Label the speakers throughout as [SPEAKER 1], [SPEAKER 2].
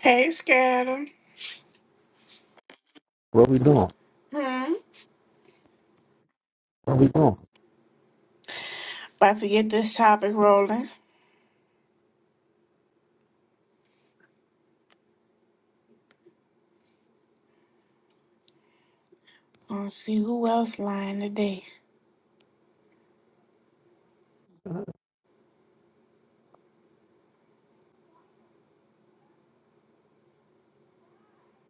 [SPEAKER 1] Hey, Scatter.
[SPEAKER 2] What we doing?
[SPEAKER 1] Hmm.
[SPEAKER 2] What we doing?
[SPEAKER 1] About to get this topic rolling. Let's see who else lying today.
[SPEAKER 2] Uh,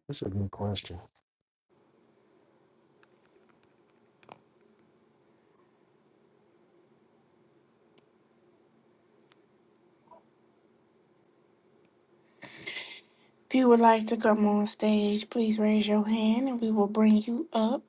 [SPEAKER 2] That's a good question.
[SPEAKER 1] If you would like to come on stage, please raise your hand and we will bring you up.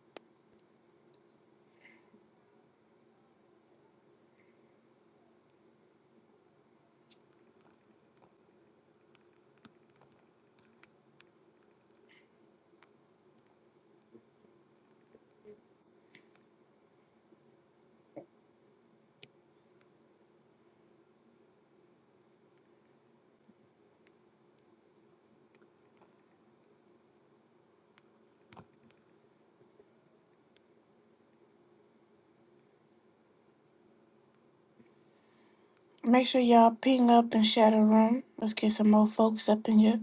[SPEAKER 1] Make sure y'all ping up and share the room. Let's get some more folks up in your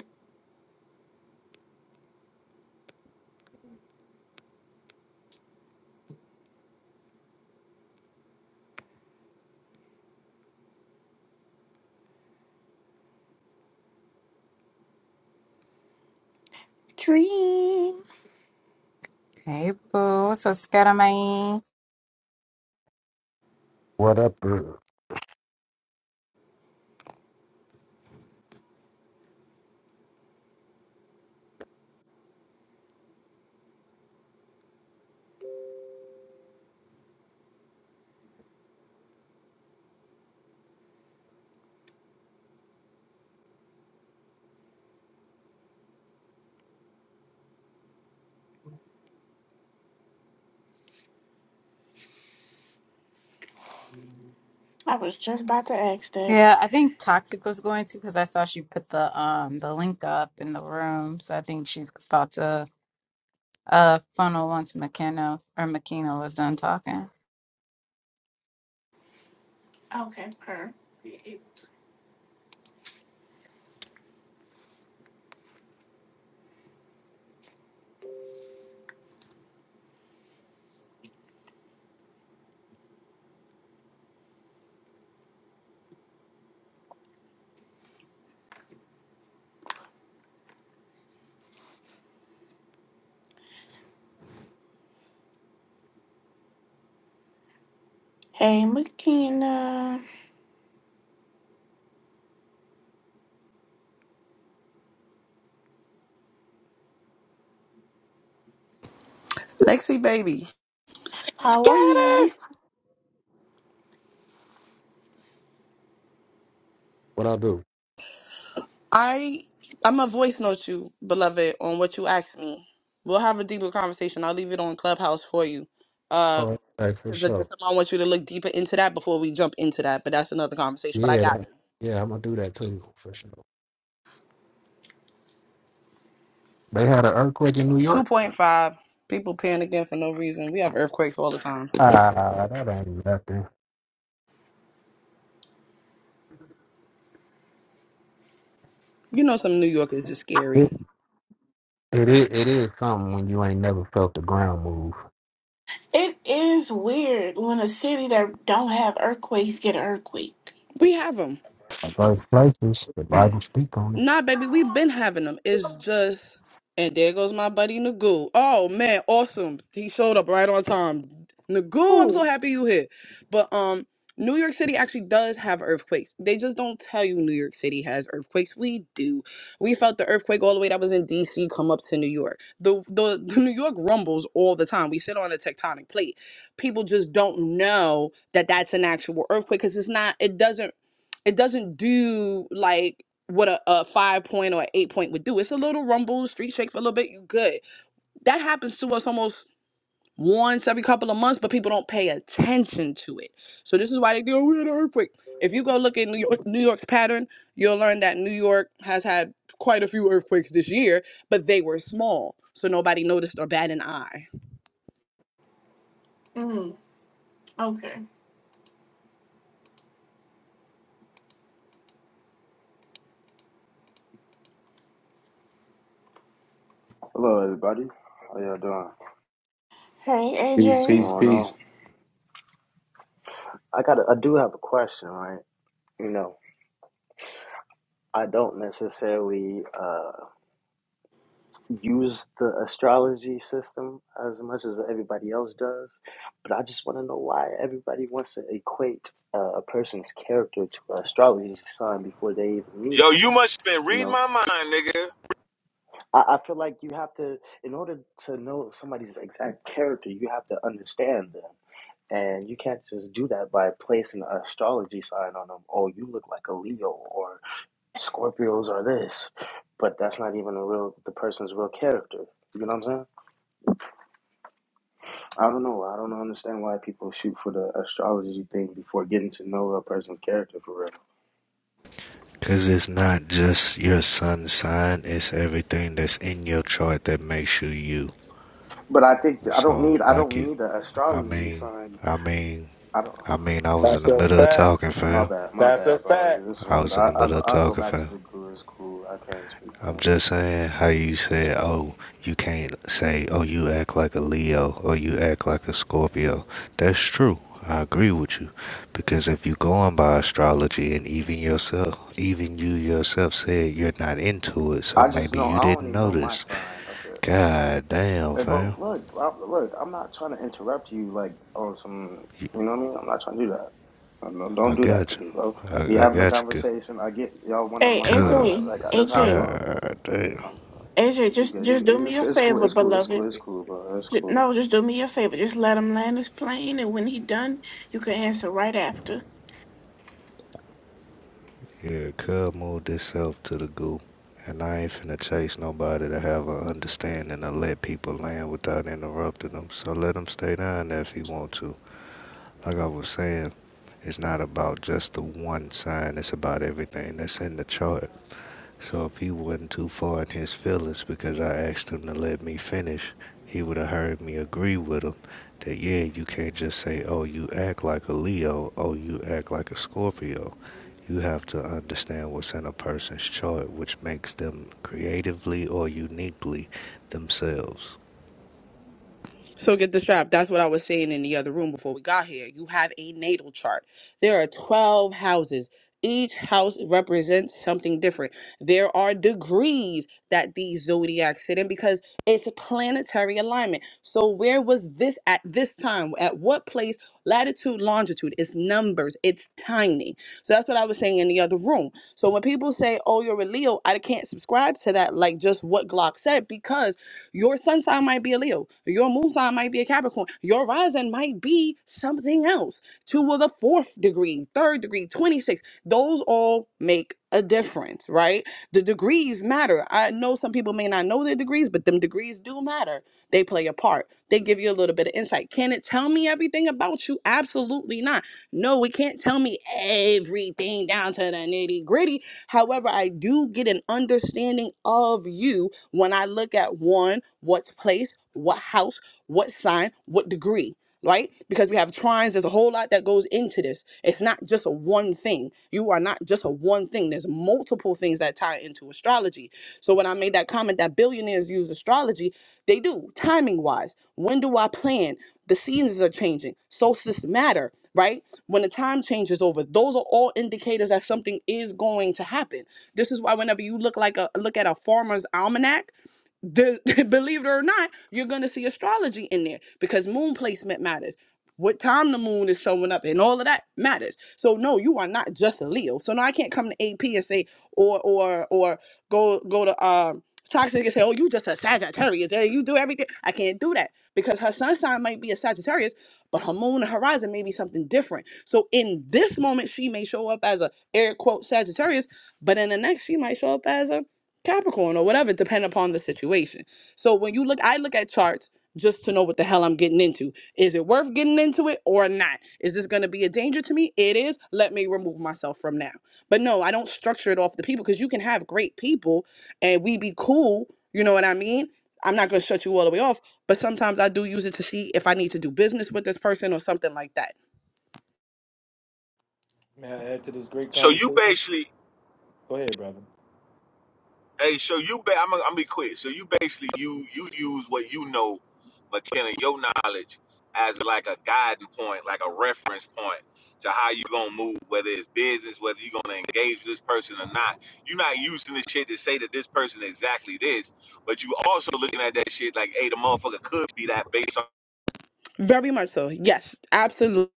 [SPEAKER 1] dream.
[SPEAKER 3] Hey, boo. What's up, Scaramay?
[SPEAKER 2] What up? bro?
[SPEAKER 1] I was just about to ask that.
[SPEAKER 3] Yeah, I think Toxic was going to because I saw she put the um the link up in the room. So I think she's about to uh funnel once McKenna or McKenna was done talking.
[SPEAKER 1] Okay, her. Hey, McKenna.
[SPEAKER 4] Lexi baby,
[SPEAKER 1] How are you?
[SPEAKER 4] Scatter!
[SPEAKER 2] What I do?
[SPEAKER 4] I I'ma voice note you, beloved, on what you asked me. We'll have a deeper conversation. I'll leave it on Clubhouse for you. Uh
[SPEAKER 2] All right, hey, for
[SPEAKER 4] because the
[SPEAKER 2] sure.
[SPEAKER 4] just I want you to look deeper into that before we jump into that. But that's another conversation. But I
[SPEAKER 2] Yeah,
[SPEAKER 4] got
[SPEAKER 2] that,
[SPEAKER 4] you.
[SPEAKER 2] yeah, I'm gonna do that too for sure. They had an earthquake in New
[SPEAKER 4] Two
[SPEAKER 2] York.
[SPEAKER 4] point five. People panicking for no reason. We have earthquakes all the time.
[SPEAKER 2] Ah, that ain't nothing.
[SPEAKER 4] You know some New Yorkers is scary.
[SPEAKER 2] It, it is. It is something when you ain't never felt the ground move.
[SPEAKER 1] It is weird when a city that don't have earthquakes get an earthquake.
[SPEAKER 4] We have 'em.
[SPEAKER 2] Like those places, the Bible speak on it.
[SPEAKER 4] Nah, baby, we've been having them. It's just, and there goes my buddy Nagu. Oh man, awesome! He showed up right on time. Nagu, I'm so happy you here. But um, New York City actually does have earthquakes. They just don't tell you New York City has earthquakes. We do. We felt the earthquake all the way that was in D.C. come up to New York. The the, the New York rumbles all the time. We sit on a tectonic plate. People just don't know that that's an actual earthquake because it's not. It doesn't it doesn't do like what a, a five point or an eight point would do. It's a little rumble, street shake for a little bit, you good. That happens to us almost once every couple of months, but people don't pay attention to it. So this is why they go, we had an earthquake. If you go look at New York, New York's pattern, you'll learn that New York has had quite a few earthquakes this year, but they were small. So nobody noticed or bat an eye.
[SPEAKER 1] Mm, okay.
[SPEAKER 5] Hello, everybody. How y'all doing?
[SPEAKER 1] Hey
[SPEAKER 6] Peace,
[SPEAKER 5] What's
[SPEAKER 1] AJ.
[SPEAKER 6] peace,
[SPEAKER 5] going on?
[SPEAKER 6] peace.
[SPEAKER 5] I got. I do have a question, right? You know, I don't necessarily uh, use the astrology system as much as everybody else does, but I just want to know why everybody wants to equate uh, a person's character to an astrology sign before they even meet
[SPEAKER 7] Yo,
[SPEAKER 5] them.
[SPEAKER 7] you must have been
[SPEAKER 5] You
[SPEAKER 7] reading
[SPEAKER 5] know,
[SPEAKER 7] my mind, nigga.
[SPEAKER 5] I, I feel like you have to, in order to know somebody's exact character, you have to understand them. And you can't just do that by placing an astrology sign on them. Oh, you look like a Leo or Scorpios are this. But that's not even a real the person's real character. You know what I'm saying? I don't know. I don't understand why people shoot for the astrology thing before getting to know a person's character for real.
[SPEAKER 8] Cause it's not just your sun sign, it's everything that's in your chart that makes you you.
[SPEAKER 5] But I think I don't
[SPEAKER 8] So,
[SPEAKER 5] need I
[SPEAKER 8] like
[SPEAKER 5] don't
[SPEAKER 8] you,
[SPEAKER 5] need an
[SPEAKER 8] I
[SPEAKER 5] astrology
[SPEAKER 8] mean,
[SPEAKER 5] sign.
[SPEAKER 8] I mean,
[SPEAKER 5] I don't.
[SPEAKER 8] I mean, I was in
[SPEAKER 6] That's
[SPEAKER 8] the
[SPEAKER 6] a
[SPEAKER 8] middle of
[SPEAKER 6] fact.
[SPEAKER 8] talking,
[SPEAKER 5] oh, My
[SPEAKER 8] fam.
[SPEAKER 5] bad, my
[SPEAKER 6] That's a
[SPEAKER 5] bad, bro.
[SPEAKER 6] fact.
[SPEAKER 5] This is
[SPEAKER 8] I
[SPEAKER 5] one of
[SPEAKER 8] was
[SPEAKER 5] the.
[SPEAKER 8] in
[SPEAKER 5] I,
[SPEAKER 8] the
[SPEAKER 5] I'll
[SPEAKER 8] middle
[SPEAKER 5] go.
[SPEAKER 8] of
[SPEAKER 5] I'll go
[SPEAKER 8] talking,
[SPEAKER 5] back
[SPEAKER 8] fam.
[SPEAKER 5] to the guru. It's cool. I can't speak.
[SPEAKER 8] I'm
[SPEAKER 5] on it.
[SPEAKER 8] just saying how you
[SPEAKER 5] It's
[SPEAKER 8] said,
[SPEAKER 5] cool.
[SPEAKER 8] oh, you can't say, oh, you act like a Leo or you act like a Scorpio. That's true. I agree with you. Because if you go on by astrology and even yourself, even you yourself said you're not into it, so
[SPEAKER 5] I just
[SPEAKER 8] maybe
[SPEAKER 5] know
[SPEAKER 8] you
[SPEAKER 5] I
[SPEAKER 8] didn't
[SPEAKER 5] only know my
[SPEAKER 8] notice.
[SPEAKER 5] sign. That's it.
[SPEAKER 8] God damn,
[SPEAKER 5] Hey, bro,
[SPEAKER 8] fam.
[SPEAKER 5] look, I, look, I'm not trying to interrupt you like on some,
[SPEAKER 8] You-
[SPEAKER 5] you know what I mean? I'm not trying to do that. No, no, don't
[SPEAKER 8] I
[SPEAKER 5] do that
[SPEAKER 8] got
[SPEAKER 5] to
[SPEAKER 8] you.
[SPEAKER 5] me, bro. We
[SPEAKER 8] I, I
[SPEAKER 5] having a
[SPEAKER 8] got you.
[SPEAKER 5] conversation. I get y'all want to
[SPEAKER 1] Hey,
[SPEAKER 5] mic, mic
[SPEAKER 8] Cuz,
[SPEAKER 5] part.
[SPEAKER 1] AJ,
[SPEAKER 5] Like that's how I
[SPEAKER 1] AJ,
[SPEAKER 5] talk.
[SPEAKER 8] God damn.
[SPEAKER 5] Um,
[SPEAKER 1] AJ,
[SPEAKER 5] you
[SPEAKER 1] just
[SPEAKER 5] good?
[SPEAKER 1] just
[SPEAKER 5] You,
[SPEAKER 1] do me
[SPEAKER 5] it's,
[SPEAKER 1] a
[SPEAKER 5] it's cool.
[SPEAKER 1] favor,
[SPEAKER 5] It's cool. It's
[SPEAKER 1] beloved.
[SPEAKER 5] cool. It's cool, bro. It's
[SPEAKER 1] Ju-
[SPEAKER 5] cool.
[SPEAKER 1] No, just do me a favor. Just let him land his plane, and when he done, you can answer right after.
[SPEAKER 8] Yeah, Cub moved itself to the goo. And I ain't finna chase nobody to have an understanding to let people land without interrupting them. So let them stay down there if he want to. Like I was saying, it's not about just the one sign. It's about everything that's in the chart. So if he wasn't too far in his feelings because I asked him to let me finish, he would have heard me agree with him that yeah, you can't just say, "Oh, you act like a Leo, oh, you act like a Scorpio." You have to understand what's in a person's chart, which makes them creatively or uniquely themselves.
[SPEAKER 4] So get the strap. That's what I was saying in the other room before we got here. You have a natal chart. There are 12 houses. Each house represents something different. There are degrees that these zodiacs sit in because it's a planetary alignment. So where was this at this time? At what place? Latitude, longitude. It's numbers. It's timing. So that's what I was saying in the other room. So when people say, "Oh, you're a Leo," I can't subscribe to that. Like just what Glock said because your sun sign might be a Leo. Your moon sign might be a Capricorn. Your rising might be something else. Two of the fourth degree, third degree, 26. Those all make a difference, right? The degrees matter. I know some people may not know their degrees, but them degrees do matter. They play a part. They give you a little bit of insight. Can it tell me everything about you? Absolutely not. No, it can't tell me everything down to the nitty gritty However, I do get an understanding of you when I look at one, what's place, what house, what sign, what degree. Right? Because we have trines, there's a whole lot that goes into this. It's not just a one thing. You are not just a one thing. There's multiple things that tie into astrology. So when I made that comment that billionaires use astrology, they do, timing wise. When do I plan? The seasons are changing. Solstices matter, right? When the time changes over, those are all indicators that something is going to happen. This is why whenever you look like a look at a farmer's almanac, the, believe it or not, you're gonna see astrology in there because moon placement matters. What time the moon is showing up and all of that matters. So no, you are not just a Leo. So no, I can't come to AP and say or or or go go to um toxic and say, "Oh, you just a Sagittarius and you do everything." I can't do that because her sun sign might be a Sagittarius, but her moon and horizon may be something different. So in this moment, she may show up as a air quote Sagittarius, but in the next, she might show up as a Capricorn or whatever, depending upon the situation. So when you look, I look at charts just to know what the hell I'm getting into. Is it worth getting into it or not? Is this going to be a danger to me? It is. Let me remove myself from now. But no, I don't structure it off the people because you can have great people and we be cool. You know what I mean? I'm not gonna shut you all the way off, but sometimes I do use it to see if I need to do business with this person or something like that.
[SPEAKER 6] May I add to this great
[SPEAKER 7] So you
[SPEAKER 6] conversation.
[SPEAKER 7] basically,
[SPEAKER 6] Go ahead, brother.
[SPEAKER 7] hey, so you, ba- I'm, gonna- I'm gonna be quick. So you basically, you, you use what you know, McKenna, your knowledge as like a guiding point, like a reference point to how you gonna move, whether it's business, whether you gonna engage this person or not. You're not using this shit to say that this person exactly this, but you also looking at that shit like, hey, the motherfucker could be that based on.
[SPEAKER 4] Very much so. Yes, absolutely.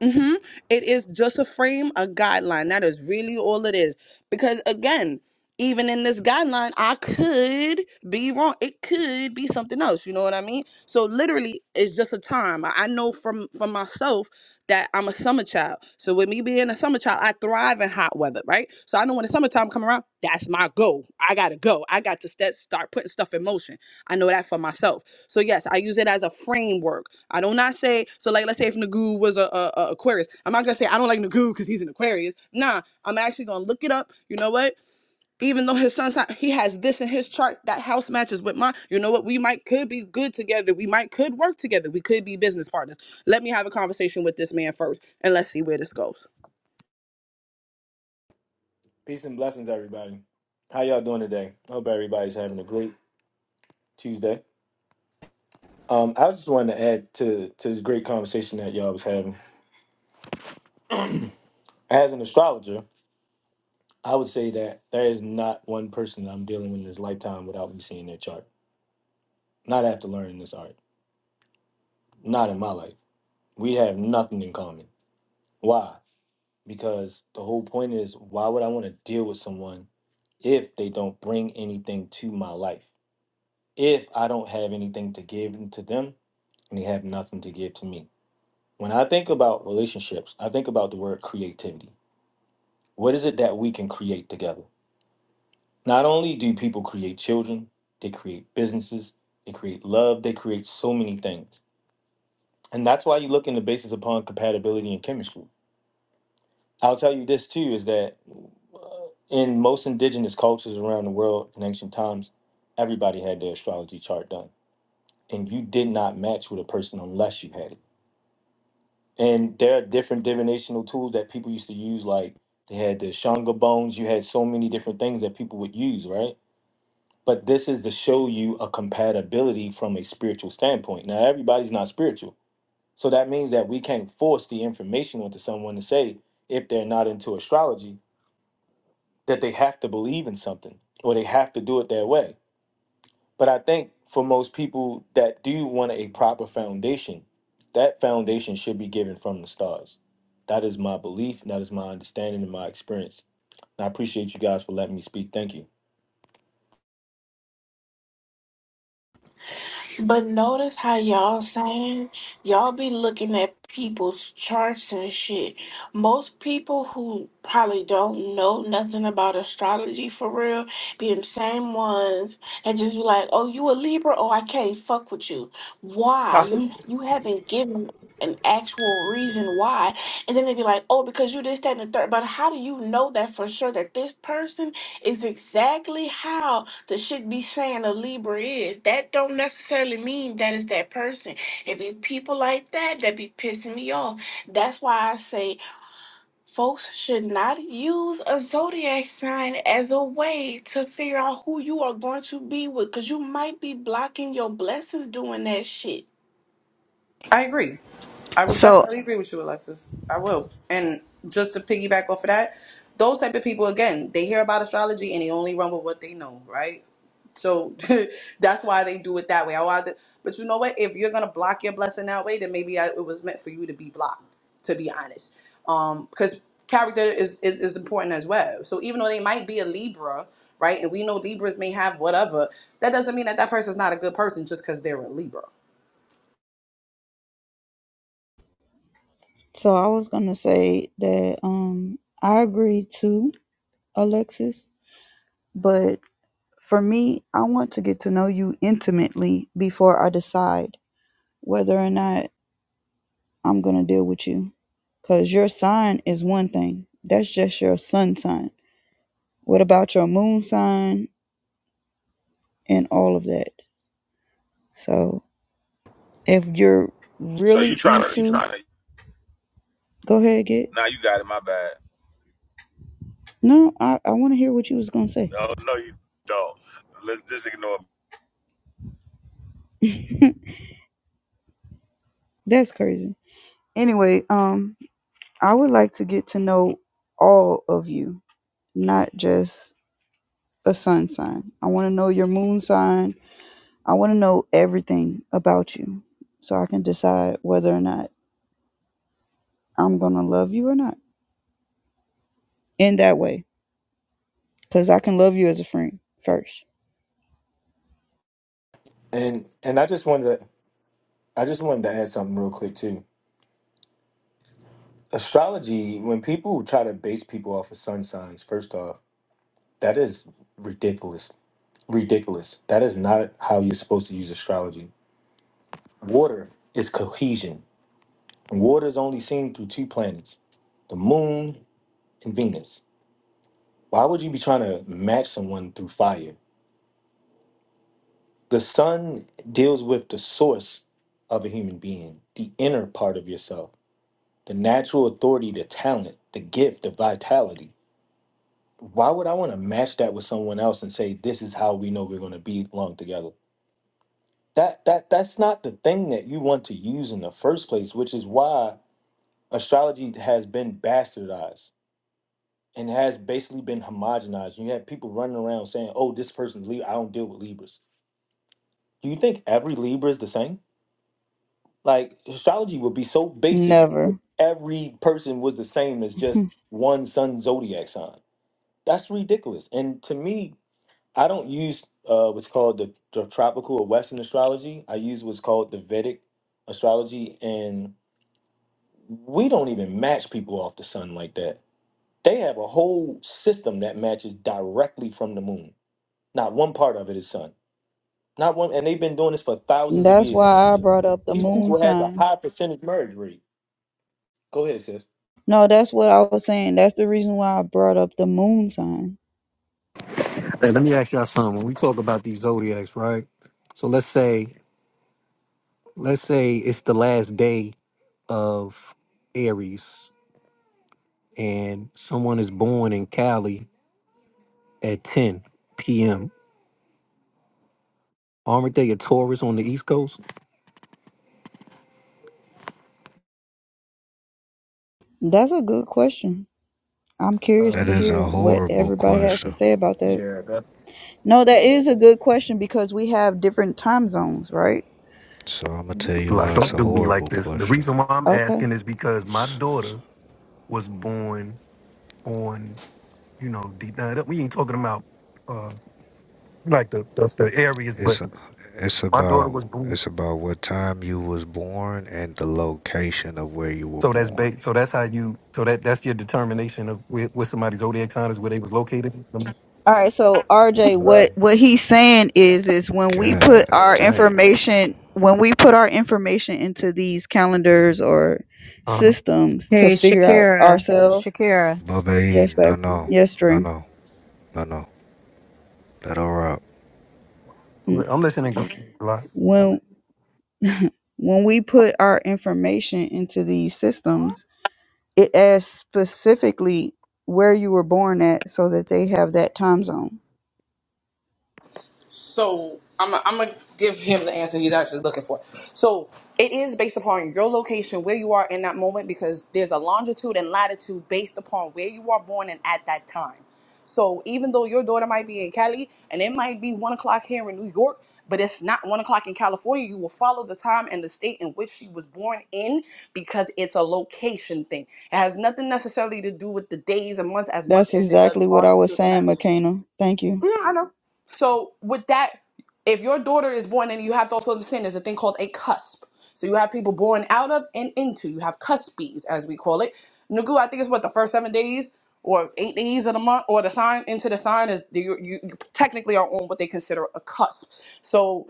[SPEAKER 4] hmm It is just a frame, a guideline. That is really all it is. Because again, even in this guideline, I could be wrong. It could be something else. You know what I mean? So literally, it's just a time. I I know from from myself that I'm a summer child. So with me being a summer child, I thrive in hot weather, right? So I know when the summertime come around, that's my goal. I gotta go. I got to st- start putting stuff in motion. I know that for myself. So yes, I use it as a framework. I do not say so. Like let's say if Nagu was a, a, a Aquarius, I'm not gonna say I don't like Nagu because he's an Aquarius. Nah, I'm actually gonna look it up. You know what? Even though his son's not, he has this in his chart that house matches with mine. You know what? We might could be good together. We might could work together. We could be business partners. Let me have a conversation with this man first, and let's see where this goes.
[SPEAKER 6] Peace and blessings, everybody. How y'all doing today? I hope everybody's having a great Tuesday. Um, I was just wanted to add to to this great conversation that y'all was having. As an astrologer, I would say that there is not one person that I'm dealing with in this lifetime without me seeing their chart. Not after learning this art. Not in my life. We have nothing in common. Why? Because the whole point is, why would I want to deal with someone if they don't bring anything to my life, if I don't have anything to give to them and they have nothing to give to me. When I think about relationships, I think about the word creativity. What is it that we can create together? Not only do people create children, they create businesses, they create love, they create so many things. And that's why you look in the basis upon compatibility and chemistry. I'll tell you this too is that uh, in most indigenous cultures around the world in ancient times, everybody had their astrology chart done and you did not match with a person unless you had it. And there are different divinational tools that people used to use, like they had the Shanga bones, you had so many different things that people would use, right? But this is to show you a compatibility from a spiritual standpoint. Now, everybody's not spiritual. So that means that we can't force the information onto someone to say, if they're not into astrology, that they have to believe in something or they have to do it their way. But I think for most people that do want a proper foundation, that foundation should be given from the stars. That is my belief, and that is my understanding and my experience. And I appreciate you guys for letting me speak. Thank you.
[SPEAKER 1] But notice how y'all saying y'all be looking at people's charts and shit. Most people who probably don't know nothing about astrology for real be the same ones and just be like, "Oh, you a Libra? Oh, I can't fuck with you. Why?
[SPEAKER 9] classic
[SPEAKER 1] You you haven't given." An actual reason why, and then they'd be like, "Oh, because you this, that, and the third." But how do you know that for sure that this person is exactly how the shit be saying a Libra is, that don't necessarily mean that is that person. It be people like that that be pissing me off. That's why I say folks should not use a zodiac sign as a way to figure out who you are going to be with because you might be blocking your blessings doing that shit.
[SPEAKER 4] I agree. I would
[SPEAKER 10] So
[SPEAKER 4] definitely agree with you, Alexis. I will. And just to piggyback off of that, those type of people again, they hear about astrology and they only run with what they know, right? So that's why they do it that way. I rather, but you know what? If you're gonna block your blessing that way, then maybe I, it was meant for you to be blocked. To be honest, um, because character is, is is important as well. So even though they might be a Libra, right, and we know Libras may have whatever, that doesn't mean that that person's not a good person just because they're a Libra
[SPEAKER 10] so I was gonna say that um I agree too, Alexis, but for me, I want to get to know you intimately before I decide whether or not I'm gonna deal with you. Cause your sign is one thing. That's just your sun sign. What about your moon sign and all of that? So if you're
[SPEAKER 7] So
[SPEAKER 10] really
[SPEAKER 7] you trying to, you
[SPEAKER 10] into
[SPEAKER 7] trying to.
[SPEAKER 10] go ahead, get
[SPEAKER 7] Now you got it. My bad.
[SPEAKER 10] no, I, I wanna hear what you was gonna say.
[SPEAKER 7] No, no, you don't. Let's just ignore.
[SPEAKER 10] That's crazy. Anyway, um I would like to get to know all of you, not just a sun sign. I want to know your moon sign. I want to know everything about you so I can decide whether or not I'm going to love you or not in that way. Because I can love you as a friend first.
[SPEAKER 6] And and I just wanted to I just wanted to add something real quick too. Astrology, when people try to base people off of sun signs, first off, that is ridiculous. Ridiculous. That is not how you're supposed to use astrology. Water is cohesion. Water is only seen through two planets, the moon and Venus. Why would you be trying to match someone through fire? The sun deals with the source of a human being, the inner part of yourself, the natural authority, the talent, the gift, the vitality. Why would I want to match that with someone else and say this is how we know we're going to be long together? That that that's not the thing that you want to use in the first place, which is why astrology has been bastardized and has basically been homogenized. You have people running around saying, "Oh, this person's Libra. I don't deal with Libras." Do you think every Libra is the same? Like astrology would be so basic if
[SPEAKER 10] Never.
[SPEAKER 6] every person was the same as just one sun zodiac sign. That's ridiculous. And to me, I don't use uh, what's called the, the tropical or Western astrology. I use what's called the Vedic astrology, and we don't even match people off the sun like that. They have a whole system that matches directly from the moon. Not one part of it is sun. Not one, and they've been doing this for thousands of
[SPEAKER 10] That's
[SPEAKER 6] years in
[SPEAKER 10] why I
[SPEAKER 6] India.
[SPEAKER 10] brought up the
[SPEAKER 6] These
[SPEAKER 10] moon
[SPEAKER 6] people has a
[SPEAKER 10] sign.
[SPEAKER 6] high percentage marriage rate. Go ahead, sis.
[SPEAKER 10] No, that's what I was saying. That's the reason why I brought up the moon sign.
[SPEAKER 11] Hey, let me ask y'all something. When we talk about these zodiacs, right? So let's say, let's say it's the last day of Aries, and someone is born in Cali at 10 p.m. Aren't they a Taurus on the East Coast?
[SPEAKER 10] That's a good question. I'm curious
[SPEAKER 8] That
[SPEAKER 10] to
[SPEAKER 8] is
[SPEAKER 6] Um,
[SPEAKER 8] a
[SPEAKER 10] hear what
[SPEAKER 8] horrible
[SPEAKER 10] everybody has to
[SPEAKER 8] question.
[SPEAKER 10] say about that.
[SPEAKER 6] yeah, that's
[SPEAKER 10] No, that is a good question because we have different time zones, right?
[SPEAKER 8] So I'm gonna tell you
[SPEAKER 11] Like,
[SPEAKER 8] why it's
[SPEAKER 11] don't
[SPEAKER 8] a
[SPEAKER 11] do me
[SPEAKER 8] horrible
[SPEAKER 11] like this. The
[SPEAKER 8] question.
[SPEAKER 11] reason why I'm
[SPEAKER 10] Okay.
[SPEAKER 11] asking is because my daughter was born on, you know, the, now, we ain't talking about uh like the, the the areas, but
[SPEAKER 8] It's it's
[SPEAKER 11] my daughter
[SPEAKER 8] about
[SPEAKER 11] was born.
[SPEAKER 8] it's about what time you was born and the location of where you were
[SPEAKER 11] So that's
[SPEAKER 8] born.
[SPEAKER 11] ba- so that's how you so that that's your determination of where, where somebody's zodiac sign is where they was located.
[SPEAKER 10] All right, so RJ,
[SPEAKER 6] right.
[SPEAKER 10] what what he's saying is is when we put
[SPEAKER 8] God
[SPEAKER 10] our
[SPEAKER 8] damn.
[SPEAKER 10] information when we put our information into these calendars or
[SPEAKER 11] Um,
[SPEAKER 10] systems to
[SPEAKER 3] Hey,
[SPEAKER 10] figure out
[SPEAKER 3] Shakira,
[SPEAKER 10] ourselves.
[SPEAKER 3] Shakira,
[SPEAKER 8] Bubba E,
[SPEAKER 10] Yes,
[SPEAKER 8] no
[SPEAKER 10] babe.
[SPEAKER 8] no,
[SPEAKER 3] you
[SPEAKER 10] Yes,
[SPEAKER 8] no
[SPEAKER 10] dream.
[SPEAKER 8] no, no no. That all right.
[SPEAKER 11] I'm,
[SPEAKER 10] Mm.
[SPEAKER 11] I'm listening a lot.
[SPEAKER 10] When When we put our information into these systems, it asks specifically where you were born at so that they have that time zone.
[SPEAKER 4] So I'm I'm gonna give him the answer he's actually looking for. So it is based upon your location, where you are in that moment, because there's a longitude and latitude based upon where you are born and at that time. So even though your daughter might be in Cali and it might be one o'clock here in New York, but it's not one o'clock in California, you will follow the time and the state in which she was born in because it's a location thing. It has nothing necessarily to do with the days and months as much
[SPEAKER 10] That's
[SPEAKER 4] as it does
[SPEAKER 10] exactly what I was
[SPEAKER 4] longitude and
[SPEAKER 10] saying,
[SPEAKER 4] latitude.
[SPEAKER 10] McKenna. Thank you.
[SPEAKER 4] Yeah, I know. So with that, if your daughter is born, and you have to also understand there's a thing called a cusp. So you have people born out of and into. You have cuspies, as we call it. Nugu, I think it's what the first seven days or eight days of the month, or the sign into the sign is you, you, you technically are on what they consider a cusp. So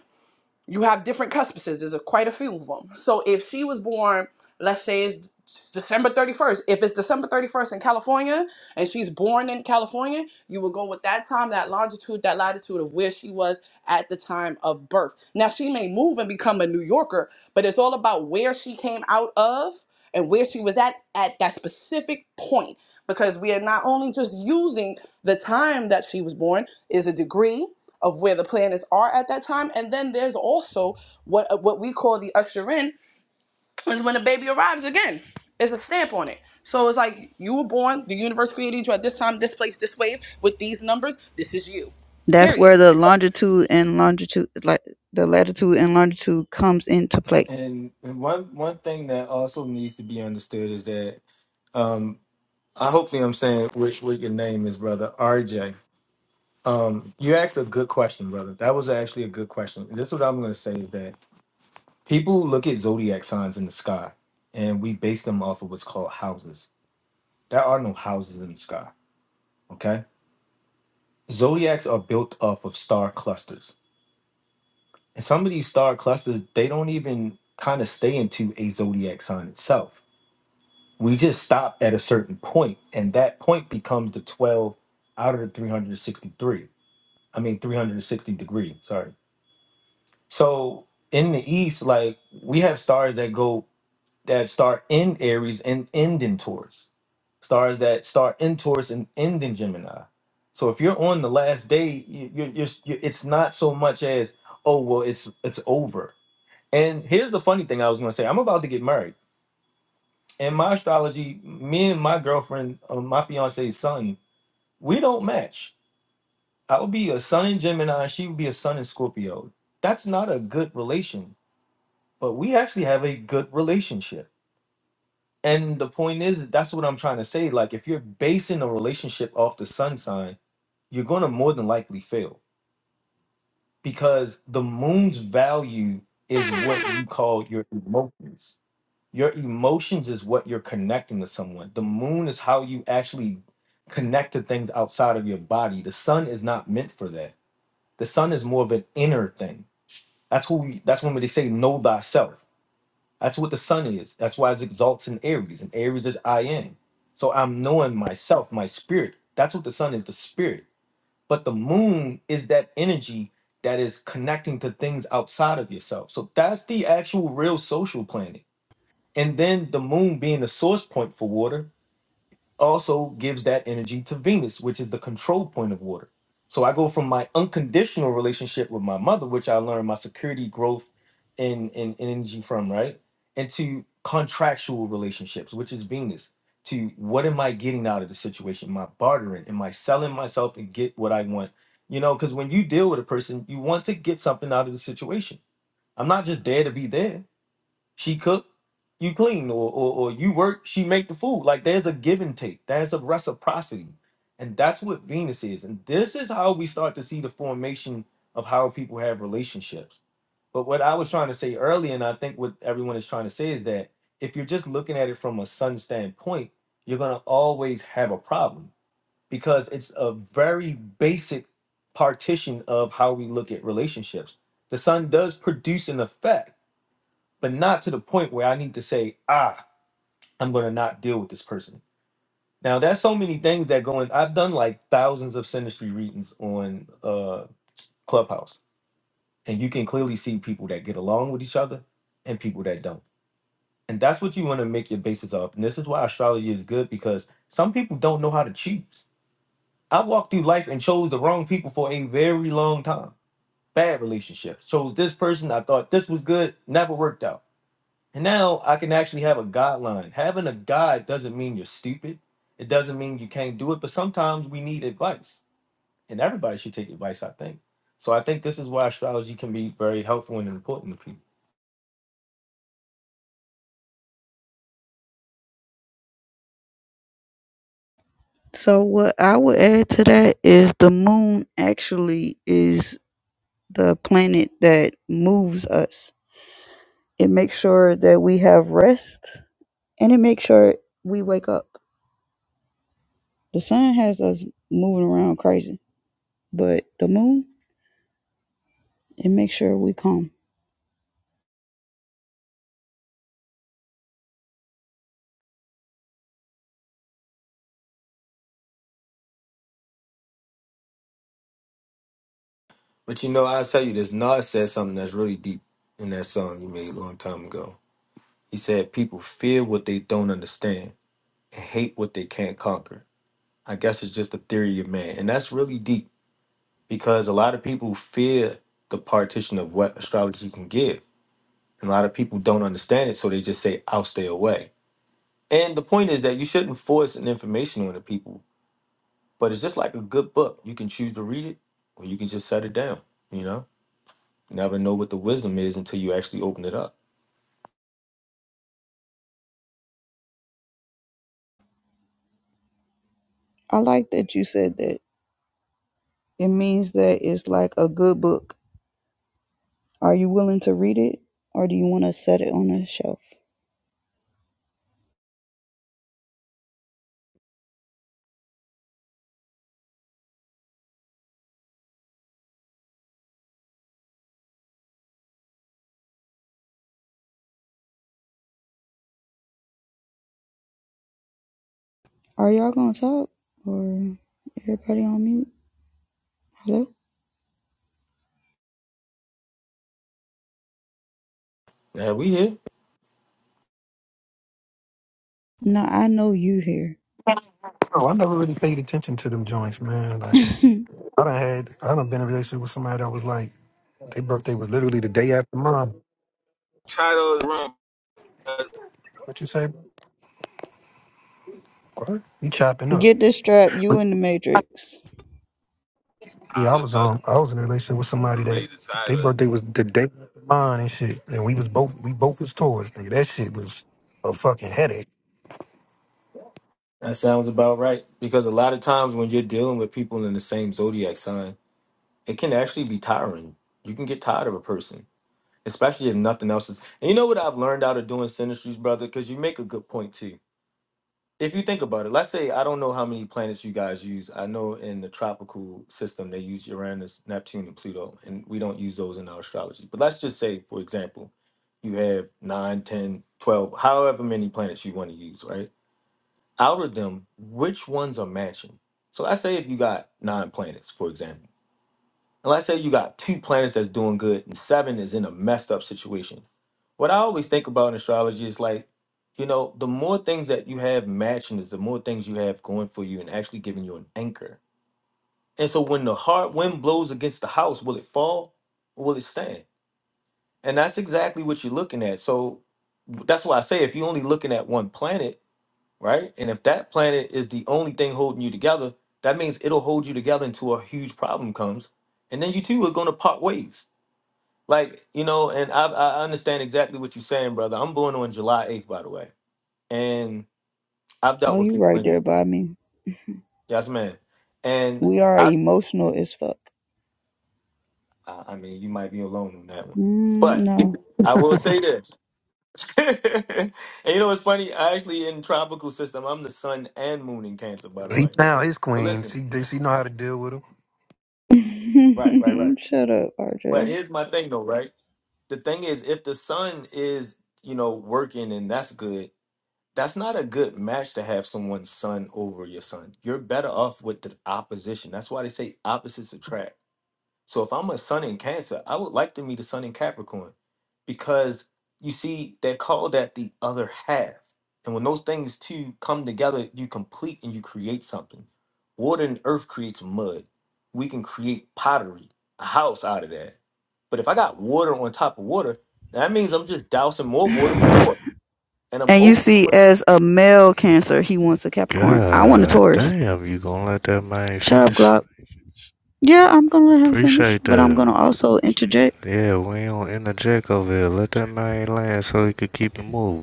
[SPEAKER 4] you have different cuspices. There's a, quite a few of them. So if she was born, let's say it's December 31st, if it's December 31st in California and she's born in California, you will go with that time, that longitude, that latitude of where she was at the time of birth. Now she may move and become a New Yorker, but it's all about where she came out of and where she was at at that specific point because we are not only just using the time that she was born is a degree of where the planets are at that time. And then there's also what uh, what we call the usher in is when the baby arrives again. There's a stamp on it. So it's like you were born, the universe created you at this time, this place, this wave, with these numbers. This is you.
[SPEAKER 10] That's
[SPEAKER 4] Period.
[SPEAKER 10] where the longitude and longitude, like the latitude and longitude, comes into play.
[SPEAKER 6] And, and one one thing that also needs to be understood is that um, I hopefully I'm saying which what your name is, brother RJ. Um, you asked a good question, brother. That was actually a good question. And this is what I'm going to say is that people look at zodiac signs in the sky, and we base them off of what's called houses. There are no houses in the sky. Okay, zodiacs are built off of star clusters and some of these star clusters they don't even kind of stay into a zodiac sign itself we just stop at a certain point and that point becomes the 12 out of the 363 i mean 360 degree sorry so in the east like we have stars that go that start in aries and end in taurus stars that start in Taurus and end in Gemini. So if you're on the last day, you, you're, you're, you it's not so much as oh well, it's it's over. And here's the funny thing I was going to say: I'm about to get married. In my astrology, me and my girlfriend, uh, my fiance's son, we don't match. I would be a sun in Gemini, she would be a sun in Scorpio. That's not a good relation, but we actually have a good relationship And the point is, that's what I'm trying to say. Like, if you're basing a relationship off the sun sign, you're going to more than likely fail because the moon's value is what you call your emotions. Your emotions is what you're connecting to someone. The moon is how you actually connect to things outside of your body. The sun is not meant for that. The sun is more of an inner thing. That's who we, that's when they say know thyself that's what the sun is. That's why it exalts in Aries, and Aries is I am. So I'm knowing myself, my spirit. That's what the sun is, the spirit. But the moon is that energy that is connecting to things outside of yourself. So that's the actual real social planet. And then the moon being the source point for water, also gives that energy to Venus, which is the control point of water. So I go from my unconditional relationship with my mother, which I learned my security, growth, and, and, and energy from, right? Into contractual relationships, which is Venus, to what am I getting out of the situation? Am I bartering? Am I selling myself and get what I want? You know, because when you deal with a person, you want to get something out of the situation. I'm not just there to be there. She cook, you clean, or, or or you work, she make the food. Like there's a give and take. There's a reciprocity, and that's what Venus is. And this is how we start to see the formation of how people have relationships. But what I was trying to say earlier, and I think what everyone is trying to say is that if you're just looking at it from a sun standpoint, you're gonna always have a problem because it's a very basic partition of how we look at relationships. The sun does produce an effect but not to the point where I need to say, ah, I'm going to not deal with this person. Now, there's so many things that go in. I've done like thousands of sinistry readings on uh, Clubhouse, and you can clearly see people that get along with each other and people that don't. And that's what you want to make your basis of. And this is why astrology is good because some people don't know how to choose. I walked through life and chose the wrong people for a very long time. Bad relationships. Chose this person. I thought this was good. Never worked out And now I can actually have a guideline. Having a guide doesn't mean you're stupid. It doesn't mean you can't do it, but sometimes we need advice. And everybody should take advice, I think. So I think this is why astrology can be very helpful and important to people.
[SPEAKER 10] So what I would add to that is the moon actually is the planet that moves us. It makes sure that we have rest and it makes sure we wake up. The sun has us moving around crazy, but the moon, it makes sure we calm.
[SPEAKER 6] But you know, I'll tell you this, Nas said something that's really deep in that song you made a long time ago. He said people fear what they don't understand and hate what they can't conquer. I guess it's just a theory of man. And that's really deep because a lot of people fear the partition of what astrology can give And a lot of people don't understand it, so they just say, I'll stay away. And the point is that you shouldn't force an information on the people, but it's just like a good book. You can choose to read it or you can just set it down, you know? Never know what the wisdom is until you actually open it up.
[SPEAKER 10] I like that you said that. It means that it's like a good book. Are you willing to read it or do you want to set it on a shelf? Are y'all going to talk or everybody on mute? Hello?
[SPEAKER 6] Now we here.
[SPEAKER 10] No, I know you here.
[SPEAKER 11] Oh, I never really paid attention to them joints, man. Like I done had I done been in a relationship with somebody that was like their birthday was literally the day after mine.
[SPEAKER 7] title of the room.
[SPEAKER 11] What you say? What? You chopping up?
[SPEAKER 10] Get this strap, you
[SPEAKER 11] But
[SPEAKER 10] in the matrix.
[SPEAKER 7] I
[SPEAKER 11] yeah, I
[SPEAKER 7] was
[SPEAKER 11] was
[SPEAKER 7] about
[SPEAKER 11] um I was in a relationship with somebody
[SPEAKER 7] to read
[SPEAKER 11] that
[SPEAKER 7] the
[SPEAKER 11] their
[SPEAKER 7] title.
[SPEAKER 11] birthday was the day after mine and shit, and we was both we both was Taurus. Nigga, that shit was a fucking headache.
[SPEAKER 6] That sounds about right. Because a lot of times when you're dealing with people in the same zodiac sign, it can actually be tiring. You can get tired of a person, especially if nothing else is. And you know what I've learned out of doing synastries, brother? Because you make a good point too if you think about it, let's say I don't know how many planets you guys use. I know in the tropical system they use Uranus, Neptune, and Pluto, and we don't use those in our astrology. But let's just say, for example, you have 9, 10, 12, however many planets you want to use, right? Out of them, which ones are matching? So let's say if you got nine planets, for example, and let's say you got two planets that's doing good and seven is in a messed up situation what I always think about in astrology is like, you know, the more things that you have matching is the more things you have going for you and actually giving you an anchor. And so when the hard wind blows against the house, will it fall or will it stand? And that's exactly what you're looking at. So that's why I say if you're only looking at one planet, right? And if that planet is the only thing holding you together, that means it'll hold you together until a huge problem comes. And then you two are going to part ways. Like, you know, and I, I understand exactly what you're saying, brother. I'm born on July 8th, by the way and I've
[SPEAKER 10] Oh,
[SPEAKER 6] dealt with
[SPEAKER 10] you
[SPEAKER 6] people.
[SPEAKER 10] right there
[SPEAKER 6] In,
[SPEAKER 10] by me.
[SPEAKER 6] yes, man. And
[SPEAKER 10] We are
[SPEAKER 6] I,
[SPEAKER 10] emotional as fuck.
[SPEAKER 6] I I mean, you might be alone on that one,
[SPEAKER 10] Mm,
[SPEAKER 6] but
[SPEAKER 10] no.
[SPEAKER 6] I will say this. and you know what's funny? I actually in tropical system. I'm the sun and moon in Cancer, by the
[SPEAKER 11] He
[SPEAKER 6] way.
[SPEAKER 11] found his
[SPEAKER 6] But
[SPEAKER 11] queen.
[SPEAKER 6] listen,
[SPEAKER 11] She she know how to deal with 'em.
[SPEAKER 6] right, right, right.
[SPEAKER 10] Shut up,
[SPEAKER 6] But
[SPEAKER 10] RJ.
[SPEAKER 6] here's my thing, though. Right, the thing is, if the sun is you know working and that's good, that's not a good match to have someone's sun over your sun. You're better off with the opposition. That's why they say opposites attract So if I'm a sun in Cancer, I would like to meet a sun in Capricorn because you see, they're called that the other half. And when those things two come together, you complete and you create something. Water and earth creates mud. We can create pottery, a house out of that. But if I got water on top of water, that means I'm just dousing more water with water. And I'm
[SPEAKER 10] And you
[SPEAKER 6] over.
[SPEAKER 10] see, as a male Cancer, he wants a Capricorn. I want a
[SPEAKER 8] God
[SPEAKER 10] Taurus.
[SPEAKER 8] damn, you gonna let that man
[SPEAKER 10] Shut up,
[SPEAKER 8] finish?
[SPEAKER 10] Glock. Yeah, I'm gonna let him finish,
[SPEAKER 8] Appreciate
[SPEAKER 10] but I'm
[SPEAKER 8] that.
[SPEAKER 10] gonna also interject.
[SPEAKER 8] Yeah, we don't interject over here. Let that man land so he could keep it moving.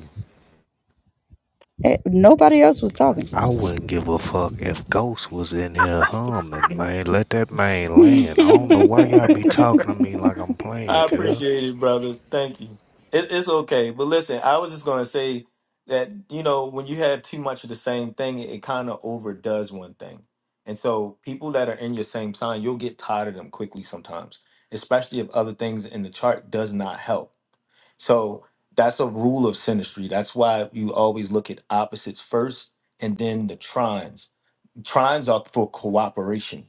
[SPEAKER 10] Eh, Nobody else was talking.
[SPEAKER 8] I wouldn't give a fuck if Ghost was in here humming, man. Let that man land. I don't know why y'all be talking to me like I'm playing,
[SPEAKER 6] I
[SPEAKER 8] cuz.
[SPEAKER 6] appreciate it, brother. Thank you. It, it's okay. But listen, I was just going to say that, you know, when you have too much of the same thing, it, kind of overdoes one thing. And so people that are in your same sign, you'll get tired of them quickly sometimes, especially if other things in the chart does not help. So that's a rule of synastry. That's why you always look at opposites first and then the trines. Trines are for cooperation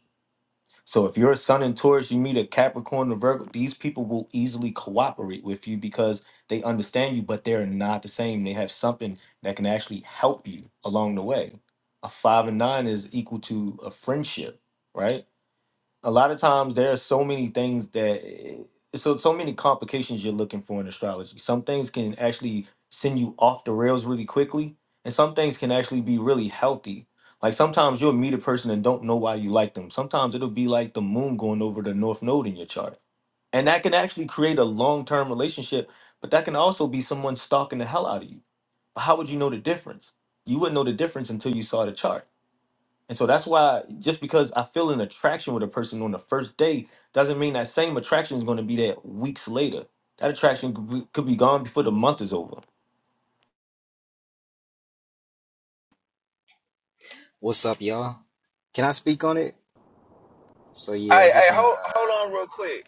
[SPEAKER 6] so if you're a sun in Taurus, you meet a Capricorn or Virgo, these people will easily cooperate with you because they understand you, but they're not the same. They have something that can actually help you along the way. A five and nine is equal to a friendship, right? a lot of times there are so many things that eh, so so many complications you're looking for in astrology. Some things can actually send you off the rails really quickly, and some things can actually be really healthy. Like sometimes you'll meet a person and don't know why you like them. Sometimes it'll be like the moon going over the north node in your chart. And that can actually create a long-term relationship, but that can also be someone stalking the hell out of you. But how would you know the difference? You wouldn't know the difference until you saw the chart. And so that's why just because I feel an attraction with a person on the first day doesn't mean that same attraction is going to be there weeks later. That attraction could be, could be gone before the month is over.
[SPEAKER 12] What's up, y'all? Can I speak on it? So yeah, I
[SPEAKER 7] Hey, hey,
[SPEAKER 12] just wanna
[SPEAKER 7] hold
[SPEAKER 12] uh
[SPEAKER 7] hold on real quick.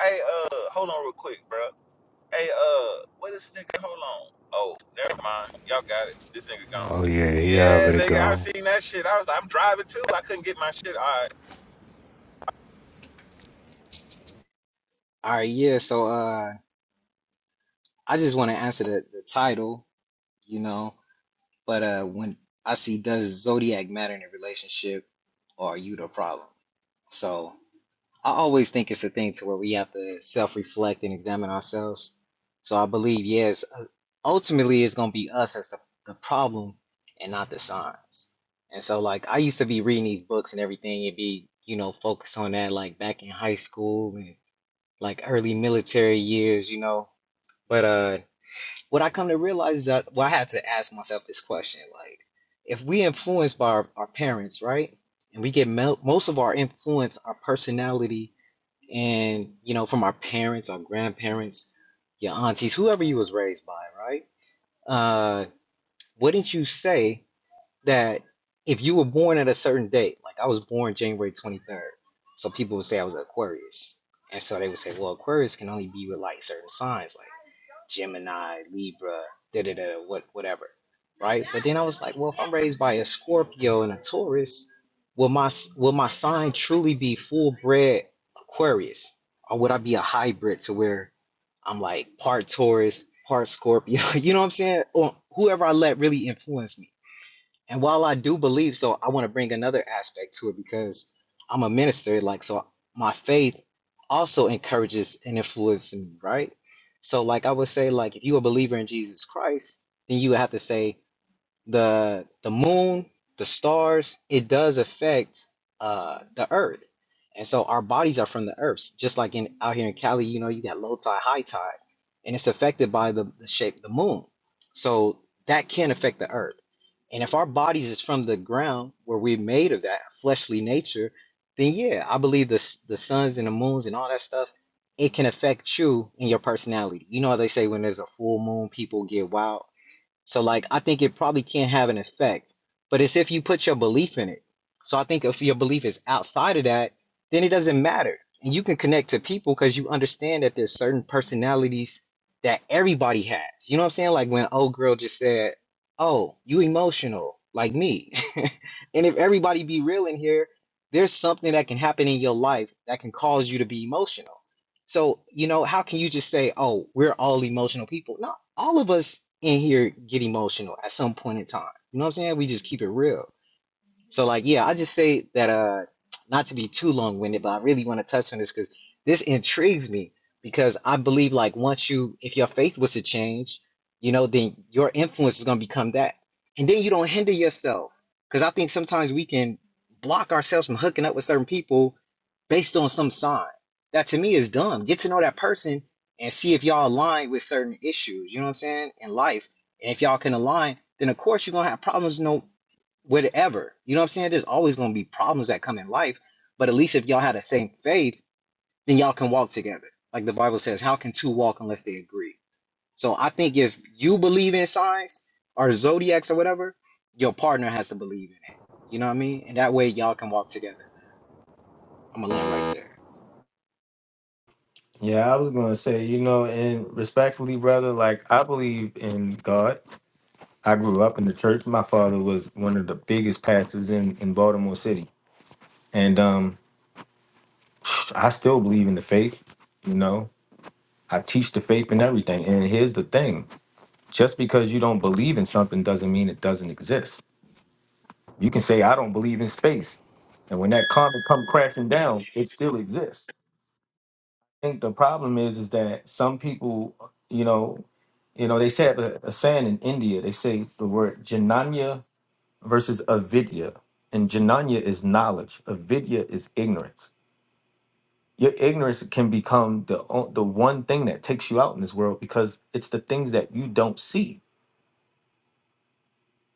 [SPEAKER 7] Hey, uh, hold on real quick, bro. Hey, uh, what is nigga? Hold on. Oh, never mind. Y'all got it. This nigga gone.
[SPEAKER 8] Oh yeah, he
[SPEAKER 7] Yeah,
[SPEAKER 8] already
[SPEAKER 7] nigga, I
[SPEAKER 8] gone.
[SPEAKER 7] seen that shit. I was, I'm driving too. I couldn't get my shit. All right.
[SPEAKER 12] all right, yeah, so uh I just wanna answer the, the title, you know, but uh when I see does zodiac matter in a relationship or are you the problem? So I always think it's a thing to where we have to self-reflect and examine ourselves. So I believe, yes, uh, ultimately it's gonna be us as the, the problem and not the signs. And so like I used to be reading these books and everything and be, you know, focused on that like back in high school and like early military years, you know. But uh what I come to realize is that well I had to ask myself this question, like if we influenced by our, our parents, right? And we get mel most of our influence, our personality and you know from our parents our grandparents your aunties whoever you was raised by right uh wouldn't you say that if you were born at a certain date like i was born january 23rd so people would say i was aquarius and so they would say well aquarius can only be with like certain signs like Gemini, Libra, da da da, what whatever, right? But then I was like, well, if I'm raised by a Scorpio and a Taurus, will my will my sign truly be full bred Aquarius, or would I be a hybrid to where I'm like part Taurus, part Scorpio? You know what I'm saying? Or whoever I let really influence me. And while I do believe, so I want to bring another aspect to it because I'm a minister, like, so my faith also encourages and influences me, right? So, like, I would say, like, if you're a believer in Jesus Christ, then you would have to say, the the moon, the stars, it does affect uh the earth. And so our bodies are from the earth. Just like in out here in Cali, you know, you got low tide, high tide, and it's affected by the, the shape of the moon. So that can affect the earth. And if our bodies is from the ground where we're made of that fleshly nature, then yeah, I believe the s- the suns and the moons and all that stuff, it can affect you and your personality. You know how they say when there's a full moon, people get wild so like I think it probably can't have an effect, but it's if you put your belief in it. So I think if your belief is outside of that, then it doesn't matter. And you can connect to people because you understand that there's certain personalities that everybody has. You know what I'm saying? Like when old girl just said, Oh, you emotional, like me. and if everybody be real in here, there's something that can happen in your life that can cause you to be emotional. So, you know, how can you just say, oh, we're all emotional people? No, all of us in here get emotional at some point in time. You know what I'm saying? We just keep it real. So like, yeah, I just say that uh not to be too long-winded, but I really want to touch on this because this intrigues me because I believe like once you if your faith was to change, you know, then your influence is gonna become that. And then you don't hinder yourself. Because I think sometimes we can block ourselves from hooking up with certain people based on some sign. That to me is dumb. Get to know that person and see if y'all align with certain issues, you know what I'm saying, in life. And if y'all can align, then of course you're gonna have problems, No whatever. You know what I'm saying? There's always going to be problems that come in life, but at least if y'all had the same faith, then y'all can walk together. Like the Bible says, how can two walk unless they agree? So I think if you believe in signs or zodiacs or whatever, your partner has to believe in it. You know what I mean? And that way y'all can walk together. I'm gonna land right there.
[SPEAKER 6] Yeah, I was gonna say, you know, and respectfully, brother, like I believe in God. I grew up in the church. My father was one of the biggest pastors in in Baltimore City, and um, I still believe in the faith. You know, I teach the faith and everything. And here's the thing: just because you don't believe in something doesn't mean it doesn't exist. You can say I don't believe in space, and when that comet come crashing down, it still exists. I think the problem is is that some people, you know, you know, they say a, a saying in India. They say the word jananya versus avidya, and jananya is knowledge, avidya is ignorance. Your ignorance can become the o- the one thing that takes you out in this world because it's the things that you don't see.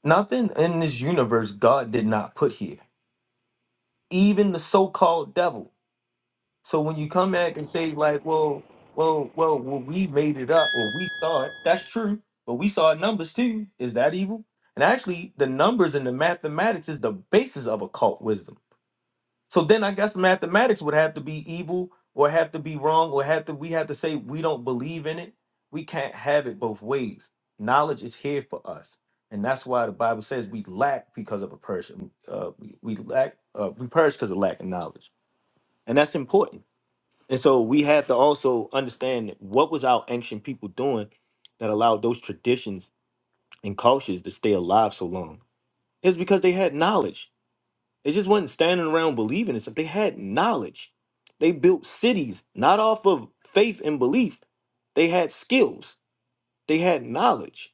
[SPEAKER 6] Nothing in this universe God did not put here. Even the so-called devil So when you come back and say like, well, well, well, well we made it up or we saw it, that's true. But we saw numbers too. Is that evil? And actually, the numbers and the mathematics is the basis of occult wisdom. So then I guess mathematics would have to be evil or have to be wrong or have to we have to say we don't believe in it. We can't have it both ways. Knowledge is here for us. And that's why the Bible says we lack because of a person. Uh, we, we lack, uh, we perish because of lack of knowledge. And that's important and so we have to also understand what was our ancient people doing that allowed those traditions and cultures to stay alive so long. It's because they had knowledge. They just wasn't standing around believing in stuff. They had knowledge. They built cities not off of faith and belief. They had skills. They had knowledge.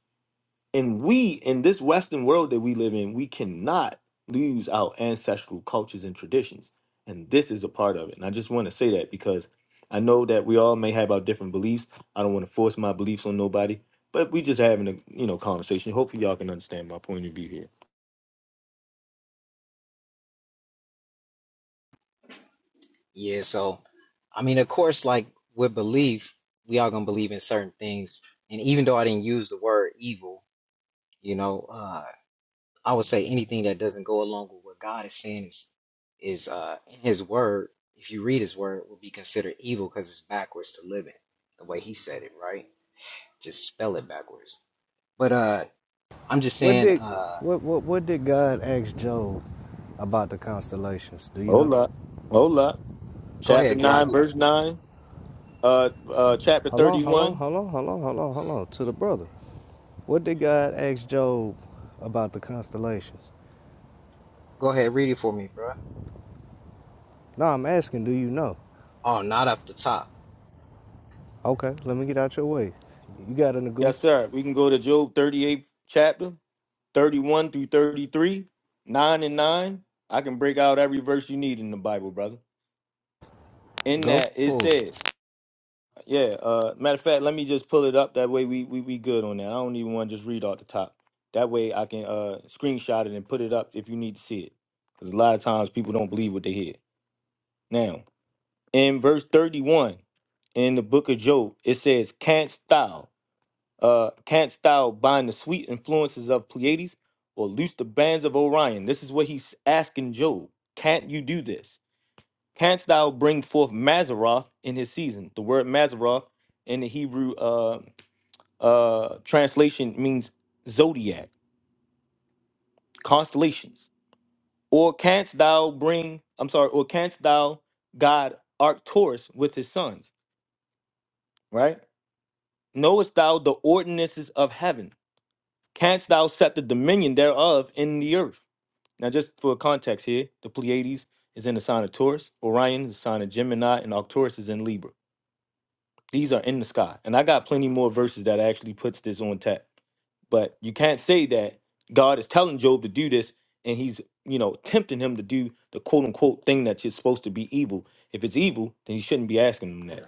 [SPEAKER 6] And we, in this Western world that we live in, we cannot lose our ancestral cultures and traditions. And this is a part of it. And I just want to say that because I know that we all may have our different beliefs. I don't want to force my beliefs on nobody, but we just having a you know conversation. Hopefully y'all can understand my point of view here.
[SPEAKER 12] Yeah, so I mean, of course, like with belief, we all gonna believe in certain things. And even though I didn't use the word evil, you know, uh, I would say anything that doesn't go along with what God is saying is is uh in his word, if you read his word, will be considered evil because it's backwards to live it, the way he said it, right? Just spell it backwards. But uh I'm just
[SPEAKER 8] What
[SPEAKER 12] saying,
[SPEAKER 8] did
[SPEAKER 12] uh
[SPEAKER 8] what what what did God ask Job about the constellations? Do you know?
[SPEAKER 6] Hold up. Hold up.
[SPEAKER 12] go
[SPEAKER 6] Chapter
[SPEAKER 12] ahead, Glock
[SPEAKER 6] nine, verse nine. Uh uh chapter
[SPEAKER 8] Hold on,
[SPEAKER 6] thirty
[SPEAKER 8] hold on,
[SPEAKER 6] one.
[SPEAKER 8] hold on, hold on, hold on, hold on. To the brother. What did God ask Job about the constellations?
[SPEAKER 12] go ahead, read it for me, bro.
[SPEAKER 8] No, I'm asking, do you know?
[SPEAKER 12] Oh, not up the top.
[SPEAKER 8] Okay, let me get out your way. You got an go.
[SPEAKER 6] Yes, sir. We can go to Job thirty-eighth chapter. 31 through 33, 9 and 9. I can break out every verse you need in the Bible, brother. In
[SPEAKER 8] Go
[SPEAKER 6] that it
[SPEAKER 8] for it.
[SPEAKER 6] says, yeah, uh matter of fact, let me just pull it up. That way we we, we good on that. I don't even want to just read off the top. That way I can uh screenshot it and put it up if you need to see it. Because a lot of times people don't believe what they hear. Now, in verse 31 in the book of Job, it says, Canst thou? Uh, canst thou bind the sweet influences of Pleiades or loose the bands of Orion? This is what he's asking Job. Can't you do this? Canst thou bring forth Mazaroth in his season? The word Mazaroth in the Hebrew uh, uh, translation means zodiac, constellations. Or canst thou bring, I'm sorry, or canst thou God Arcturus with his sons, right? Knowest thou the ordinances of heaven? Canst thou set the dominion thereof in the earth? Now, just for context here, the Pleiades is in the sign of Taurus, Orion is the sign of Gemini, and Arcturus is in Libra. These are in the sky. And I got plenty more verses that actually puts this on tap. But you can't say that God is telling Job to do this and he's, you know, tempting him to do the quote unquote thing that's supposed to be evil. If it's evil, then you shouldn't be asking him that.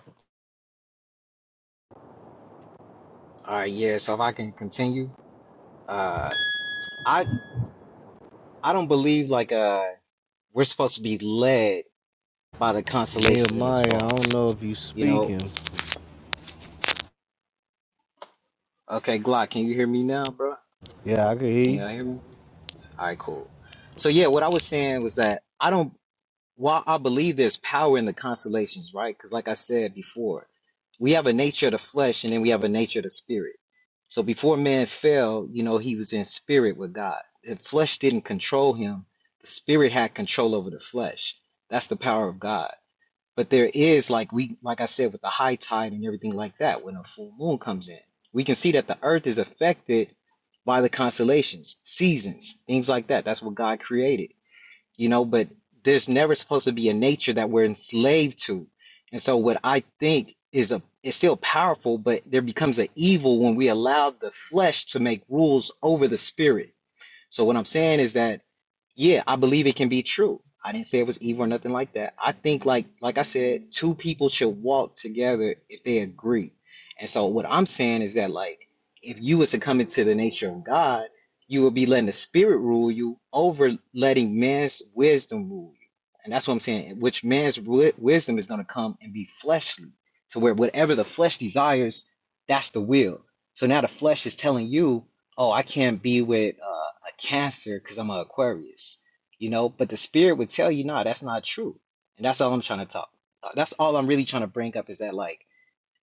[SPEAKER 12] All right, yeah, so if I can continue, uh I I don't believe like uh we're supposed to be led by the constellations and the
[SPEAKER 8] Nehemiah, I don't
[SPEAKER 12] stars.
[SPEAKER 8] know if you
[SPEAKER 12] You know,
[SPEAKER 8] speaking,
[SPEAKER 12] okay, Glock, can you hear me now, bro?
[SPEAKER 8] Yeah, I can hear
[SPEAKER 12] Can
[SPEAKER 8] you.
[SPEAKER 12] y'all hear me? All right, cool. So yeah, what I was saying was that I don't. While I believe there's power in the constellations, right? Because like I said before, we have a nature of the flesh, and then we have a nature of the spirit. So before man fell, you know, he was in spirit with God. The flesh didn't control him. The spirit had control over the flesh. That's the power of God. But there is like we like I said with the high tide and everything like that when a full moon comes in. We can see that the earth is affected by the constellations, seasons, things like that. That's what God created. You know, but there's never supposed to be a nature that we're enslaved to. And so what I think is a it's still powerful, but there becomes an evil when we allow the flesh to make rules over the spirit. So what I'm saying is that yeah, I believe it can be true. I didn't say it was evil or nothing like that. I think like like I said, two people should walk together if they agree. And so what I'm saying is that like if you was to come into the nature of God, you would be letting the spirit rule you over letting man's wisdom rule you. And that's what I'm saying, which man's wi- wisdom is going to come and be fleshly to where whatever the flesh desires, that's the will. So now the flesh is telling you oh, I can't be with uh, a Cancer because I'm an Aquarius, you know. But the spirit would tell you, nah, that's not true, and that's all I'm trying to talk. uh, That's all I'm really trying to bring up is that like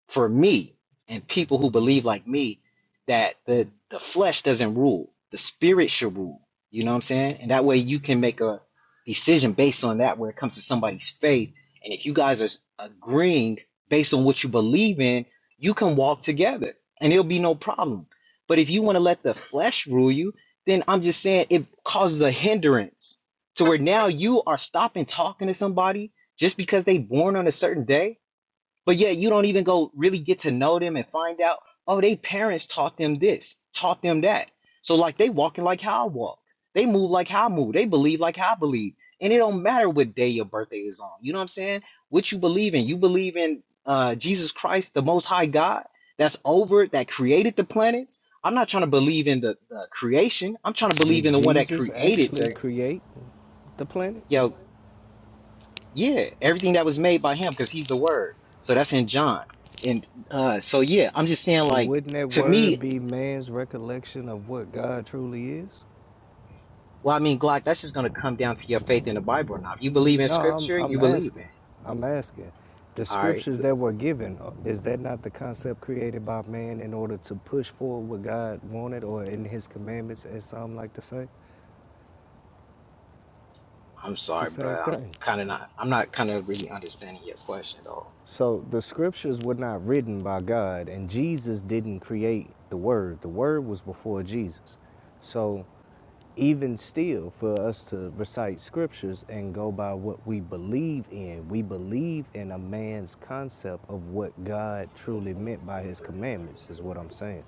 [SPEAKER 12] for me and people who believe like me that the the flesh doesn't rule the spirit should rule you know what i'm saying and that way you can make a decision based on that where it comes to somebody's faith and if you guys are agreeing based on what you believe in you can walk together and it'll be no problem but if you want to let the flesh rule you then i'm just saying it causes a hindrance to where now you are stopping talking to somebody just because they born on a certain day but yeah, you don't even go really get to know them and find out, oh, they parents taught them this, taught them that. So like they walking like how I walk. They move like how I move. They believe like how I believe. And it don't matter what day your birthday is on. You know what I'm saying? What you believe in. You believe in uh Jesus Christ, the most high God that's over, that created the planets. I'm not trying to believe in the, the creation. I'm trying to believe
[SPEAKER 8] Did
[SPEAKER 12] in the one that
[SPEAKER 8] Jesus
[SPEAKER 12] created
[SPEAKER 8] actually
[SPEAKER 12] the
[SPEAKER 8] create the planets?
[SPEAKER 12] yo yeah, everything that was made by him because he's the word. So that's in John. And uh so yeah, I'm just saying
[SPEAKER 8] But
[SPEAKER 12] like
[SPEAKER 8] wouldn't that
[SPEAKER 12] to
[SPEAKER 8] word
[SPEAKER 12] me,
[SPEAKER 8] be man's recollection of what God truly is?
[SPEAKER 12] well I mean Glock, that's just gonna come down to your faith in the Bible or not. If you believe in
[SPEAKER 8] No, I'm
[SPEAKER 12] scripture,
[SPEAKER 8] I'm
[SPEAKER 12] you believe in
[SPEAKER 8] asking.
[SPEAKER 12] it.
[SPEAKER 8] I'm asking. The
[SPEAKER 12] All right.
[SPEAKER 8] scriptures
[SPEAKER 12] You-
[SPEAKER 8] that were given, uh, is that not the concept created by man in order to push forward what God wanted or in his commandments as some like to say?
[SPEAKER 12] I'm
[SPEAKER 8] It's the
[SPEAKER 12] sorry, but
[SPEAKER 8] same
[SPEAKER 12] I'm
[SPEAKER 8] thing.
[SPEAKER 12] kinda not I'm not kinda really understanding your question though.
[SPEAKER 8] So the scriptures were not written by God, and Jesus didn't create the Word. The Word was before Jesus. So even still, for us to recite scriptures and go by what we believe in, we believe in a man's concept of what God truly meant by his commandments, is what I'm saying.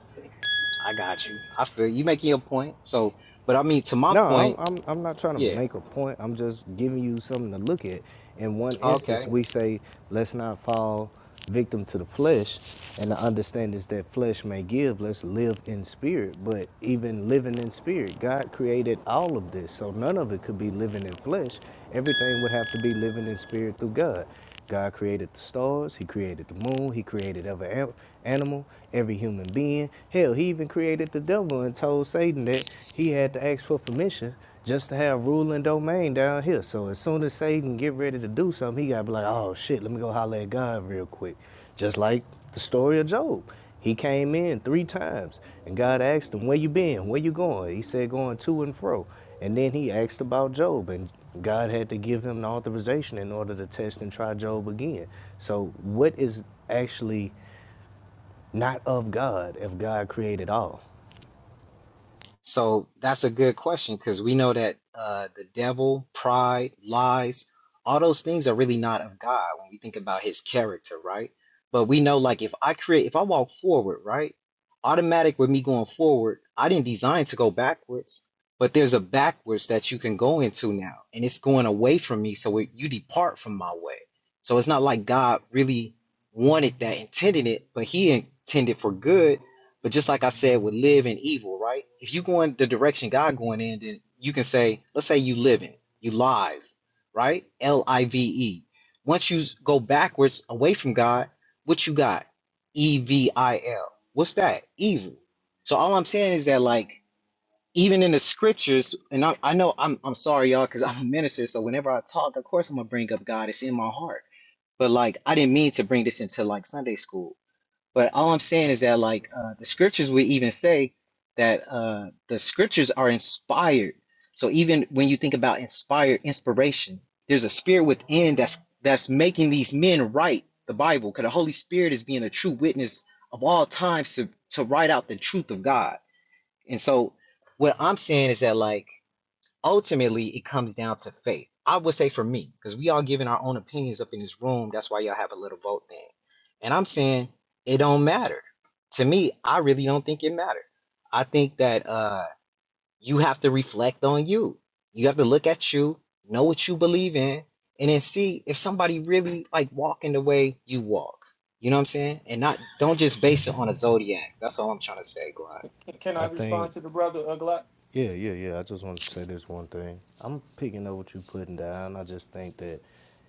[SPEAKER 12] I got you. I feel you making your point. So but I mean to my
[SPEAKER 8] No, I'm,
[SPEAKER 12] point,
[SPEAKER 8] I'm, I'm not trying to
[SPEAKER 12] yeah.
[SPEAKER 8] make a point. I'm just giving you something to look at. In one
[SPEAKER 12] Okay.
[SPEAKER 8] instance, we say, let's not fall victim to the flesh. And the understandings that flesh may give, let's live in spirit. But even living in spirit, God created all of this. So none of it could be living in flesh. Everything would have to be living in spirit through God. God created the stars, He created the moon, He created every animal, every human being. Hell, He even created the devil and told Satan that he had to ask for permission just to have rule and domain down here. So as soon as Satan get ready to do something, he gotta be like, oh shit, let me go holler at God real quick. Just like the story of Job. He came in three times, and God asked him, "Where you been? Where you going?" He said, "Going to and fro." And then he asked about Job, and God had to give him the authorization in order to test and try Job again. So, what is actually not of God if God created all?
[SPEAKER 12] So that's a good question because we know that uh, the devil, pride, lies, all those things are really not of God when we think about his character, right? But we know, like, if I create, if I walk forward, right? Automatic with me going forward, I didn't design to go backwards, but there's a backwards that you can go into now, and it's going away from me. So it, you depart from my way. So it's not like God really wanted that, intended it, but he intended for good but just like I said with live and evil, right? If you go in the direction God going in, then you can say, let's say you living, you live, right? L I V E. Once you go backwards away from God, what you got? E V I L. What's that? Evil. So all I'm saying is that like even in the scriptures, and I, I know I'm I'm sorry y'all because I'm a minister, so whenever I talk, of course I'm gonna bring up God. It's in my heart. But like I didn't mean to bring this into like Sunday school but all I'm saying is that like uh, the scriptures would even say that uh, the scriptures are inspired. So even when you think about inspired inspiration, there's a spirit within that's that's making these men write the Bible. Because the Holy Spirit is being a true witness of all times to to write out the truth of God. And so what I'm saying is that like ultimately it comes down to faith. I would say for me, because we all giving our own opinions up in this room. That's why y'all have a little vote thing. And I'm saying it don't matter. To me, I really don't think it matter. I think that uh you have to reflect on you. You have to look at you, know what you believe in, and then see if somebody really like walking the way you walk. You know what I'm saying? And not don't just base it on a zodiac. That's all I'm trying to say, Glad.
[SPEAKER 8] I think Yeah, yeah, yeah. I just want to say this one thing. I'm picking up what you're putting down. I just think that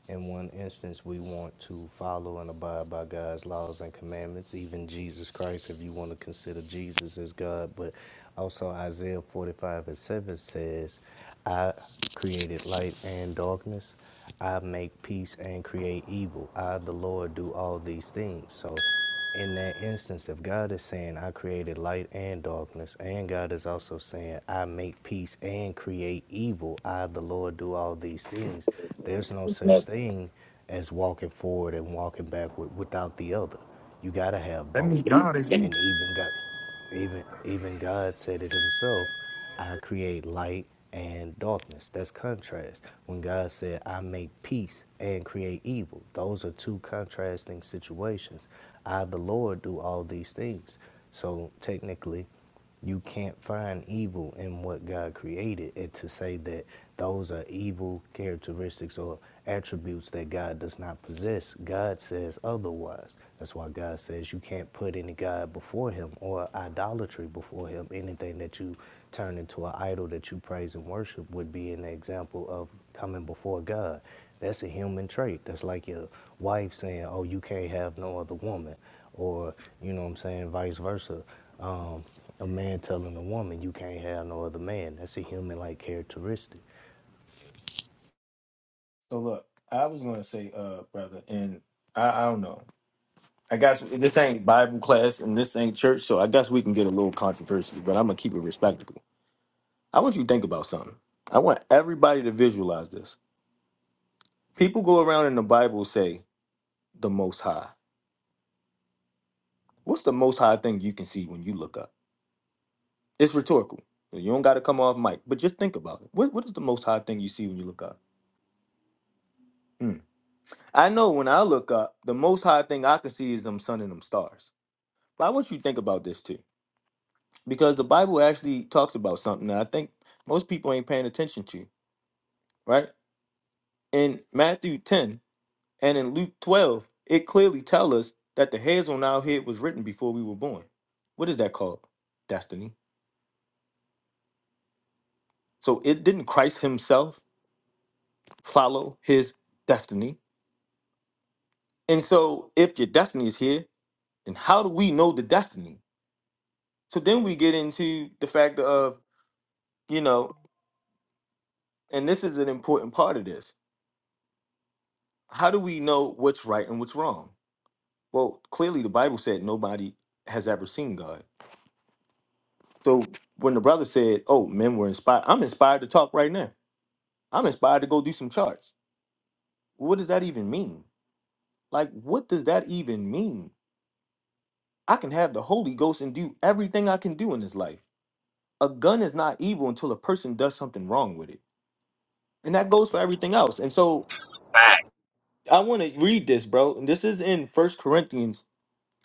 [SPEAKER 8] in one instance, we want to follow and abide by God's laws and commandments, even Jesus Christ, if you want to consider Jesus as God. But also, Isaiah 45 and 7 says, I created light and darkness, I make peace and create evil. I, the Lord, do all these things. So, in that instance, if God is saying, I created light and darkness, and God is also saying, I make peace and create evil, I, the Lord, do all these things, there's no such thing as walking forward and walking backward without the other. You got to have
[SPEAKER 11] That
[SPEAKER 8] both.
[SPEAKER 11] means God is in.
[SPEAKER 8] And even God, even even God said it Himself, I create light and darkness. That's contrast. When God said, I make peace and create evil, those are two contrasting situations. I, the Lord, do all these things. So technically, you can't find evil in what God created. And to say that those are evil characteristics or attributes that God does not possess, God says otherwise. That's why God says you can't put any God before him or idolatry before him. Anything that you turn into an idol that you praise and worship would be an example of coming before God. That's a human trait. That's like your wife saying, Oh, you can't have no other woman, or, you know what I'm saying, vice versa. Um, a man telling a woman you can't have no other man. That's a human like characteristic.
[SPEAKER 6] So look, I was gonna say, uh, brother, and I, I don't know. I guess this ain't Bible class and this ain't church, so I guess we can get a little controversial, but I'm gonna keep it respectable. I want you to think about something. I want everybody to visualize this. People go around in the Bible say the most high. What's the most high thing you can see when you look up? It's rhetorical. You don't got to come off mic, but just think about it. What, what is the most high thing you see when you look up? Hmm. I know when I look up, the most high thing I can see is them sun and them stars. But I want you to think about this too, because the Bible actually talks about something that I think most people ain't paying attention to, right? In Matthew 10, And in Luke 12, it clearly tells us that the hairs on our head was written before we were born. What is that called? Destiny. So it didn't Christ himself follow his destiny. And so if your destiny is here, then how do we know the destiny? So then we get into the fact of, you know, and this is an important part of this. How do we know what's right and what's wrong? Well, clearly the Bible said nobody has ever seen God. So when the brother said, "Oh, men were inspired," I'm inspired to talk right now I'm inspired to go do some charts. What does that even mean? Like, what does that even mean? I can have the Holy Ghost and do everything I can do in this life. A gun is not evil until a person does something wrong with it. And that goes for everything else. And so
[SPEAKER 7] Fact.
[SPEAKER 6] I want to read this, bro. And this is in First Corinthians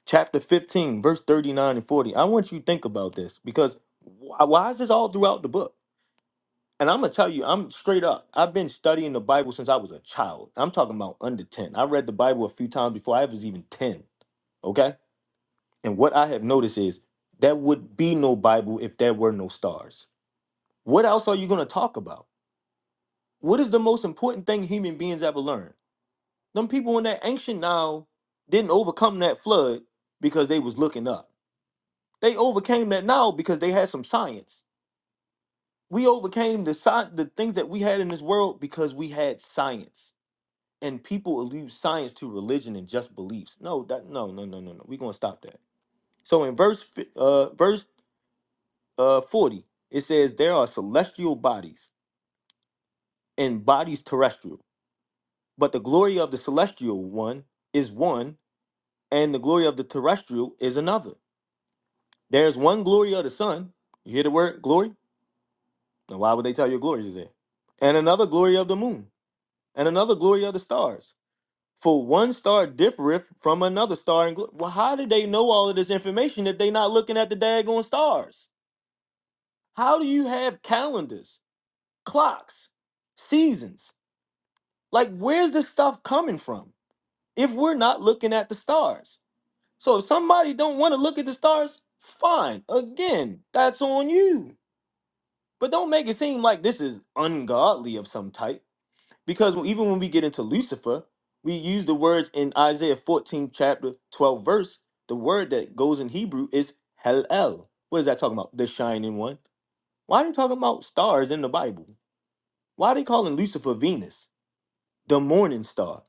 [SPEAKER 6] chapter 15, verse 39 and 40. I want you to think about this because wh- why is this all throughout the book? And I'm gonna tell you, I'm straight up. I've been studying the Bible since I was a child. I'm talking about under 10. I read the Bible a few times before I was even 10. Okay. And what I have noticed is there would be no Bible if there were no stars. What else are you gonna talk about? What is the most important thing human beings ever learned? Them people in that ancient Nile didn't overcome that flood because they was looking up. They overcame that Nile because they had some science. We overcame the sci- the things that we had in this world because we had science and people allude science to religion and just beliefs. No, that no no no no no. We're gonna stop that. So in verse fi- uh verse uh forty, it says there are celestial bodies and bodies terrestrial, but the glory of the celestial one is one, and the glory of the terrestrial is another. There is one glory of the sun. You hear the word glory? Now why would they tell you glory is there? And another glory of the moon, and another glory of the stars For one star differeth from another star. And gl- well, how do they know all of this information if they not looking at the daggone stars? How do you have calendars, clocks, seasons? Like, where's this stuff coming from if we're not looking at the stars? So if somebody don't want to look at the stars, fine. Again, that's on you. But don't make it seem like this is ungodly of some type Because even when we get into Lucifer, we use the words in Isaiah 14, chapter 12, verse. The word that goes in Hebrew is Hel. What is that talking about? The shining one. Why are they talking about stars in the Bible? Why are they calling Lucifer Venus, the morning star?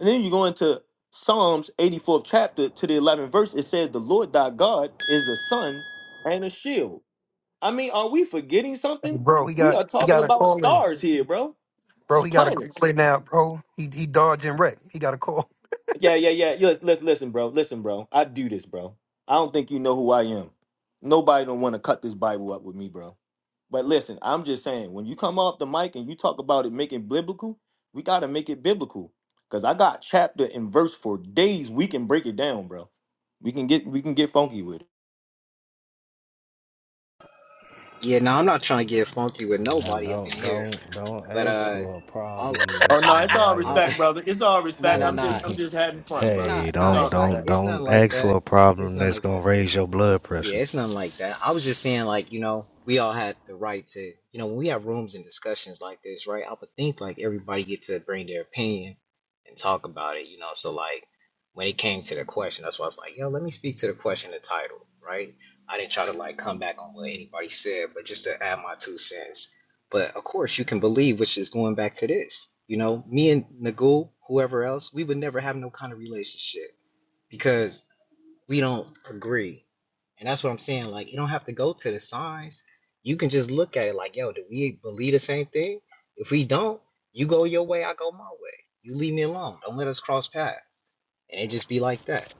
[SPEAKER 6] And then you go into Psalms 84th chapter to the 11th verse. It says, The Lord thy God is a sun and a shield. I mean, are we forgetting something?
[SPEAKER 11] Bro, he
[SPEAKER 6] We
[SPEAKER 11] got
[SPEAKER 6] are
[SPEAKER 11] he
[SPEAKER 6] talking
[SPEAKER 11] got a
[SPEAKER 6] about
[SPEAKER 11] call in.
[SPEAKER 6] stars here, bro. It's
[SPEAKER 11] Bro, he got a
[SPEAKER 6] planets.
[SPEAKER 11] call in now, bro. He he dodged and wrecked. He got a call.
[SPEAKER 6] Yeah, yeah, yeah. Look, look, listen, bro. Listen, bro. I do this, bro. I don't think you know who I am. Nobody don't want to cut this Bible up with me, bro. But listen, I'm just saying, when you come off the mic and you talk about it making biblical, we gotta make it biblical. Cause I got chapter and verse for days. We can break it down, bro. We can get we can get funky with it.
[SPEAKER 12] Yeah, no, I'm not trying to get funky with
[SPEAKER 8] Now
[SPEAKER 12] nobody up in
[SPEAKER 8] don't
[SPEAKER 12] here.
[SPEAKER 8] don't don't
[SPEAKER 12] But
[SPEAKER 8] ask
[SPEAKER 12] uh,
[SPEAKER 8] for a
[SPEAKER 12] I'll
[SPEAKER 8] problem that's
[SPEAKER 6] Oh no,
[SPEAKER 8] gonna
[SPEAKER 6] it's all
[SPEAKER 8] drive your
[SPEAKER 12] I'll
[SPEAKER 6] respect, brother. It's all
[SPEAKER 12] nah
[SPEAKER 6] respect.
[SPEAKER 12] nah
[SPEAKER 6] I'm just
[SPEAKER 12] nah
[SPEAKER 6] I'm
[SPEAKER 8] hey
[SPEAKER 6] just having fun, brother.
[SPEAKER 12] nah
[SPEAKER 8] hey
[SPEAKER 6] It's
[SPEAKER 12] nah.
[SPEAKER 8] don't
[SPEAKER 6] all
[SPEAKER 12] It's not
[SPEAKER 8] don't
[SPEAKER 6] respect,
[SPEAKER 12] it's not
[SPEAKER 8] don't
[SPEAKER 12] like
[SPEAKER 8] ask for
[SPEAKER 12] that.
[SPEAKER 8] a
[SPEAKER 12] It's
[SPEAKER 8] problem
[SPEAKER 12] not
[SPEAKER 8] that's
[SPEAKER 12] like
[SPEAKER 8] gonna
[SPEAKER 12] that.
[SPEAKER 8] raise your blood
[SPEAKER 12] Yeah,
[SPEAKER 8] pressure.
[SPEAKER 12] it's nothing like that. I was just saying, like, you know, we all had the right to, you know, when we have rooms and discussions like this, right? I would think like everybody get to bring their opinion and talk about it, you know. So like when it came to the question, that's why I was like, yo, let me speak to the question and title, right? I didn't try to like come back on what anybody said, but just to add my two cents. But of course you can believe, which is going back to this, you know, me and Nagul, whoever else, we would never have no kind of relationship because we don't agree. And that's what I'm saying. Like, you don't have to go to the signs. You can just look at it like, yo, do we believe the same thing? If we don't, you go your way, I go my way. You leave me alone. Don't let us cross paths. And it just be like that.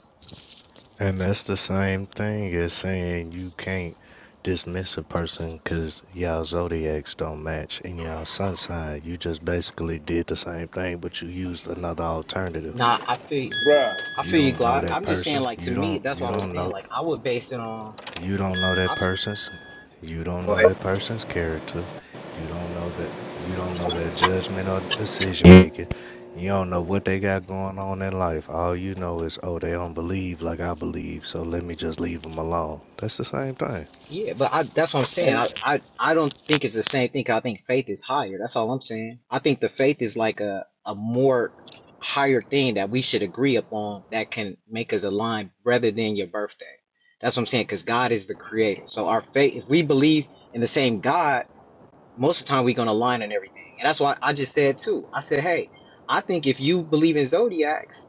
[SPEAKER 8] And that's the same thing as saying you can't dismiss a person because y'all zodiacs don't match and y'all sun sign. You just basically did the same thing, but you used another alternative.
[SPEAKER 12] Nah, I feel
[SPEAKER 6] bruh.
[SPEAKER 12] I
[SPEAKER 8] You
[SPEAKER 12] feel you,
[SPEAKER 8] don't know
[SPEAKER 12] Glock.
[SPEAKER 8] that
[SPEAKER 12] I'm just saying,
[SPEAKER 8] person.
[SPEAKER 12] like, to
[SPEAKER 8] You
[SPEAKER 12] me,
[SPEAKER 8] don't
[SPEAKER 12] that's
[SPEAKER 8] you
[SPEAKER 12] what I was
[SPEAKER 8] don't
[SPEAKER 12] saying.
[SPEAKER 8] know
[SPEAKER 12] Like, I would base it on
[SPEAKER 8] you don't know
[SPEAKER 12] I
[SPEAKER 8] that
[SPEAKER 12] f-
[SPEAKER 8] person's you don't
[SPEAKER 12] Go
[SPEAKER 8] know that person's character. You don't know that you don't know their judgment or decision making. You don't know what they got going on in life. All you know is, oh, they don't believe like I believe, so let me just leave them alone. That's the same thing.
[SPEAKER 12] Yeah, but I, that's what I'm saying. I,
[SPEAKER 6] And
[SPEAKER 12] I, I don't think it's the same thing. 'cause I think faith is higher. That's all I'm saying. I think the faith is like a, a more higher thing that we should agree upon that can make us align rather than your birthday. That's what I'm saying. Because God is the creator. So our faith, if we believe in the same God, most of the time we're going to align on everything. And that's why I just said too. I said, hey, I think if you believe in zodiacs,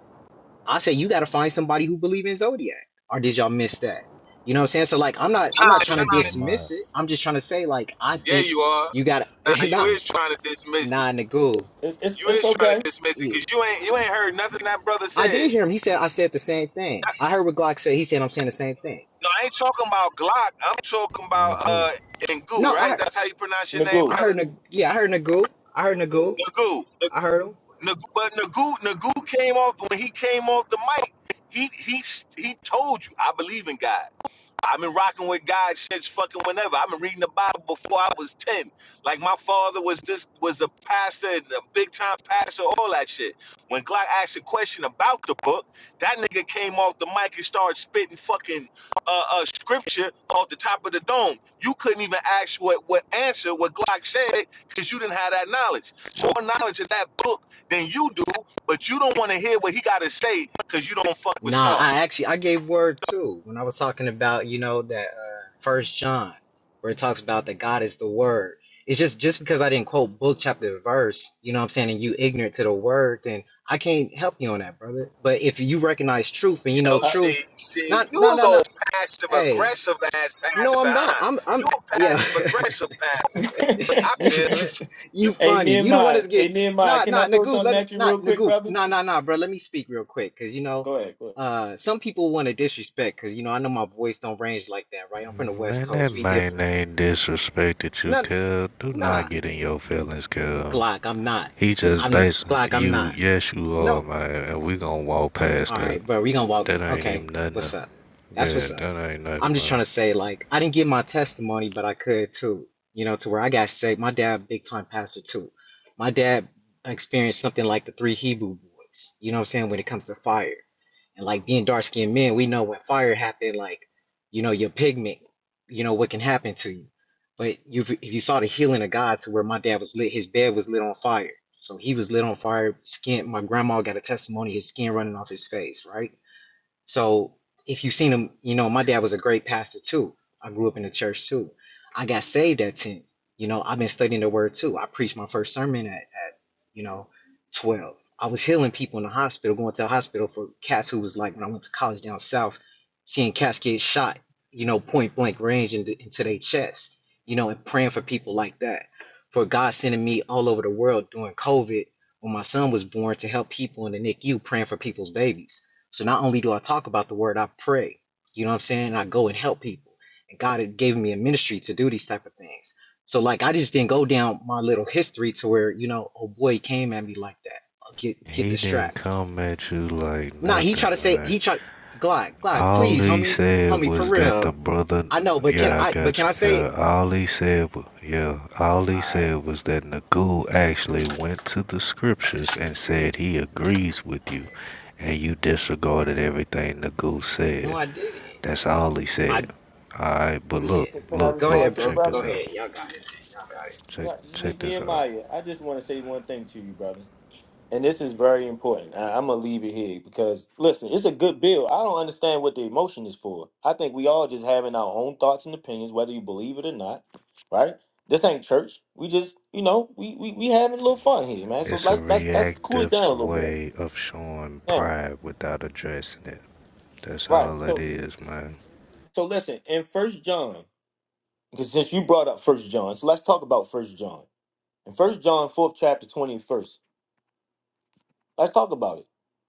[SPEAKER 12] I say you got to find somebody who believe in zodiac. Or did y'all miss that? You know what I'm saying? So like, I'm not I'm not
[SPEAKER 7] Nah,
[SPEAKER 12] trying to
[SPEAKER 8] But
[SPEAKER 7] nah.
[SPEAKER 8] Nehemiah,
[SPEAKER 12] dismiss it. I'm just trying to say like, I
[SPEAKER 7] Yeah,
[SPEAKER 12] think
[SPEAKER 7] you are.
[SPEAKER 12] you got
[SPEAKER 7] Nah,
[SPEAKER 12] to
[SPEAKER 7] you
[SPEAKER 12] not
[SPEAKER 8] but
[SPEAKER 7] is trying to dismiss it.
[SPEAKER 12] nah Nagul.
[SPEAKER 6] it's it's
[SPEAKER 7] You
[SPEAKER 6] it's
[SPEAKER 7] is trying to
[SPEAKER 6] okay,
[SPEAKER 7] dismiss it because
[SPEAKER 12] He-
[SPEAKER 7] you ain't you ain't heard nothing that brother
[SPEAKER 12] I
[SPEAKER 7] said.
[SPEAKER 12] did hear him. He said I said the same thing. I heard what Glock said. He said I'm saying the same thing.
[SPEAKER 7] No, I ain't talking about Glock. I'm talking about
[SPEAKER 8] Nagu.
[SPEAKER 7] uh Ngu,
[SPEAKER 12] No, I
[SPEAKER 7] right?
[SPEAKER 12] heard
[SPEAKER 7] That's how you pronounce your name,
[SPEAKER 12] I
[SPEAKER 6] Nagu.
[SPEAKER 7] brother.
[SPEAKER 12] heard Nag- yeah I heard Nagul. I heard Nagul.
[SPEAKER 7] Nagu. N-
[SPEAKER 12] I heard him.
[SPEAKER 7] Nagu but Nagu Nagu came off when he came off the mic. He he he told you, I believe in God. I've been rocking with God since fucking whenever. I've been reading the Bible before I was ten. Like my father was this was a pastor and a big time pastor, all that shit. When Glock asked a question about the book, that nigga came off the mic and started spitting fucking uh, uh scripture off the top of the dome. You couldn't even ask what what answer what Glock said because you didn't have that knowledge. So more knowledge of that book than you do, but you don't want to hear what he got to say because you don't fuck with
[SPEAKER 12] Nah, I
[SPEAKER 7] stars.
[SPEAKER 12] actually I gave word too when I was talking about you know that uh, First John where it talks about that God is the Word. It's just just because I didn't quote book chapter and verse, you know what I'm saying, and you ignorant to the Word, then I can't help you on that, brother. But if you recognize truth and
[SPEAKER 7] You
[SPEAKER 12] you know
[SPEAKER 7] know,
[SPEAKER 6] I-
[SPEAKER 7] see,
[SPEAKER 12] truth,
[SPEAKER 7] see,
[SPEAKER 12] not
[SPEAKER 7] you a
[SPEAKER 12] no no
[SPEAKER 7] little
[SPEAKER 12] no,
[SPEAKER 7] passive
[SPEAKER 12] hey,
[SPEAKER 7] aggressive ass pastor,
[SPEAKER 12] no I'm not,
[SPEAKER 7] huh?
[SPEAKER 12] I'm
[SPEAKER 7] You
[SPEAKER 12] I'm
[SPEAKER 7] a
[SPEAKER 12] yeah.
[SPEAKER 7] passive aggressive pastor. I
[SPEAKER 12] You
[SPEAKER 7] feel
[SPEAKER 12] you
[SPEAKER 7] it.
[SPEAKER 12] you
[SPEAKER 7] You,
[SPEAKER 6] Hey
[SPEAKER 12] funny. You the one
[SPEAKER 6] Nehemiah,
[SPEAKER 12] that's
[SPEAKER 6] hey
[SPEAKER 12] get
[SPEAKER 6] Nehemiah,
[SPEAKER 12] nah
[SPEAKER 6] can I
[SPEAKER 12] nah
[SPEAKER 6] throw
[SPEAKER 12] Nagoo.
[SPEAKER 6] something
[SPEAKER 12] Let me
[SPEAKER 6] at you real
[SPEAKER 12] not
[SPEAKER 6] quick,
[SPEAKER 12] Nagoo.
[SPEAKER 6] brother?
[SPEAKER 12] Nah nah nah, bro. Let me speak real quick, cause you know,
[SPEAKER 6] Go ahead, go
[SPEAKER 12] uh, some people want to disrespect, cause you know I know my voice don't range like that, right? I'm from the West
[SPEAKER 8] Man, that
[SPEAKER 12] Coast. We
[SPEAKER 8] man
[SPEAKER 12] different.
[SPEAKER 8] ain't disrespected you,
[SPEAKER 12] Nah
[SPEAKER 8] cuz. Do not
[SPEAKER 12] nah.
[SPEAKER 8] get in your feelings, cuz.
[SPEAKER 12] Glock, I'm not.
[SPEAKER 8] He just
[SPEAKER 12] I'm
[SPEAKER 8] basing
[SPEAKER 12] Glock, I'm
[SPEAKER 8] you.
[SPEAKER 12] not.
[SPEAKER 8] Yes, you are,
[SPEAKER 12] No.
[SPEAKER 8] man. And we gonna walk past
[SPEAKER 12] All
[SPEAKER 8] that.
[SPEAKER 12] right, bro, we gonna walk.
[SPEAKER 8] That ain't even
[SPEAKER 12] Okay,
[SPEAKER 8] nothing.
[SPEAKER 12] what's
[SPEAKER 8] to-
[SPEAKER 12] up? That's
[SPEAKER 8] Yeah,
[SPEAKER 12] what's up.
[SPEAKER 8] that ain't nothing,
[SPEAKER 12] I'm just trying
[SPEAKER 8] man.
[SPEAKER 12] to say, like, I didn't get my testimony, but I could too. You know, to where I got saved. My dad, big time pastor too. My dad experienced something like the three Hebrew boys. You know what I'm saying? When it comes to fire, and like being dark skinned men, we know when fire happened, like, you know, your pigment. You know what can happen to you. But you, if you saw the healing of God, to where my dad was lit, his bed was lit on fire so he was lit on fire. Skin. My grandma got a testimony. His skin running off his face. Right. So if you seen him, you know, my dad was a great pastor too. I grew up in the church too. I got saved at 10. You know, I've been studying the word too. I preached my first sermon at, at you know, 12. I was healing people in the hospital, going to the hospital for cats who was like, when I went to college down south, seeing cats get shot, you know, point blank range into, into their chest, you know, and praying for people like that. For God sending me all over the world during COVID when my son was born to help people in the NICU praying for people's babies so not only do I talk about the word, I pray. You know what I'm saying? I go and help people. And God gave me a ministry to do these type of things. So like I just didn't go down my little history to where, you know, oh boy he came at me like that. I'll Get get
[SPEAKER 8] He
[SPEAKER 12] the
[SPEAKER 8] didn't
[SPEAKER 12] strap.
[SPEAKER 8] come at you like
[SPEAKER 12] Nah, he tried
[SPEAKER 8] nothing,
[SPEAKER 12] to say
[SPEAKER 8] man.
[SPEAKER 12] he tried Glide, glide,
[SPEAKER 8] All
[SPEAKER 12] please,
[SPEAKER 8] he
[SPEAKER 12] homie,
[SPEAKER 8] said
[SPEAKER 12] homie, for
[SPEAKER 8] was that the
[SPEAKER 12] real.
[SPEAKER 8] brother.
[SPEAKER 12] I know, but can
[SPEAKER 8] Yeah, I
[SPEAKER 12] I but
[SPEAKER 8] got
[SPEAKER 12] can
[SPEAKER 8] you,
[SPEAKER 12] I say it?
[SPEAKER 8] girl. All he said was, yeah,
[SPEAKER 12] Go, all
[SPEAKER 8] all he
[SPEAKER 12] right.
[SPEAKER 8] said was that Nagul actually went to the scriptures and said he agrees with you, and you disregarded everything Nagul
[SPEAKER 12] No,
[SPEAKER 8] said.
[SPEAKER 12] I didn't.
[SPEAKER 8] That's all he said.
[SPEAKER 12] I
[SPEAKER 8] Alright, but look,
[SPEAKER 6] ahead. Can I
[SPEAKER 8] look,
[SPEAKER 12] go ahead,
[SPEAKER 6] respond
[SPEAKER 8] look,
[SPEAKER 6] to the
[SPEAKER 12] bro.
[SPEAKER 8] check this
[SPEAKER 6] brother?
[SPEAKER 12] Go
[SPEAKER 8] out. Check
[SPEAKER 6] Right, Ne-
[SPEAKER 8] check this out.
[SPEAKER 6] Nehemiah, I just want to say one thing to you, brother. And this is very important. I, I'm gonna leave it here because listen, it's a good bill. I don't understand what the emotion is for. I think we all just having our own thoughts and opinions, whether you believe it or not, right? This ain't church. We just, you know, we we, we having a little fun here, man. So
[SPEAKER 8] It's a
[SPEAKER 6] let's let's let's cool it
[SPEAKER 8] reactive
[SPEAKER 6] down a little bit.
[SPEAKER 8] way of showing
[SPEAKER 6] Yeah.
[SPEAKER 8] pride without addressing it. That's
[SPEAKER 6] Right.
[SPEAKER 8] all it
[SPEAKER 6] So
[SPEAKER 8] is, man.
[SPEAKER 6] so listen, in first John. because since you brought up First John, so let's talk about First John. In First John, fourth chapter, twenty and first, let's talk about it.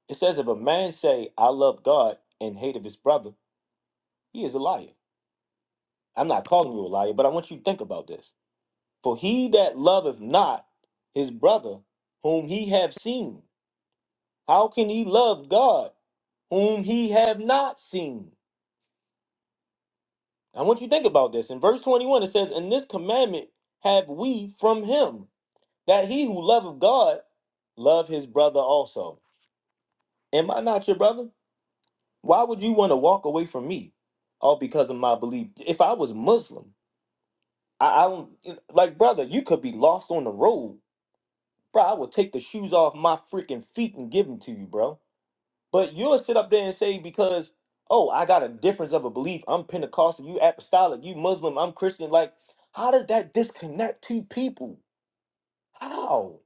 [SPEAKER 6] It says, if a man say, "I love God" and hate of his brother, he is a liar. I'm not calling you a liar, but I want you to think about this. For he that loveth not his brother, whom he have seen, how can he love God, whom he have not seen? I want you to think about this. In verse 21, it says, "In this commandment have we from him." That he who loveth God love his brother also. Am I not your brother? Why would you want to walk away from me? All because of my belief. If I was Muslim, I, I don't like brother, you could be lost on the road. Bro, I would take the shoes off my freaking feet and give them to you, bro. But you'll sit up there and say, because, oh, I got a difference of a belief. I'm Pentecostal, you apostolic, you Muslim, I'm Christian. Like, how does that disconnect two people? How?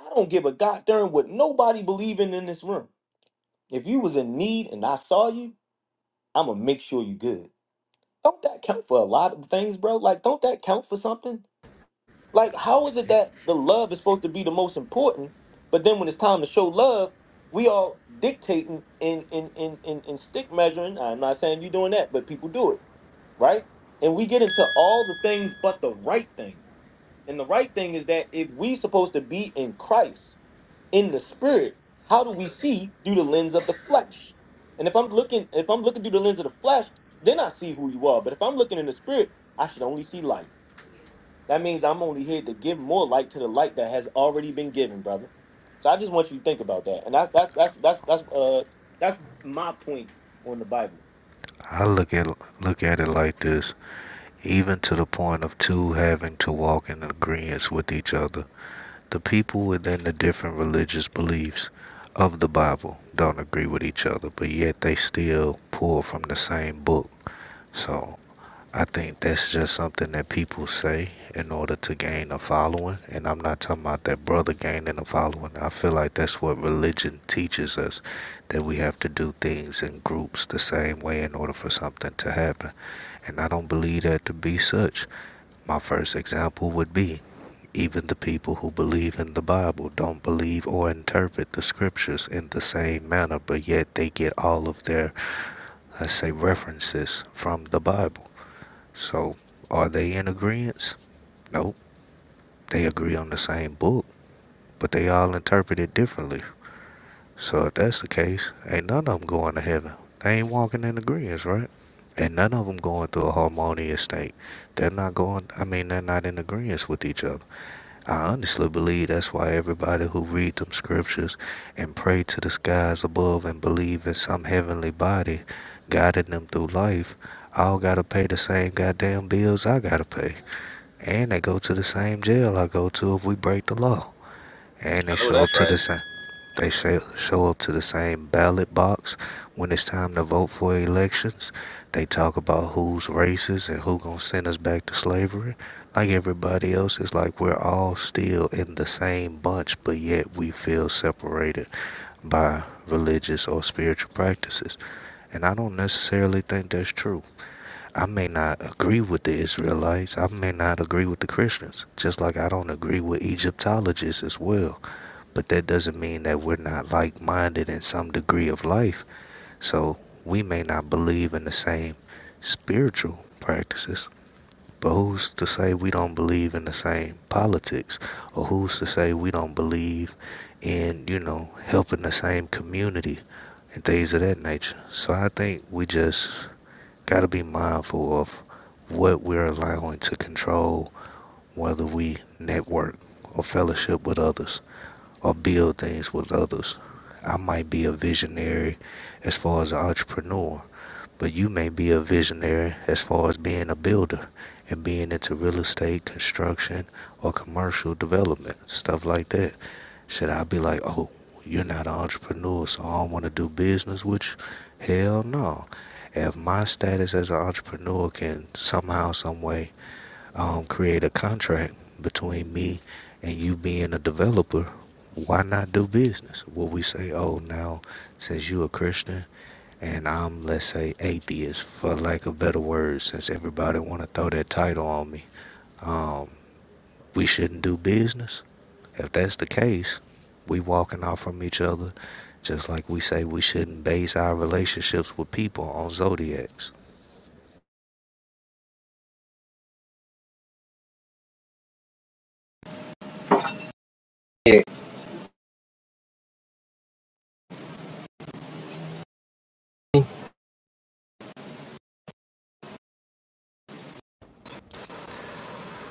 [SPEAKER 6] I don't give a goddamn what nobody believing in this room. If you was in need and I saw you, I'ma make sure you good. Don't that count for a lot of things, bro? Like, don't that count for something? Like, how is it that the love is supposed to be the most important, but then when it's time to show love, we all dictating and and and and, and stick measuring. I'm not saying you're doing that, but people do it, right? And we get into all the things but the right thing. And the right thing is that if we supposed to be in Christ, in the spirit how do we see through the lens of the flesh and if i'm looking if i'm looking through the lens of the flesh then i see who you are but if i'm looking in the spirit i should only see light that means i'm only here to give more light to the light that has already been given brother so i just want you to think about that and that's that's that's that's that's uh that's my point on the bible
[SPEAKER 8] I look at look at it like this. even to the point of two having to walk in agreement with each other. The people within the different religious beliefs of the Bible don't agree with each other, but yet they still pull from the same book. So I think that's just something that people say in order to gain a following. And I'm not talking about that brother gaining a following. I feel like that's what religion teaches us that we have to do things in groups the same way in order for something to happen. And I don't believe that to be such. My first example would be even the people who believe in the Bible don't believe or interpret the scriptures in the same manner, but yet they get all of their, let's say, references from the Bible. So are they in agreement? Nope. They agree on the same book, but they all interpret it differently. So if that's the case, ain't none of them going to heaven. They ain't walking in agreement, right? And none of them going through a harmonious state. They're not going, I mean, they're not in agreement with each other. I honestly believe that's why everybody who read them scriptures and pray to the skies above and believe in some heavenly body guiding them through life all gotta pay the same goddamn bills I gotta pay. And they go to the same jail I go to if we break the law. And they
[SPEAKER 7] I know
[SPEAKER 8] show up
[SPEAKER 7] that's
[SPEAKER 8] to
[SPEAKER 7] right.
[SPEAKER 8] the same they show, show up to the same ballot box when it's time to vote for elections. They talk about who's racist and who gonna send us back to slavery. Like everybody else, it's like we're all still in the same bunch, but yet we feel separated by religious or spiritual practices. And I don't necessarily think that's true. I may not agree with the Israelites. I may not agree with the Christians, just like I don't agree with Egyptologists as well. But that doesn't mean that we're not like minded in some degree of life. So we may not believe in the same spiritual practices, but who's to say we don't believe in the same politics? Or who's to say we don't believe in, you know, helping the same community and things of that nature? So I think we just got to be mindful of what we're allowing to control whether we network or fellowship with others or build things with others. I might be a visionary as far as an entrepreneur, but you may be a visionary as far as being a builder and being into real estate, construction, or commercial development, stuff like that. Should I be like, oh, you're not an entrepreneur, so I don't want to do business with you? Hell no. If my status as an entrepreneur can somehow, some way um, create a contract between me and you being a developer, why not do business? Will we say, oh, now since you a Christian and I'm, let's say, atheist, for lack of better words, since everybody want to throw that title on me, um, we shouldn't do business? If that's the case, we walking off from each other, just like we say we shouldn't base our relationships with people on zodiacs.
[SPEAKER 12] ahead.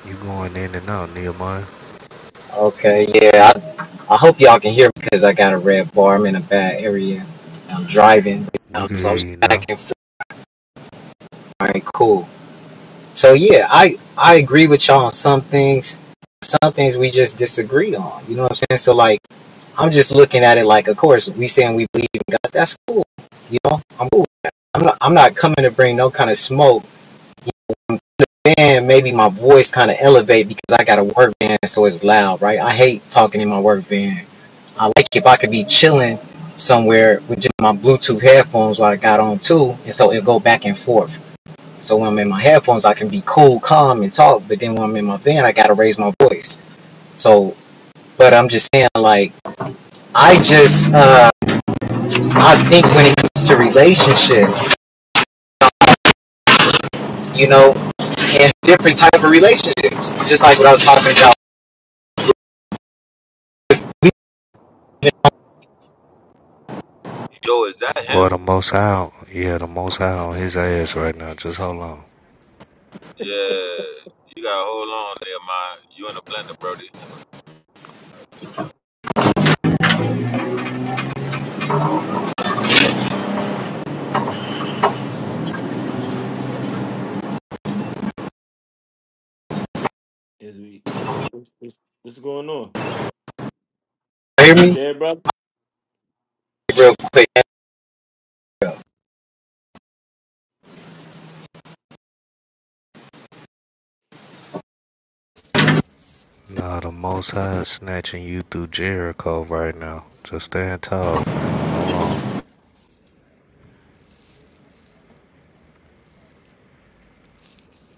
[SPEAKER 8] You going in and out, Nehemiah?
[SPEAKER 12] Okay, yeah. I, I hope y'all can hear me because I got a red bar. I'm in a bad area. I'm driving right
[SPEAKER 8] We
[SPEAKER 12] now,
[SPEAKER 8] can
[SPEAKER 12] so I
[SPEAKER 8] hear
[SPEAKER 12] was
[SPEAKER 8] you now.
[SPEAKER 12] back and forth. All right, cool. So yeah, I I agree with y'all on some things. Some things we just disagree on. You know what I'm saying? So like, I'm just looking at it like, of course, we saying we believe in God. That's cool. You know, I'm cool. With that. I'm not I'm not coming to bring no kind of smoke. And maybe my voice kind of elevate because I got a work van, so it's loud, right? I hate talking in my work van I like if I could be chilling somewhere with just my Bluetooth headphones while I got on too, and so it'll go back and forth. So when I'm in my headphones, I can be cool, calm, and talk. But then when I'm in my van, I gotta raise my voice. So, but I'm just saying, like, I just, uh, I think when it comes to relationship, you know, and different type of relationships, just like what I was talking about. Can
[SPEAKER 7] Yo, is that
[SPEAKER 8] Well,
[SPEAKER 7] him?
[SPEAKER 8] the Most High, yeah, the Most High on his ass right now. Just hold on.
[SPEAKER 7] Yeah, you gotta hold on there, my. You in a blender, Brody.
[SPEAKER 6] is we what's, what's what's going on
[SPEAKER 12] You hear
[SPEAKER 6] you
[SPEAKER 12] me
[SPEAKER 6] there brother
[SPEAKER 12] real quick? All
[SPEAKER 8] Nah, the Most High is snatching you through Jericho right now. Just stand tall, fam. Hold on.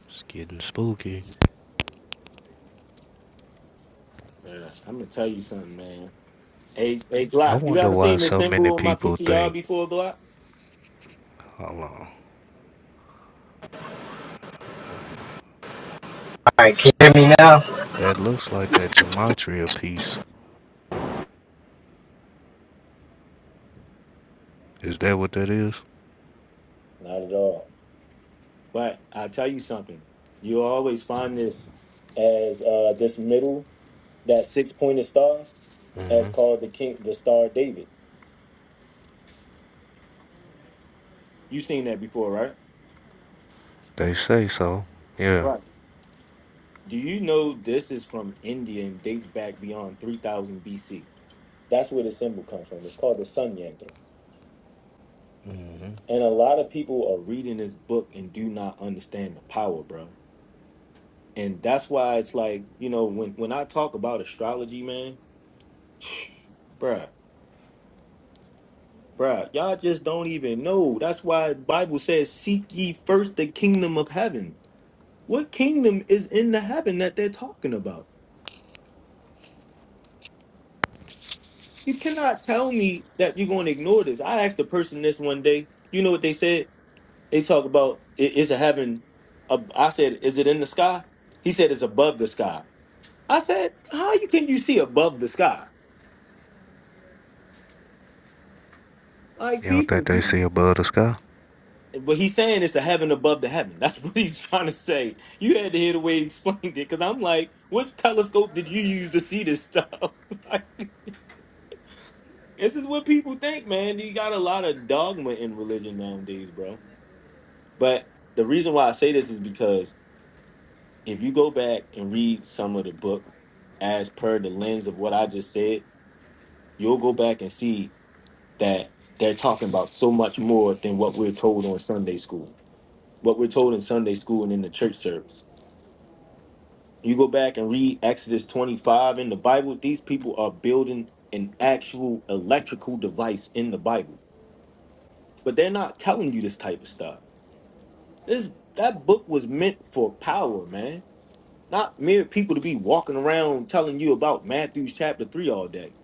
[SPEAKER 8] It's getting spooky.
[SPEAKER 6] right i'm gonna tell you something man hey hey
[SPEAKER 8] I
[SPEAKER 6] glock you
[SPEAKER 8] wonder
[SPEAKER 6] ever
[SPEAKER 8] why
[SPEAKER 6] seen this
[SPEAKER 8] so many
[SPEAKER 6] symbol on my
[SPEAKER 8] people
[SPEAKER 6] ptr
[SPEAKER 8] think.
[SPEAKER 6] before glock
[SPEAKER 8] Hold on.
[SPEAKER 12] right, can you hear me now?
[SPEAKER 8] That looks like that gematria piece. Is that what that is?
[SPEAKER 6] not at all But I tell you something, you always find this as uh this middle, that six pointed star,
[SPEAKER 8] Mm-hmm.
[SPEAKER 6] as called the king the star of David. You've seen that before, right?
[SPEAKER 8] They say so. Yeah.
[SPEAKER 6] Right. Do you know this is from India and dates back beyond three thousand BC? That's where the symbol comes from. It's called the Sun Yantra.
[SPEAKER 8] Mm-hmm.
[SPEAKER 6] And a lot of people are reading this book and do not understand the power, bro. And that's why it's like, you know, when when I talk about astrology, man, bruh, Bruh, y'all just don't even know. That's why the Bible says, Seek ye first the kingdom of heaven. What kingdom is in the heaven that they're talking about? You cannot tell me that you're going to ignore this. I asked a person this one day. You know what they said? They talk about, "I- Is a heaven, ab-" I said, Is it in the sky? He said, It's above the sky. I said, How you can you see above the sky? Like
[SPEAKER 8] You don't
[SPEAKER 6] people.
[SPEAKER 8] think they
[SPEAKER 6] be
[SPEAKER 8] see above the sky?
[SPEAKER 6] What he's saying is a heaven above the heaven. That's what he's trying to say. You had to hear the way he explained it, because I'm like, which telescope did you use to see this stuff? like, this is what people think, man. You got a lot of dogma in religion nowadays, bro. But the reason why I say this is because if you go back and read some of the book as per the lens of what I just said, you'll go back and see that they're talking about so much more than what we're told on Sunday school, what we're told in Sunday school and in the church service. You go back and read Exodus 25 in the Bible, these people are building an actual electrical device in the Bible. But they're not telling you this type of stuff. This that book was meant for power, man. Not mere people to be walking around telling you about Matthew's chapter 3 all day.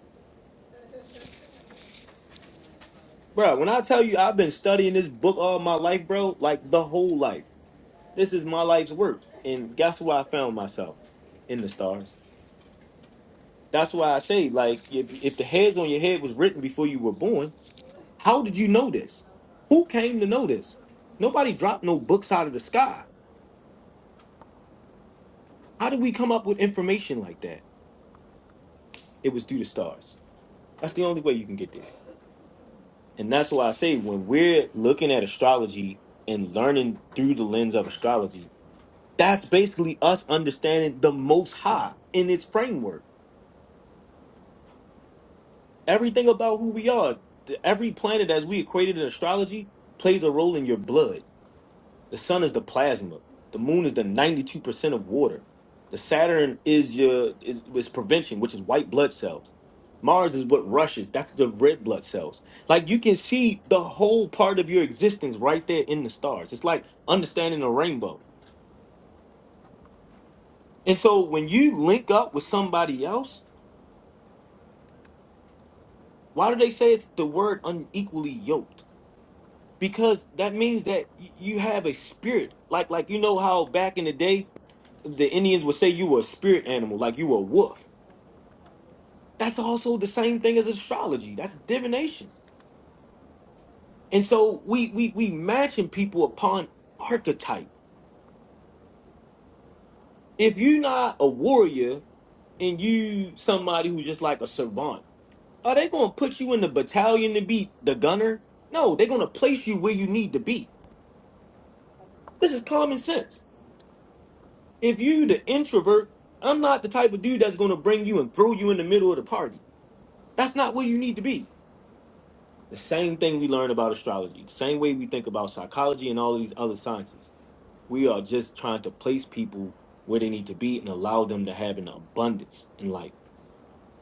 [SPEAKER 6] Bro, when I tell you I've been studying this book all my life, bro, like the whole life. This is my life's work. And guess where I found myself? In the stars. That's why I say, like, if, if the hairs on your head was written before you were born, How did you know this? Who came to know this? Nobody dropped no books out of the sky. How did we come up with information like that? It was due to stars. That's the only way you can get there. And that's why I say when we're looking at astrology and learning through the lens of astrology, that's basically us understanding the most high in its framework. Everything about who we are, th- every planet as we equated in astrology plays a role in your blood The sun is the plasma. The moon is the 92% of water. The Saturn is your is, is prevention, which is white blood cells. Mars is what rushes. That's the red blood cells. Like you can see the whole part of your existence right there in the stars. It's like understanding a rainbow. And so when you link up with somebody else, why do they say it's the word unequally yoked? Because that means that y- you have a spirit. Like like you know how back in the day the Indians would say you were a spirit animal, like you were a wolf That's also the same thing as astrology. That's divination. And so we we we matching people upon archetype. If you're not a warrior and you somebody who's just like a servant, are they gonna put you in the battalion to be the gunner? No, they're gonna place you where you need to be. This is common sense. If you the introvert, I'm not the type of dude that's gonna bring you and throw you in the middle of the party. That's not where you need to be. The same thing we learn about astrology, the same way we think about psychology and all these other sciences We are just trying to place people where they need to be and allow them to have an abundance in life.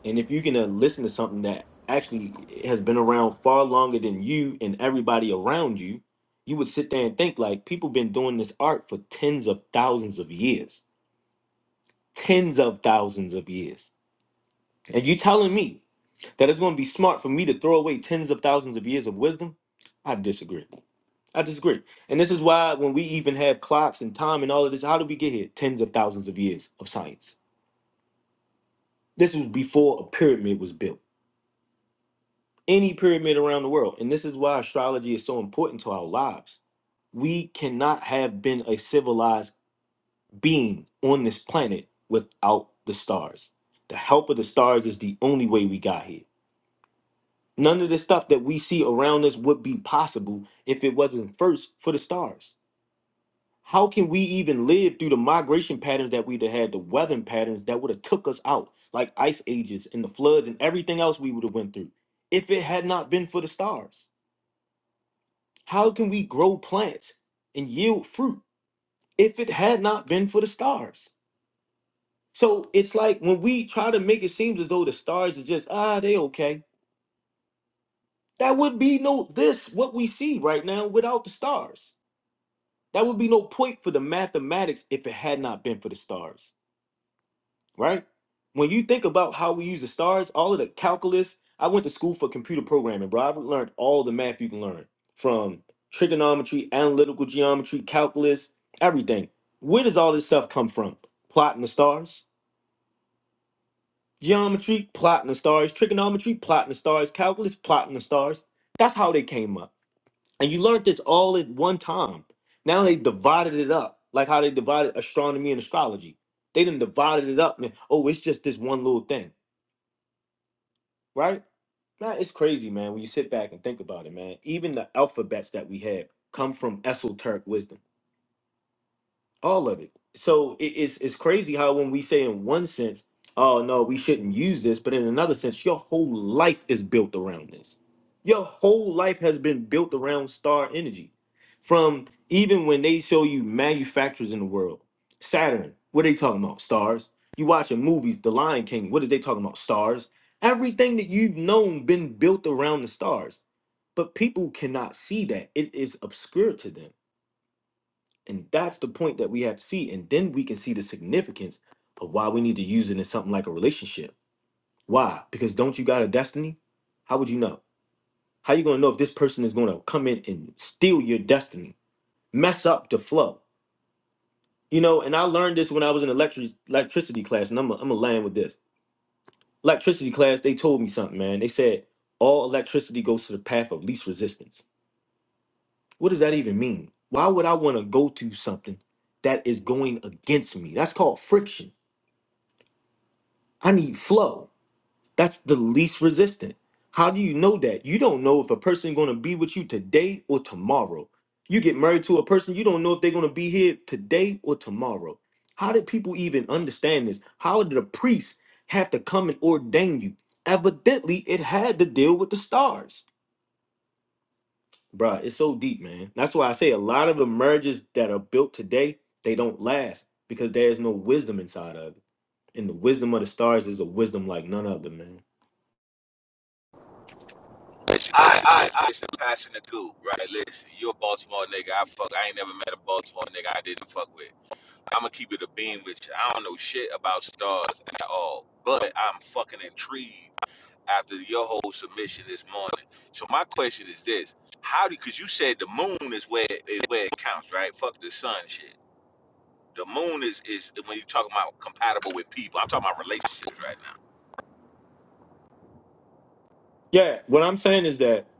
[SPEAKER 6] And if you can uh, listen to something that actually has been around far longer than you and everybody around you, you would sit there and think like people been doing this art for tens of thousands of years, tens of thousands of years. And you telling me that it's going to be smart for me to throw away tens of thousands of years of wisdom? I disagree. I disagree. And this is why when we even have clocks and time and all of this, how did we get here? Tens of thousands of years of science. This was before a pyramid was built, any pyramid around the world. And this is why astrology is so important to our lives. We cannot have been a civilized being on this planet without the stars. The help of the stars is the only way we got here. None of the stuff that we see around us would be possible if it wasn't first for the stars How can we even live through the migration patterns that we'd have had, the weathering patterns that would have took us out, like ice ages and the floods and everything else we would have went through, if it had not been for the stars? How can we grow plants and yield fruit if it had not been for the stars? So it's like when we try to make it seem as though the stars are just ah they okay. That would be no this what we see right now without the stars. That would be no point for the mathematics if it had not been for the stars. right? When you think about how we use the stars, all of the calculus, I went to school for computer programming, bro. I've learned all the math you can learn from trigonometry, analytical geometry, calculus, everything. Where does all this stuff come from? Plotting the stars, geometry, plotting the stars, trigonometry, plotting the stars, calculus, plotting the stars. That's how they came up. And you learned this all at one time. Now they divided it up, like how they divided astronomy and astrology. They didn't divided it up, man. Oh, it's just this one little thing. right? Nah, it's crazy, man. When you sit back and think about it, man. Even the alphabets that we had come from esoteric wisdom all of it. So it, it's it's crazy how when we say in one sense, oh no, we shouldn't use this, but in another sense, your whole life is built around this. Your whole life has been built around star energy. From even when they show you manufacturers in the world, Saturn, what are they talking about? Stars. You watching movies, The Lion King, what are they talking about? Stars. Everything that you've known been built around the stars. But people cannot see that. It is obscure to them and that's the point that we have to see. And then we can see the significance of why we need to use it in something like a relationship. Why? Because don't you got a destiny? How would you know? How you gonna know if this person is gonna come in and steal your destiny, mess up the flow? You know, and I learned this when I was in electric electricity class, and I'm gonna I'm gonna land with this. Electricity class, they told me something, man. They said all electricity goes to the path of least resistance. What does that even mean? Why would I wanna go to something that is going against me? That's called friction. I need flow. That's the least resistant. How do you know that? You don't know if a person going to be with you today or tomorrow. You get married to a person, you don't know if they're going to be here today or tomorrow. How did people even understand this? How did a priest have to come and ordain you? Evidently, it had to deal with the stars. Bruh, it's so deep, man. That's why I say a lot of the marriages that are built today, they don't last because there is no wisdom inside of it. And the wisdom of the stars is a wisdom like none other, man.
[SPEAKER 7] Listen, I, I, I, listen, passing the cool, right? Listen, you a Baltimore nigga. I fuck. I ain't never met a Baltimore nigga I didn't fuck with. I'ma keep it a beam with you. I don't know shit about stars at all, but I'm fucking intrigued after your whole submission this morning. So my question is this: How do? Because you said the moon is where is where it counts, right? Fuck the sun, shit. The moon is is when you talking about compatible with people. I'm talking about relationships right now.
[SPEAKER 6] Yeah, what I'm saying is that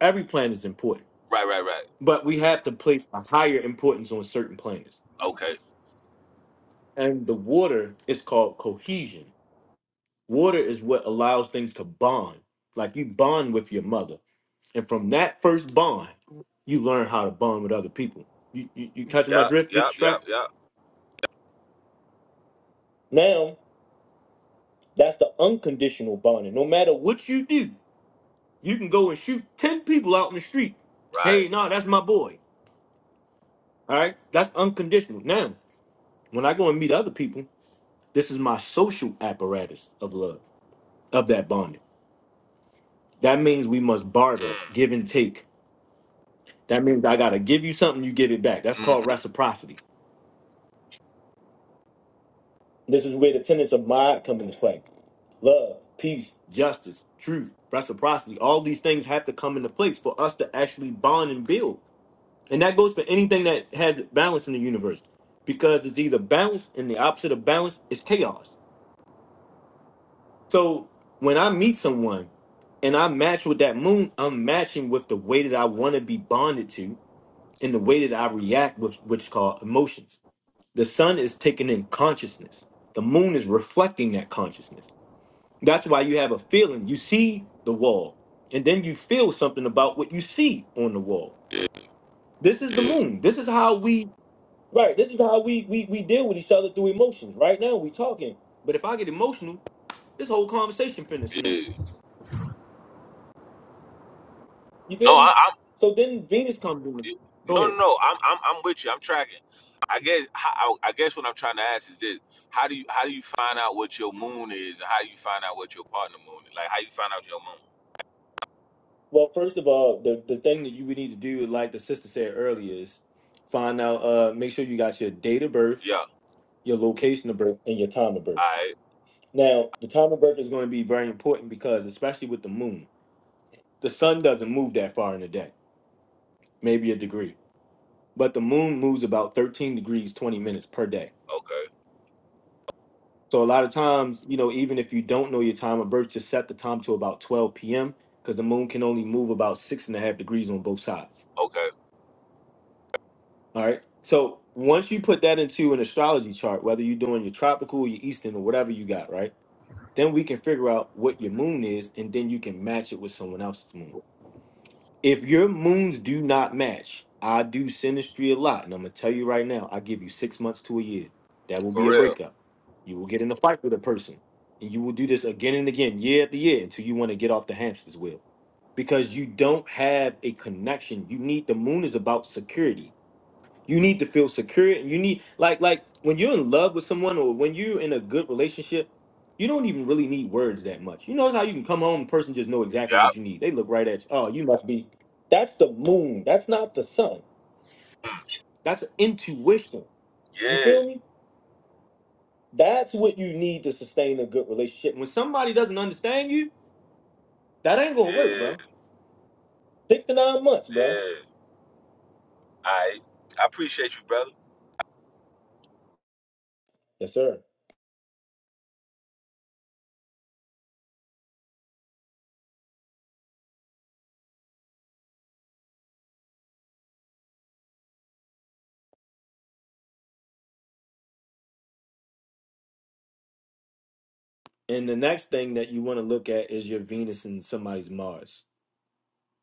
[SPEAKER 6] every planet is important,
[SPEAKER 7] Right, right, right.
[SPEAKER 6] but we have to place a higher importance on certain planets.
[SPEAKER 7] Okay.
[SPEAKER 6] And the water is called cohesion. Water is what allows things to bond. Like you bond with your mother, and from that first bond, you learn how to bond with other people. You you, you catching my
[SPEAKER 7] Yup,
[SPEAKER 6] drift? Get the
[SPEAKER 7] yup, yup,
[SPEAKER 6] strap?
[SPEAKER 7] yup.
[SPEAKER 6] Now that's the unconditional bonding. No matter what you do, you can go and shoot ten people out in the street.
[SPEAKER 7] Right.
[SPEAKER 6] Hey, nah, that's my boy. All right, that's unconditional. Now When I go and meet other people, this is my social apparatus of love, of that bonding. That means we must barter,
[SPEAKER 7] Mm.
[SPEAKER 6] give and take. That means I gotta give you something, you give it back. That's called
[SPEAKER 7] Mm-hmm.
[SPEAKER 6] reciprocity. This is where the tenets of mind come into play. Love, peace, justice, truth, reciprocity. All these things have to come into place for us to actually bond and build. And that goes for anything that has balance in the universe. Because it's either balance and the opposite of balance is chaos. So when I meet someone and I match with that moon, I'm matching with the way that I want to be bonded to and the way that I react with which is called emotions. The sun is taking in consciousness. The moon is reflecting that consciousness. That's why you have a feeling. You see the wall, and then you feel something about what you see on the wall.
[SPEAKER 7] Yeah,
[SPEAKER 6] This is the
[SPEAKER 7] yeah,
[SPEAKER 6] moon. This is how we right. This is how we we we deal with each other through emotions. Right now we talking, but if I get emotional, this whole conversation finna snap.
[SPEAKER 7] yeah.
[SPEAKER 6] You
[SPEAKER 7] No,
[SPEAKER 6] feel me?
[SPEAKER 7] I,
[SPEAKER 6] So then Venus comes in.
[SPEAKER 7] You,
[SPEAKER 6] Go
[SPEAKER 7] no, no,
[SPEAKER 6] ahead.
[SPEAKER 7] no. I'm, I'm, I'm with you. I'm tracking. I guess, how, I guess what I'm trying to ask is this: How do you, how do you find out what your moon is, and how do you find out what your partner moon is? Like, how you find out your moon?
[SPEAKER 6] Well, first of all, the the thing that you would need to do, like the sister said earlier, is find out. Uh, make sure you got your date of birth,
[SPEAKER 7] Yeah.
[SPEAKER 6] your location of birth, and your time of
[SPEAKER 7] All
[SPEAKER 6] birth.
[SPEAKER 7] right.
[SPEAKER 6] Now, the time of birth is going to be very important because, especially with the moon, the sun doesn't move that far in a day, maybe a degree, but the moon moves about thirteen degrees twenty minutes per day.
[SPEAKER 7] Okay.
[SPEAKER 6] So a lot of times, you know, even if you don't know your time of birth, just set the time to about 12 p.m. because the moon can only move about six and a half degrees on both sides.
[SPEAKER 7] Okay.
[SPEAKER 6] All right. So once you put that into an astrology chart, whether you're doing your tropical, your eastern, or whatever you got, right? Then we can figure out what your moon is, and then you can match it with someone else's moon. If your moons do not match, I do synastry a lot, and I'm gonna tell you right now, I give you six months to a year. That will
[SPEAKER 7] For
[SPEAKER 6] be a
[SPEAKER 7] real.
[SPEAKER 6] breakup. You will get in a fight with a person, and you will do this again and again, year after year, until you want to get off the hamster's wheel. Because you don't have a connection. You need the moon is about security you need to feel secure and you need like like when you're in love with someone or when you're in a good relationship you don't even really need words that much you notice how you can come home and person just know exactly what
[SPEAKER 7] Yep.
[SPEAKER 6] you need they look right at you oh you must be that's the moon that's not the sun
[SPEAKER 7] Mm.
[SPEAKER 6] that's intuition you
[SPEAKER 7] Yeah.
[SPEAKER 6] feel me that's what you need to sustain a good relationship when somebody doesn't understand you that ain't gonna work
[SPEAKER 7] Yeah.
[SPEAKER 6] bro six to nine months bro
[SPEAKER 7] Yeah. All right. I appreciate you, brother.
[SPEAKER 6] yes sir and the next thing that you want to look at is your venus and somebody's mars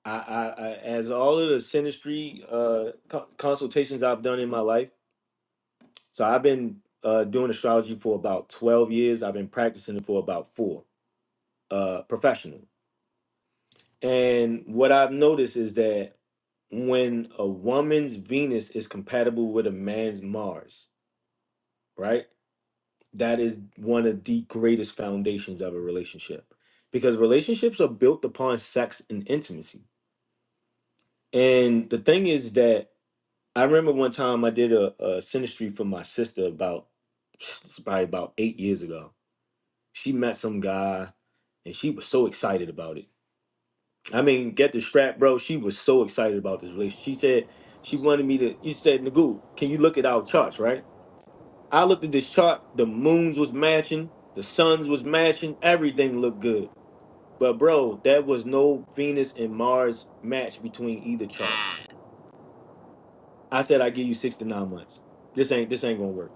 [SPEAKER 6] I, I, I as all of the synastry uh, co- consultations I've done in my life, so I've been uh, doing astrology for about 12 years. I've been practicing it for about four uh, professionally. And what I've noticed is that when a woman's Venus is compatible with a man's Mars, right? That is one of the greatest foundations of a relationship because relationships are built upon sex and intimacy. And the thing is that I remember one time I did a, a sinistry for my sister about it's probably about eight years ago. She met some guy and she was so excited about it. I mean, get the strap, bro. She was so excited about this relationship. She said she wanted me to. You said, Nagu, can you look at our charts, right? I looked at this chart. The moons was matching, the suns was matching, everything looked good. But bro, there was no Venus and Mars match between either chart.
[SPEAKER 7] Mm.
[SPEAKER 6] I said I give you six to nine months. This ain't this ain't gonna work.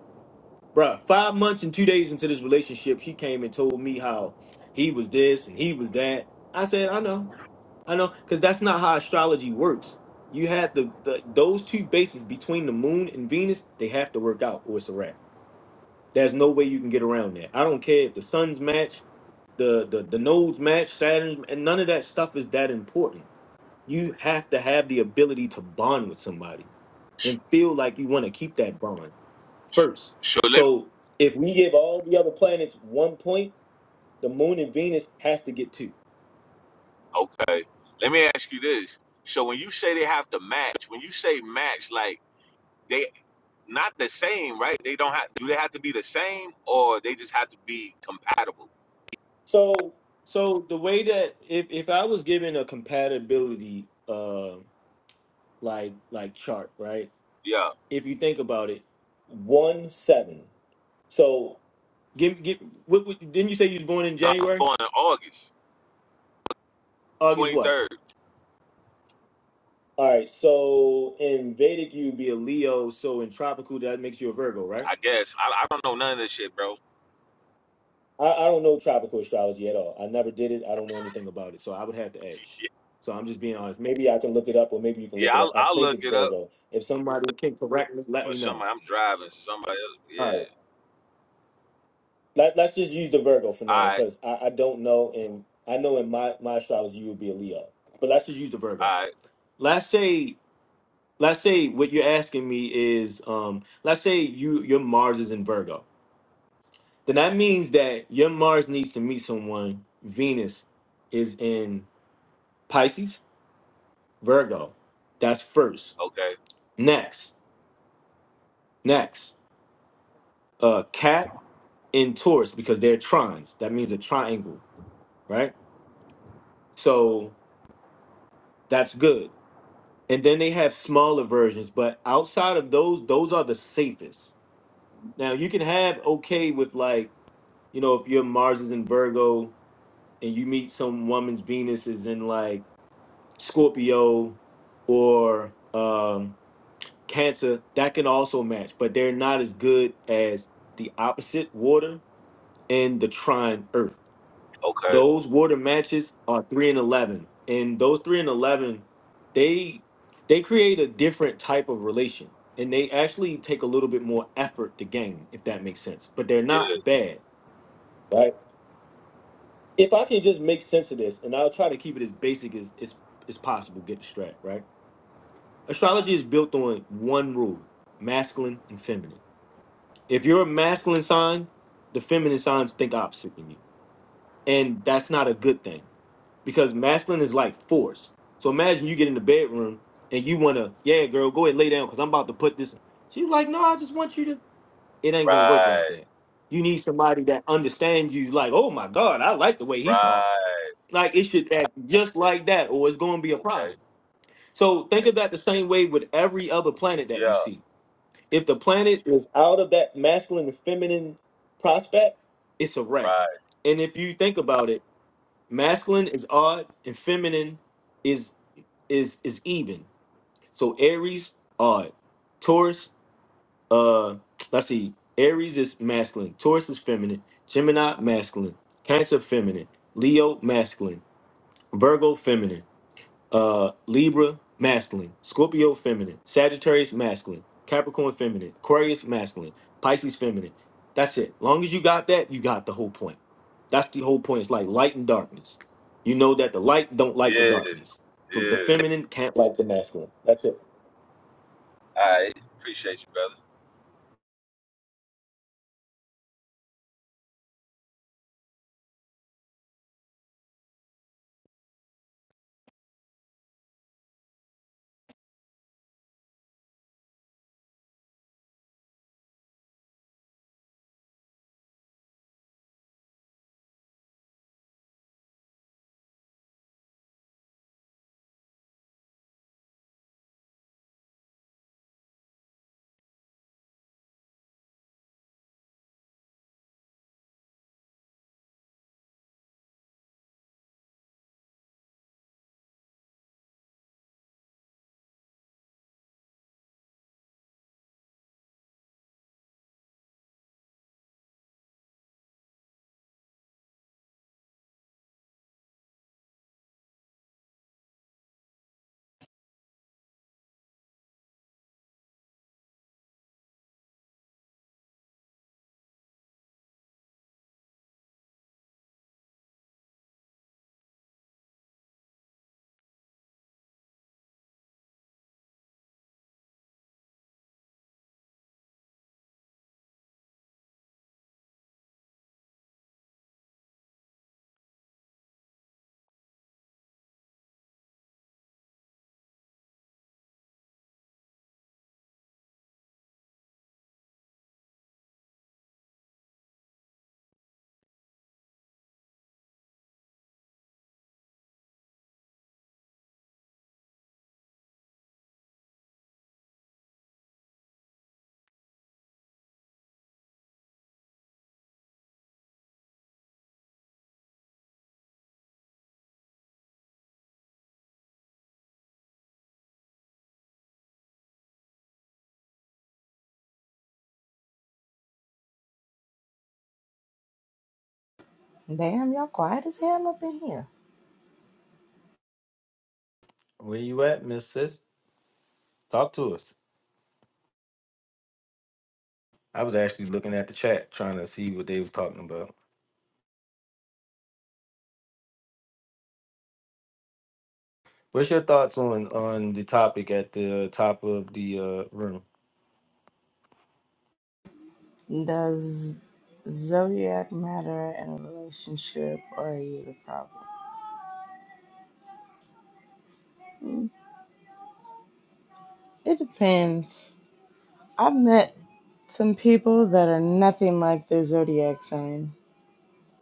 [SPEAKER 6] Bruh, five months and two days into this relationship, she came and told me how he was this and he was that. I said, I know, I know, because that's not how astrology works. You have the, the those two bases between the moon and Venus, they have to work out or it's a wrap. There's no way you can get around that. I don't care if the suns match, the the, the nodes match, Saturn, and none of that stuff is that important. You have to have the ability to bond with somebody and feel like you want to keep that bond
[SPEAKER 7] Sh-
[SPEAKER 6] first.
[SPEAKER 7] So let me,
[SPEAKER 6] So if we give all the other planets one point, the moon and Venus has to get two.
[SPEAKER 7] okay. Let me ask you this. So when you say they have to match, when you say match, like they not the same, right? They don't have. Do they have to be the same, or they just have to be compatible?
[SPEAKER 6] So so the way that if if I was given a compatibility uh like like chart, right?
[SPEAKER 7] Yeah.
[SPEAKER 6] If you think about it, one seven. So give give what, what didn't you say you was born in
[SPEAKER 7] No, i was
[SPEAKER 6] January?
[SPEAKER 7] born in August,
[SPEAKER 6] August
[SPEAKER 7] twenty
[SPEAKER 6] what?
[SPEAKER 7] third.
[SPEAKER 6] All right, so in Vedic you'd be a Leo, so in tropical that makes you a Virgo, right?
[SPEAKER 7] I guess I, I don't know none of this shit, bro.
[SPEAKER 6] I, I don't know tropical astrology at all. I never did it. I don't know anything about it. So I would have to ask. So I'm just being honest. Maybe I can look it up or maybe you can
[SPEAKER 7] yeah,
[SPEAKER 6] look it
[SPEAKER 7] I'll,
[SPEAKER 6] up. I
[SPEAKER 7] I'll
[SPEAKER 6] think
[SPEAKER 7] look
[SPEAKER 6] it's
[SPEAKER 7] it up
[SPEAKER 6] Virgo. If somebody can correct me, let
[SPEAKER 7] or
[SPEAKER 6] me know.
[SPEAKER 7] somebody. I'm driving, so somebody else. Yeah.
[SPEAKER 6] All right. Let, let's just use the Virgo for now
[SPEAKER 7] All right.
[SPEAKER 6] because I, I don't know. And I know in my, my astrology, you would be a Leo. But let's just use the Virgo.
[SPEAKER 7] All right.
[SPEAKER 6] Let's say, let's say what you're asking me is, um, let's say you your Mars is in Virgo. Then that means that your Mars needs to meet someone. Venus is in Pisces Virgo. That's first.
[SPEAKER 7] Okay.
[SPEAKER 6] Next, next, uh, Cat in Taurus because they're trines. That means a triangle, right? So that's good. And then they have smaller versions, but outside of those, those are the safest. Now you can have okay with like, you know, if your Mars is in Virgo and you meet some woman's Venus is in like Scorpio or um cancer that can also match but they're not as good as the opposite water and the trine earth
[SPEAKER 7] Okay.
[SPEAKER 6] those water matches are 3 and 11 and those 3 and 11 they they create a different type of relation and they actually take a little bit more effort to gain if that makes sense but they're
[SPEAKER 7] Yeah.
[SPEAKER 6] not bad right if i can just make sense of this and i'll try to keep it as basic as as, as possible get the strap right astrology is built on one rule masculine and feminine If you're a masculine sign, the feminine signs think opposite than you. And that's not a good thing because masculine is like force. So imagine you get in the bedroom and you want to, yeah, girl, go ahead lay down because I'm about to put this. She's like, no, I just want you to. It ain't going to work like
[SPEAKER 7] Right.
[SPEAKER 6] that. You need somebody that understands you, like, oh my God, I like the way he talk.
[SPEAKER 7] Right.
[SPEAKER 6] Like, it should act just like that or it's going to be a
[SPEAKER 7] Okay.
[SPEAKER 6] problem. So think of that the same way with every other planet that you
[SPEAKER 7] Yeah.
[SPEAKER 6] see if the planet is out of that masculine and feminine prospect, it's a wrap.
[SPEAKER 7] Right.
[SPEAKER 6] And if you think about it, masculine is odd and feminine is is is even. So Aries odd, Taurus uh let's see, Aries is masculine, Taurus is feminine, Gemini masculine, Cancer feminine, Leo masculine, Virgo feminine uh Libra masculine, Scorpio feminine, Sagittarius masculine, Capricorn feminine, Aquarius masculine, Pisces feminine. That's it. Long as you got that, you got the whole point. That's the whole point. It's like light and darkness. You know that the light don't like the
[SPEAKER 7] Yeah.
[SPEAKER 6] darkness. So the
[SPEAKER 7] Yeah.
[SPEAKER 6] feminine can't like the masculine. That's it.
[SPEAKER 7] All right. Appreciate you, brother.
[SPEAKER 13] Damn, y'all quiet as hell up in here.
[SPEAKER 6] Where you at, Miss Sis? Talk to us. I was actually looking at the chat trying to see what they was talking about. What's your thoughts on on the topic at the top of the uh, room?
[SPEAKER 13] Does zodiac matter in a relationship or are you the problem? Mm, It depends. I've met some people that are nothing like their zodiac sign,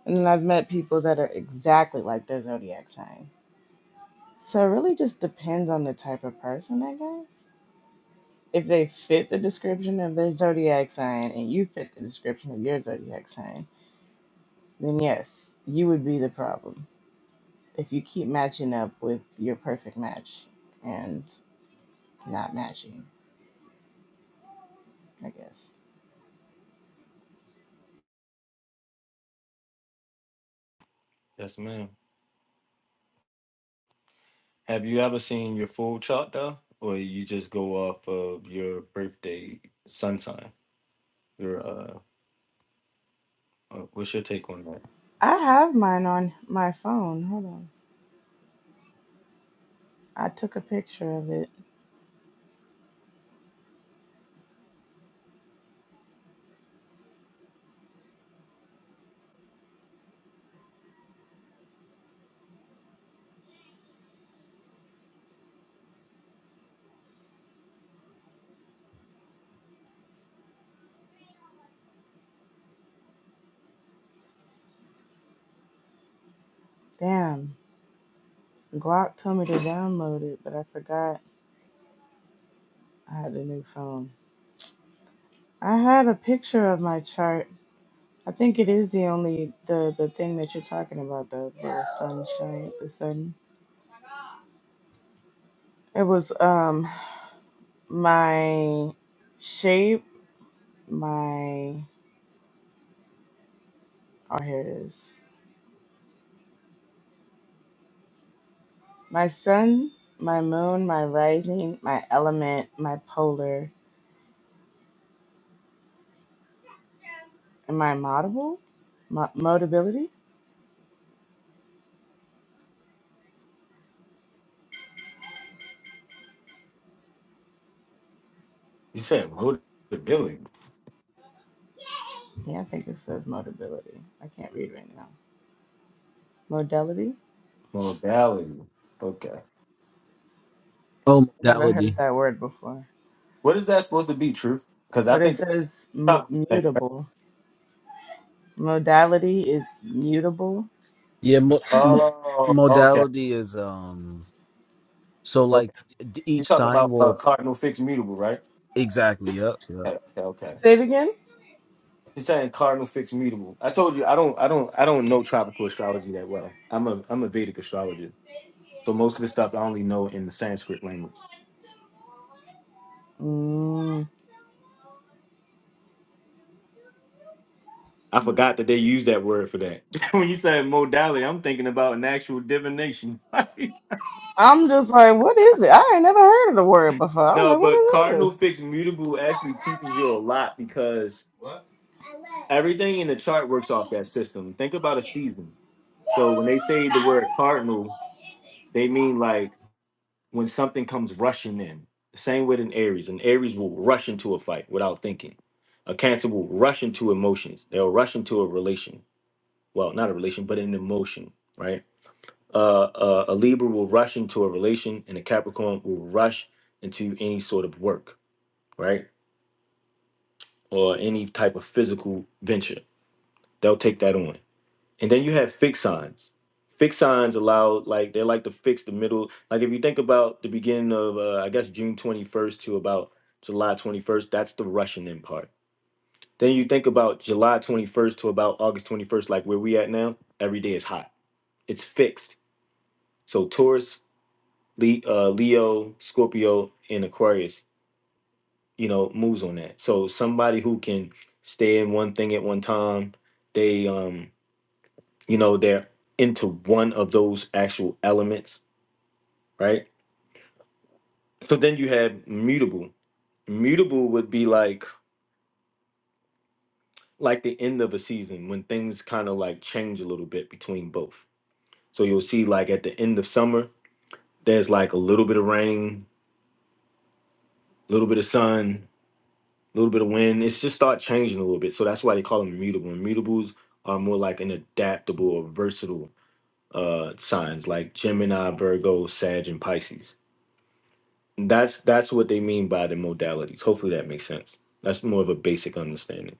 [SPEAKER 13] and then I've met people that are exactly like their zodiac sign. So it really just depends on the type of person, I guess. If they fit the description of their zodiac sign and you fit the description of your zodiac sign, then yes, you would be the problem. if you keep matching up with your perfect match and not matching, I guess.
[SPEAKER 6] Yes, ma'am. Have you ever seen your full chart though, or you just go off of your birthday sun sign? Your uh, uh, what's your take on that?
[SPEAKER 13] I have mine on my phone. Hold on. I took a picture of it. Damn. Glock told me to download it, but I forgot I had a new phone. I had a picture of my chart. I think it is the only the the thing that you're talking about The the sunshine, the sun. It was um my shape, my oh here it is. My sun, my moon, my rising, my element, my polar, and my modable, Mo- modability.
[SPEAKER 6] You said modality,
[SPEAKER 13] Yeah, I think it says modability. I can't read right now. Modality.
[SPEAKER 6] modality. Okay,
[SPEAKER 14] Oh,
[SPEAKER 13] I never
[SPEAKER 14] modality.
[SPEAKER 13] heard that word before,
[SPEAKER 6] what is that supposed to be, Truth? Because I
[SPEAKER 13] but it
[SPEAKER 6] think the
[SPEAKER 13] says m-
[SPEAKER 6] top thing.
[SPEAKER 13] mutable. Modality is mutable.
[SPEAKER 14] Yeah, mo- mo-
[SPEAKER 6] Oh, okay,
[SPEAKER 14] modality is um. So like
[SPEAKER 6] okay.
[SPEAKER 14] d-
[SPEAKER 6] You're
[SPEAKER 14] each
[SPEAKER 6] talking
[SPEAKER 14] sign
[SPEAKER 6] about uh,
[SPEAKER 14] will
[SPEAKER 6] cardinal fixed mutable, right?
[SPEAKER 14] exactly. Yep. Yeah.
[SPEAKER 6] Okay, okay, okay.
[SPEAKER 13] Say it again.
[SPEAKER 6] You're saying cardinal fixed mutable. I told you I don't, I don't, I don't know tropical astrology that well. I'm a, I'm a Vedic astrologer, so most of the stuff I only know in the Sanskrit language.
[SPEAKER 13] Mm.
[SPEAKER 6] I forgot that they used that word for that. when you say modality, I'm thinking about an actual divination.
[SPEAKER 13] I'm just like, what is it? I ain't never heard of the word before. I'm
[SPEAKER 6] no,
[SPEAKER 13] like,
[SPEAKER 6] but
[SPEAKER 13] what
[SPEAKER 6] cardinal
[SPEAKER 13] is
[SPEAKER 6] fixed mutable actually teaches you a lot because
[SPEAKER 13] this?
[SPEAKER 6] everything in the chart works off that system. Think about a season. So when they say the word cardinal, they mean like when something comes rushing in. Same with an Aries. An Aries will rush into a fight without thinking. A Cancer will rush into emotions. They'll rush into a relation. Well, not a relation, but an emotion, right? Uh, uh, a Libra will rush into a relation, and a Capricorn will rush into any sort of work, right, or any type of physical venture. They'll take that on. And then you have fixed signs. Fixed signs allow like they like to fix the middle. Like if you think about the beginning of uh, I guess June twenty first to about July twenty first, that's the rushing in part. Then you think about July twenty first to about August twenty first, like where we at now. Every day is hot. It's fixed. So Taurus Le- uh, Leo, Scorpio, and Aquarius, you know, moves on that. So somebody who can stay in one thing at one time, they, um, you know, they're into one of those actual elements, right? So then you have mutable. Mutable would be like like the end of a season when things kind of like change a little bit between both. So you'll see like at the end of summer, there's like a little bit of rain, a little bit of sun, a little bit of wind. It's just start changing a little bit. So that's why they call them immutable. Immutables are more like an adaptable or versatile uh signs like Gemini, Virgo, Sag, and Pisces. That's that's what they mean by the modalities. Hopefully that makes sense. That's more of a basic understanding.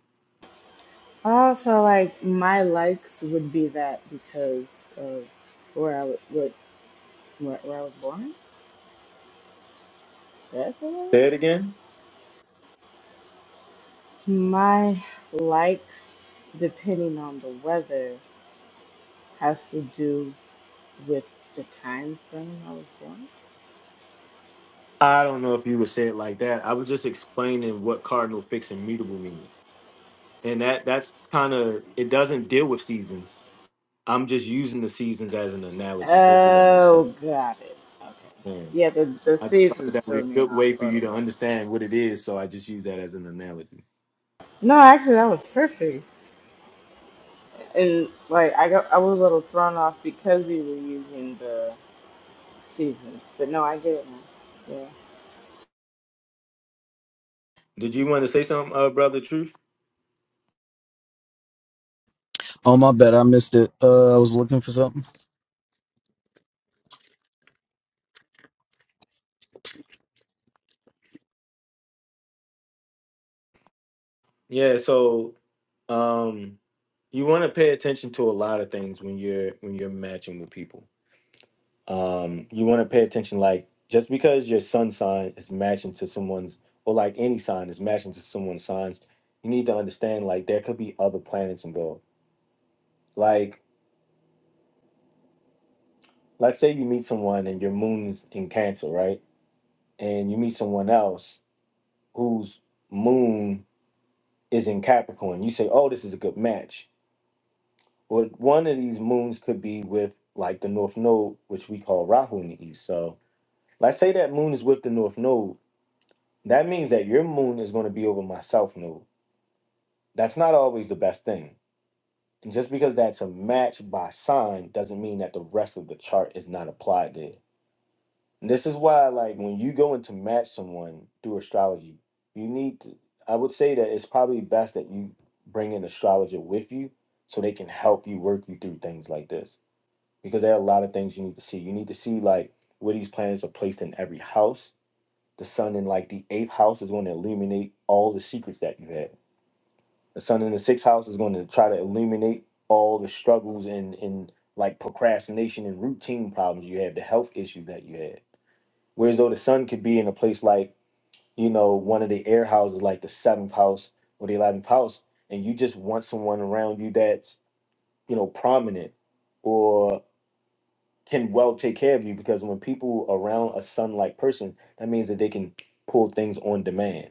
[SPEAKER 13] Uh, so like my likes would be that because of where I was, what, where, where I was born. That's what I
[SPEAKER 6] Say
[SPEAKER 13] like.
[SPEAKER 6] it again.
[SPEAKER 13] My likes, depending on the weather, has to do with the time frame I was born.
[SPEAKER 6] I don't know if you would say it like that. I was just explaining what cardinal fixed and mutable means. And that that's kind of it doesn't deal with seasons. I'm just using the seasons as an analogy. Hopefully that makes
[SPEAKER 13] Oh,
[SPEAKER 6] sense.
[SPEAKER 13] got it. Okay.
[SPEAKER 6] Man.
[SPEAKER 13] Yeah, the the
[SPEAKER 6] I just thought that,
[SPEAKER 13] seasons
[SPEAKER 6] that would be
[SPEAKER 13] threw
[SPEAKER 6] a
[SPEAKER 13] me
[SPEAKER 6] good
[SPEAKER 13] off
[SPEAKER 6] way for
[SPEAKER 13] a
[SPEAKER 6] you
[SPEAKER 13] little
[SPEAKER 6] to
[SPEAKER 13] bit.
[SPEAKER 6] understand what it is, so I just use that as an analogy.
[SPEAKER 13] No, actually, that was perfect. And like I got, I was a little thrown off because we were using the seasons. But no, I get it now. Yeah.
[SPEAKER 6] Did you want to say something, uh, brother? Truth?
[SPEAKER 14] Oh my bad, I missed it. Uh, I was looking for something.
[SPEAKER 6] Yeah. So, um, you want to pay attention to a lot of things when you're when you're matching with people. Um, you want to pay attention, like just because your sun sign is matching to someone's, or like any sign is matching to someone's signs, you need to understand like there could be other planets involved. Like, let's say you meet someone and your moon's in Cancer, right? And you meet someone else whose moon is in Capricorn. You say, oh, this is a good match. Well, one of these moons could be with like the North Node, which we call Rahu in the East. So let's say that moon is with the North Node. That means that your moon is going to be over my South Node. That's not always the best thing. And just because that's a match by sign doesn't mean that the rest of the chart is not applied there. And this is why, like, when you go in to match someone through astrology, you need to, I would say that it's probably best that you bring an astrologer with you so they can help you work you through things like this. Because there are a lot of things you need to see. You need to see, like, where these planets are placed in every house. The sun in, like, the eighth house is going to illuminate all the secrets that you had. The sun in the sixth house is going to try to illuminate all the struggles and, and like, procrastination and routine problems you had, the health issues that you had Whereas though the sun could be in a place like, you know, one of the air houses, like the seventh house or the eleventh house, and you just want someone around you that's, you know, prominent or can well take care of you because when people around a sun like person, that means that they can pull things on demand,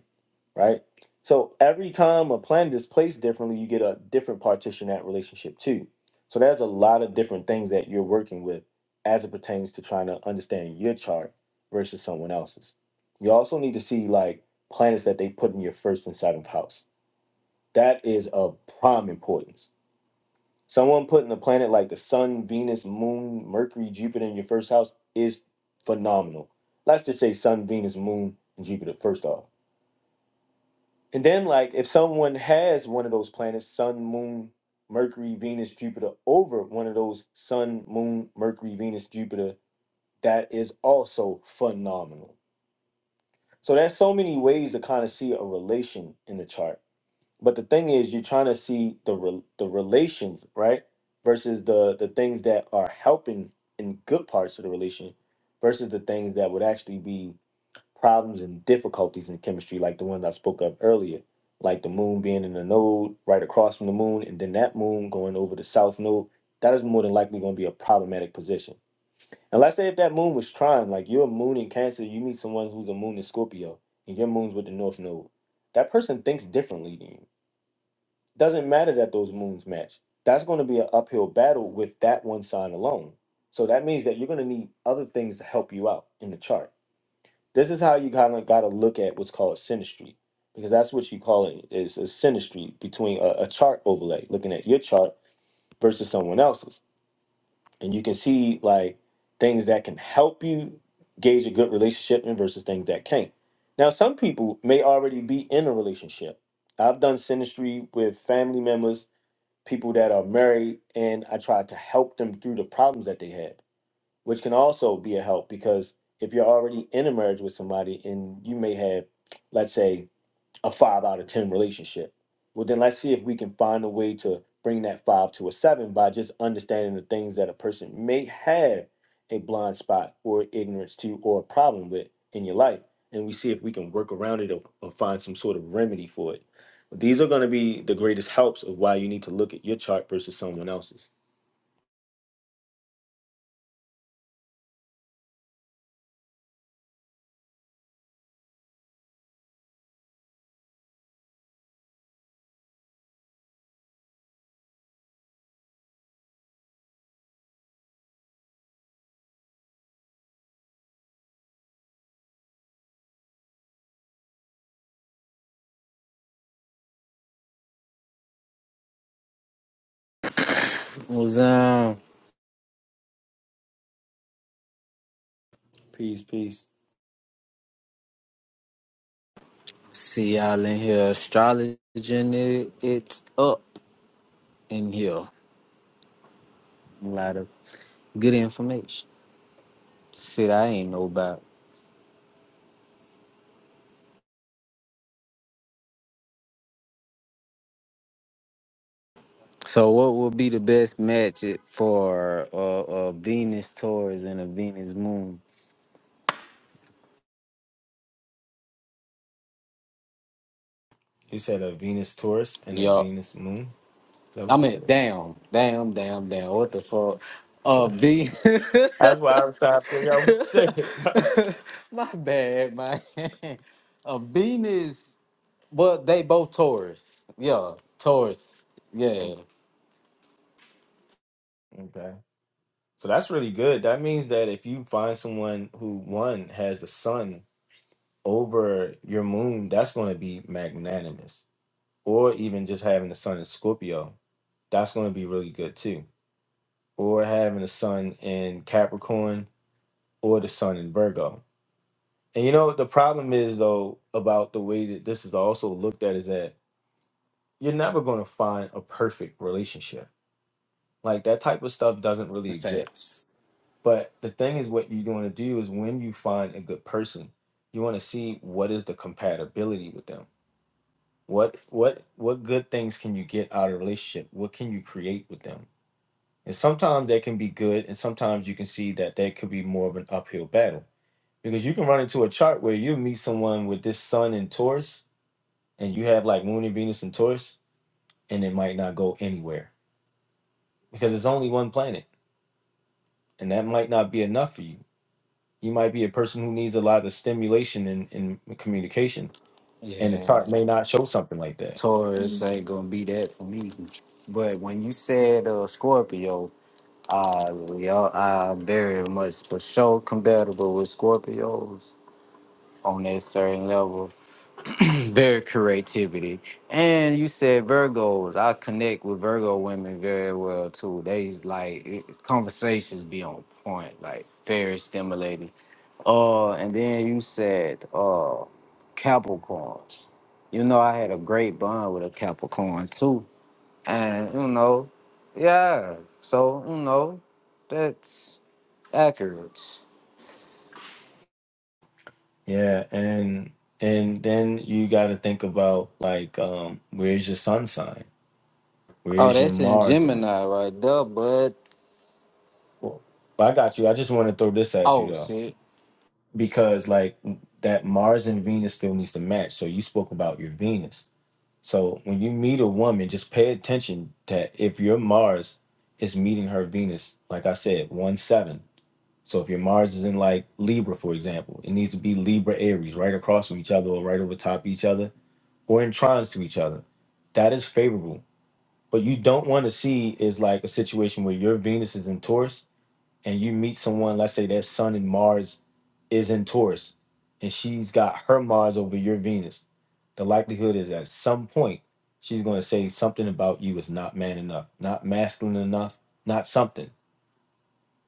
[SPEAKER 6] right? So every time a planet is placed differently, you get a different partition in that relationship too. So there's a lot of different things that you're working with as it pertains to trying to understand your chart versus someone else's. You also need to see like planets that they put in your first and second house. That is of prime importance Someone putting a planet like the sun, Venus, moon, Mercury, Jupiter in your first house is phenomenal. Let's just say sun, Venus, moon, and Jupiter first off. And then, like, if someone has one of those planets, sun, moon, Mercury, Venus, Jupiter, over one of those sun, moon, Mercury, Venus, Jupiter, that is also phenomenal. So, there's so many ways to kind of see a relation in the chart but the thing is you're trying to see the re- the relations right versus the the things that are helping in good parts of the relation versus the things that would actually be problems and difficulties in chemistry like the ones i spoke of earlier like the moon being in the node right across from the moon and then that moon going over the south node that is more than likely going to be a problematic position and let's say if that moon was trying like your moon in cancer you meet someone who's a moon in scorpio and your moon's with the north node that person thinks differently than you doesn't matter that those moons match. That's going to be an uphill battle with that one sign alone. So that means that you're going to need other things to help you out in the chart. This is how you kind of got to look at what's called synastry, because that's what you call it is a synastry between a, a chart overlay, looking at your chart versus someone else's, and you can see like things that can help you gauge a good relationship and versus things that can't. Now, some people may already be in a relationship. I've done synastry with family members people that are married and I try to help them through the problems that they have, which can also be a help because if you're already in a marriage with somebody and you may have, let's say, a five out of 10 relationship. Well, then let's see if we can find a way to bring that five to a seven by just understanding the things that a person may have a blind spot or ignorance to or a problem with in your life. And we see if we can work around it or, or find some sort of remedy for it. These are going to be the greatest helps of why you need to look at your chart versus someone else's.
[SPEAKER 15] What's up?
[SPEAKER 6] Peace, peace.
[SPEAKER 15] See y'all in here astrologing it, it up in here. A lot of good information. Shit, I ain't know about. So, what would be the best match it for uh, uh, Venus Taurus and a Venus Moon?
[SPEAKER 6] You said a Venus Taurus and a
[SPEAKER 15] Yup.
[SPEAKER 6] Venus Moon. Is that what
[SPEAKER 15] I
[SPEAKER 6] you
[SPEAKER 15] mean,
[SPEAKER 6] said?
[SPEAKER 15] damn, damn, damn, damn. What the fuck? Uh, V.
[SPEAKER 6] That's why I was trying to figure out what you said.
[SPEAKER 15] My bad, man. A Venus. Well, they both Taurus. Yeah, Taurus.
[SPEAKER 6] Okay.
[SPEAKER 15] Yeah,
[SPEAKER 6] okay. So that's really good. That means that if you find someone who one has the sun over your moon, that's going to be magnanimous. Or even just having the sun in Scorpio, that's going to be really good too. Or having the sun in Capricorn or the sun in Virgo. And you know, the problem is though about the way that this is also looked at is that you're never going to find a perfect relationship. Like that type of stuff doesn't really exist
[SPEAKER 15] facts.
[SPEAKER 6] But the thing is, what you want to do is when you find a good person, you want to see what is the compatibility with them. What what what good things can you get out of a relationship? What can you create with them? And sometimes they can be good, and sometimes you can see that they could be more of an uphill battle because you can run into a chart where you meet someone with this sun in Taurus, and you have like Moon and Venus in Taurus, and it might not go anywhere because it's only one planet, and that might not be enough for you You might be a person who needs a lot of stimulation in, in communication, and the
[SPEAKER 15] Yeah,
[SPEAKER 6] chart may not show something like that.
[SPEAKER 15] Taurus
[SPEAKER 6] Mhm.
[SPEAKER 15] ain't gonna be that for me. But when you said uh, Scorpio, uh, y'all are very much for sure compatible with Scorpios on that certain level. Their creativity, and you said Virgos. I connect with Virgo women very well too. They like it- conversations be on point, like very stimulating Uh, and then you said uh Capricorn. You know, I had a great bond with a Capricorn too. And you know, yeah. So, you know, that's accurate.
[SPEAKER 6] Yeah, and and then you got to think about like, um, where's your sun sign?
[SPEAKER 15] Oh,
[SPEAKER 6] Where's your
[SPEAKER 15] that's in
[SPEAKER 6] Mars? Mhm.
[SPEAKER 15] Gemini right there, bud.
[SPEAKER 6] Well, I got you. I just want to throw this at you
[SPEAKER 15] oh
[SPEAKER 6] though,
[SPEAKER 15] shit.
[SPEAKER 6] because like that Mars and Venus still needs to match. So you spoke about your Venus. So when you meet a woman, just pay attention that if your Mars is meeting her Venus, like I said, one seven So if your Mars is in like Libra, for example, it needs to be Libra Aries right across from each other or right over top each other or in trines to each other. That is favorable. What you don't want to see is like a situation where your Venus is in Taurus and you meet someone, let's say their Sun and Mars is in Taurus and she's got her Mars over your Venus. The likelihood is at some point she's going to say something about you is not man enough, not masculine enough, not something.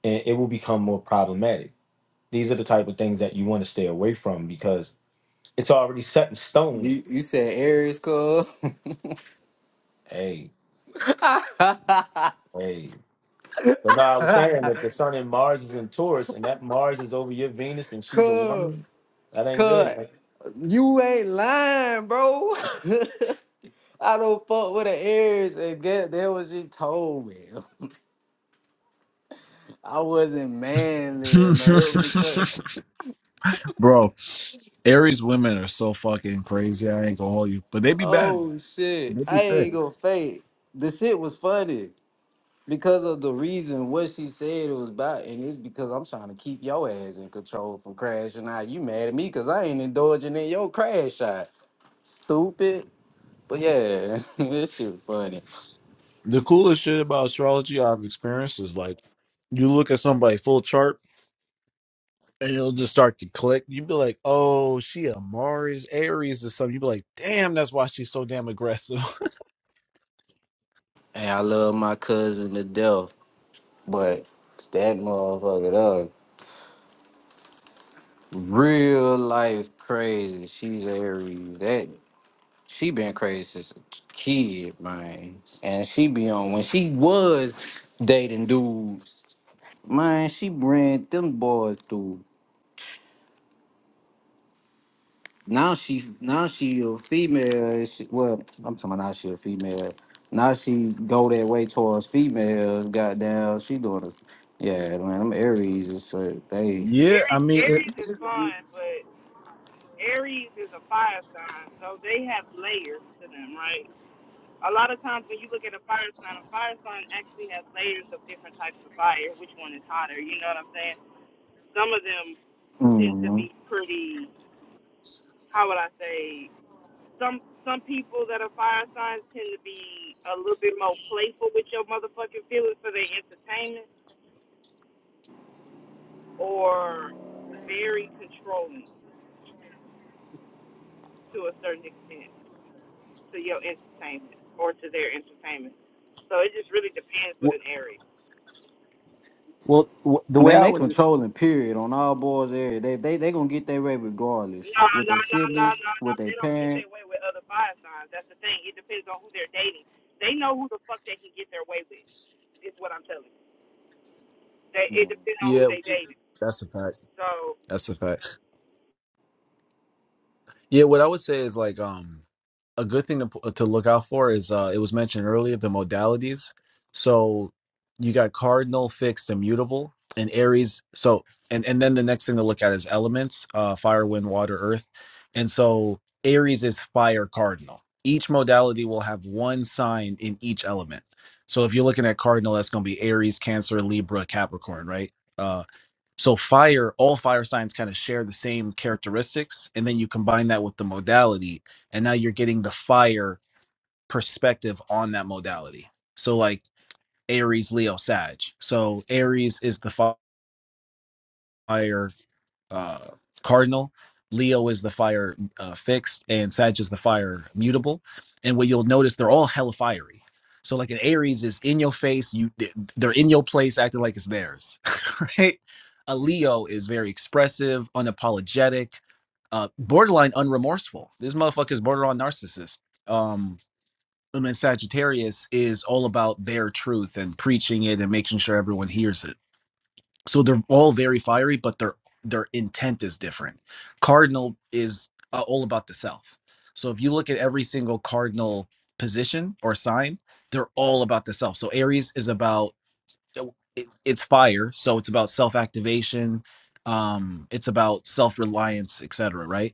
[SPEAKER 6] And it will become more problematic these are the type of things that you want to stay away from because it's already set in stone.
[SPEAKER 15] You you said Aries cuz
[SPEAKER 6] Hey, hey. But now I was saying that the sun and Mars is in Taurus and that Mars is over your Venus and she's a
[SPEAKER 15] cuz
[SPEAKER 6] woman. That ain't
[SPEAKER 15] cuz
[SPEAKER 6] good, man.
[SPEAKER 15] you ain't lying, bro. I don't fuck with the Aries and that that was you told me. I wasn't manly or no. It was because
[SPEAKER 14] Bro, Aries women are so fucking crazy. I ain't gonna hold you, but they be bad.
[SPEAKER 15] oh shit,
[SPEAKER 14] They be
[SPEAKER 15] I
[SPEAKER 14] fair.
[SPEAKER 15] ain't gonna fake. The shit was funny because of the reason what she said it was about, and it's because I'm trying to keep your ass in control from crashing out. You mad at me because I ain't indulging in your crash shot, stupid. But yeah, this shit funny.
[SPEAKER 14] The coolest shit about astrology I've experienced is like you look at somebody full chart and it'll just start to click. You'd be like, oh, she a Mars Aries or something. You'd be like, damn, that's why she's so damn aggressive.
[SPEAKER 15] And I love my cousin to death, but it's that motherfucker up. Real life crazy. She's Aries. That She been crazy since a kid, man. And she be on when she was dating dudes, man. She ran them boys through. Now she, now she a female. She, well, I'm talking about now she a female. Now she go that way towards females. Goddamn, she doing this. Yeah, man. Them Aries is uh, they.
[SPEAKER 14] Yeah, I
[SPEAKER 16] Aries,
[SPEAKER 14] mean, it,
[SPEAKER 16] Aries is fun, but Aries is a fire sign, so they have layers to them, right? A lot of times when you look at a fire sign, a fire sign actually has layers of different types of fire. Which one is hotter? You know what I'm saying? Some of them tend to
[SPEAKER 15] mm
[SPEAKER 16] be pretty. How would I say? Some some people that are fire signs tend to be a little bit more playful with your motherfucking feelings for their entertainment, or very controlling to a certain extent to your entertainment or to their entertainment. So it just really depends with
[SPEAKER 14] w-
[SPEAKER 16] an Aries.
[SPEAKER 14] well, w- the way
[SPEAKER 15] Man,
[SPEAKER 14] I
[SPEAKER 15] they
[SPEAKER 14] would, dis-
[SPEAKER 15] controlling period on all boys. Area. They they they gonna get their way regardless
[SPEAKER 16] No,
[SPEAKER 15] with
[SPEAKER 16] no,
[SPEAKER 15] their
[SPEAKER 16] no, no,
[SPEAKER 15] siblings,
[SPEAKER 16] no, no.
[SPEAKER 15] with their
[SPEAKER 16] They don't get
[SPEAKER 15] parents.
[SPEAKER 16] their way with other fire signs. That's the thing. It depends on who they're dating. They know who the fuck they can get their way with. Is what I'm telling you. They, it depends on who
[SPEAKER 14] yeah,
[SPEAKER 16] they dating.
[SPEAKER 14] that's a fact.
[SPEAKER 16] So
[SPEAKER 14] That's a fact. Yeah, what I would say is like, um, a good thing to to look out for is uh, it was mentioned earlier the modalities. So you got cardinal, fixed, immutable, and Aries. So and and then the next thing to look at is elements: uh, fire, wind, water, earth. And so Aries is fire cardinal. Each modality will have one sign in each element. So if you're looking at cardinal, that's going to be Aries, Cancer, Libra, Capricorn, right? Uh, so fire, all fire signs kind of share the same characteristics, and then you combine that with the modality, and now you're getting the fire perspective on that modality. So like Aries, Leo, Sag. So Aries is the fi- fire, uh, cardinal. Leo is the fire uh, fixed, and Sag is the fire mutable. And what you'll notice, they're all hella fiery. So like an Aries is in your face, you they- they're in your place, acting like it's theirs, right? A Leo is very expressive, unapologetic, uh, borderline unremorseful. This motherfucker is borderline narcissist. Um, and then Sagittarius is all about their truth and preaching it and making sure everyone hears it so they're all very fiery but their their intent is different cardinal is uh, all about the self so if you look at every single cardinal position or sign they're all about the self so aries is about so it, it's fire so it's about self activation um it's about self reliance etc right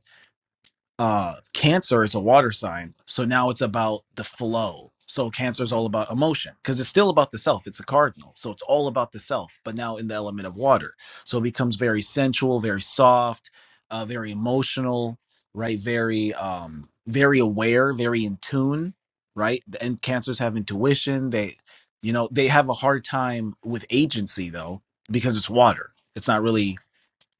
[SPEAKER 14] uh cancer is a water sign so now it's about the flow so cancer is all about emotion because it's still about the self it's a cardinal so it's all about the self but now in the element of water so it becomes very sensual very soft uh very emotional right very um very aware very in tune right and cancers have intuition they you know they have a hard time with agency though because it's water it's not really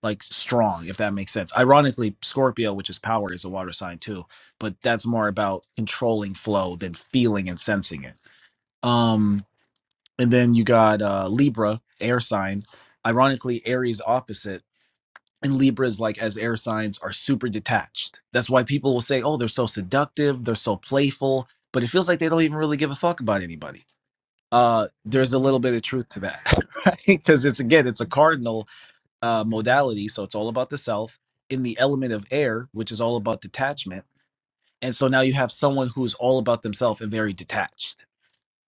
[SPEAKER 14] like strong, if that makes sense. Ironically, Scorpio, which is power, is a water sign too, but that's more about controlling flow than feeling and sensing it. Um, and then you got uh, Libra, air sign. Ironically, Aries opposite. And Libras, like as air signs, are super detached. That's why people will say, oh, they're so seductive, they're so playful, but it feels like they don't even really give a fuck about anybody. Uh, there's a little bit of truth to that, right? Because it's again, it's a cardinal uh, modality. So it's all about the self in the element of air, which is all about detachment. And so now you have someone who's all about themselves and very detached.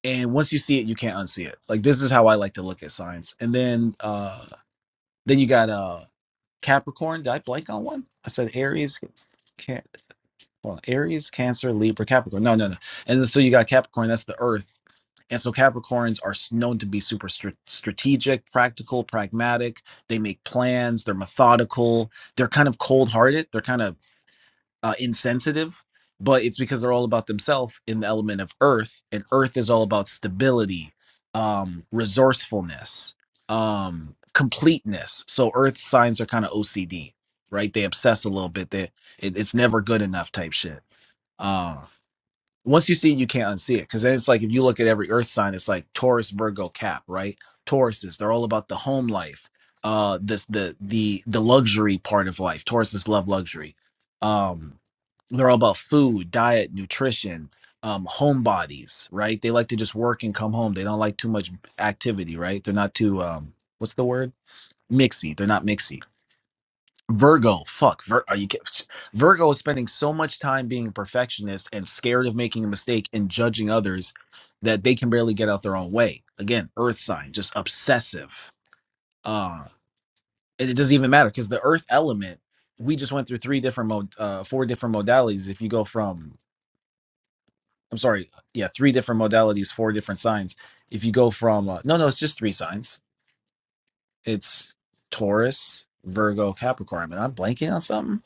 [SPEAKER 14] And once you see it, you can't unsee it. Like this is how I like to look at signs. And then uh then you got uh Capricorn. Did I blank on one? I said Aries, can well, Aries, Cancer, Libra, Capricorn. No, no, no. And then, so you got Capricorn, that's the earth. And so Capricorns are known to be super str- strategic, practical, pragmatic. They make plans, they're methodical, they're kind of cold hearted, they're kind of uh, insensitive, but it's because they're all about themselves in the element of earth. And earth is all about stability, um, resourcefulness, um, completeness. So earth signs are kind of OCD, right? They obsess a little bit. They, it, it's never good enough type shit. Um, once you see it, you can't unsee it. Because then it's like if you look at every Earth sign, it's like Taurus, Virgo, Cap, right? Tauruses, they're all about the home life, uh, this the the the luxury part of life. Tauruses love luxury. Um, they're all about food, diet, nutrition, um, home bodies, right? They like to just work and come home. They don't like too much activity, right? They're not too um, what's the word? Mixy. They're not mixy Virgo, fuck. Vir- are you kid- Virgo is spending so much time being a perfectionist and scared of making a mistake and judging others that they can barely get out their own way. Again, earth sign, just obsessive. Uh, and it doesn't even matter because the earth element, we just went through three different mod, uh, four different modalities. If you go from, I'm sorry, yeah, three different modalities, four different signs. If you go from, uh, no, no, it's just three signs. It's Taurus, Virgo, Capricorn. And I'm blanking on something.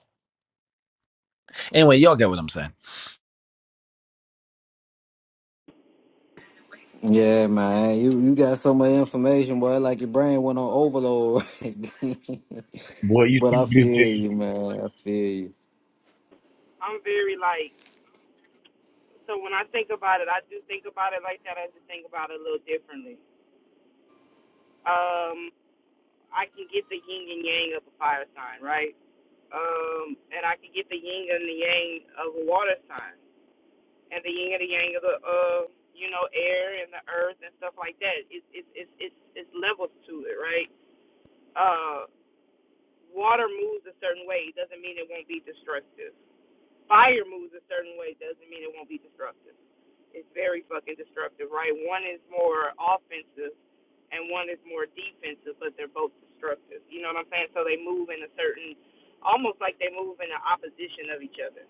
[SPEAKER 14] Anyway, y'all get what I'm saying.
[SPEAKER 15] Yeah, man. You you got so much information, boy, like your brain went on overload.
[SPEAKER 17] Boy, you
[SPEAKER 15] but
[SPEAKER 17] too
[SPEAKER 15] I
[SPEAKER 17] goofy.
[SPEAKER 15] feel you, man. I feel
[SPEAKER 16] I'm very like. So when I think about it, I do think about it like that. I just think about it a little differently. Um, I can get the yin and yang of a fire sign, right? Um, and I can get the yin and the yang of a water sign and the yin and the yang of the uh you know air and the earth and stuff like that it's it's it's it's, it's levels to it right uh water moves a certain way it doesn't mean it won't be destructive fire moves a certain way It doesn't mean it won't be destructive it's very fucking destructive right one is more offensive and one is more defensive but they're both destructive you know what i'm saying so they move in a certain almost like they move in the opposition of each other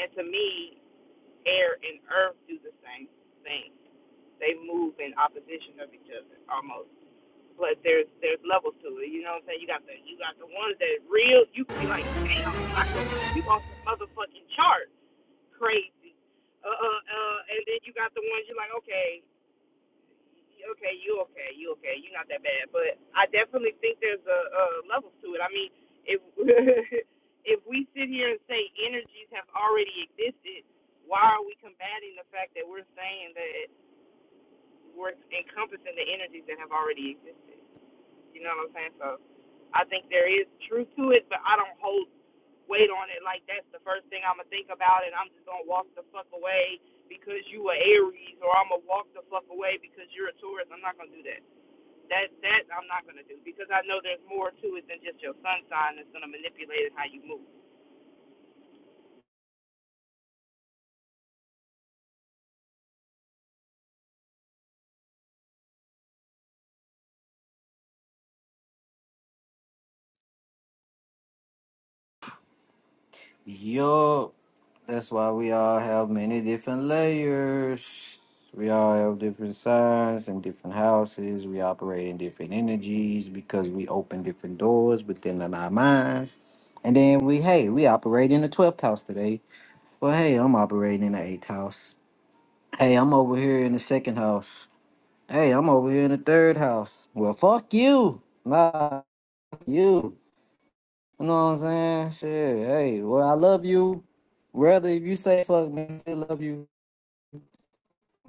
[SPEAKER 16] and to me air and earth do the same thing they move in opposition of each other almost. But there's there's levels to it. You know what I'm saying? You got the you got the ones that real you could be like, damn, I could read you off the motherfucking chart. Crazy. Uh uh uh and then you got the ones you're like, okay, okay, you okay, you okay, you're not that bad. But I definitely think there's a, a levels to it. I mean, if if we sit here and say energies have already existed, why are we combating the fact that we're saying that? we're encompassing the energies that have already existed. You know what I'm saying? So I think there is truth to it, but I don't hold weight on it like that's the first thing I'm gonna think about, and I'm just gonna walk the fuck away because you are Aries, or I'm gonna walk the fuck away because you're a Taurus. I'm not gonna do that. That that I'm not gonna do because I know there's more to it than just your sun sign that's gonna manipulate how you move.
[SPEAKER 15] you. Yup. That's why we all have many different layers. We all have different signs and different houses. We operate in different energies because we open different doors within our minds. And then we, hey, we operate in the 12th house today. Well, hey, I'm operating in the 8th house. Hey, I'm over here in the second house. Hey, I'm over here in the third house. Well, fuck you. Nah, fuck you. You know what I'm saying? Shit. Hey, well, I love you. Rather, if you say fuck me, I still love you.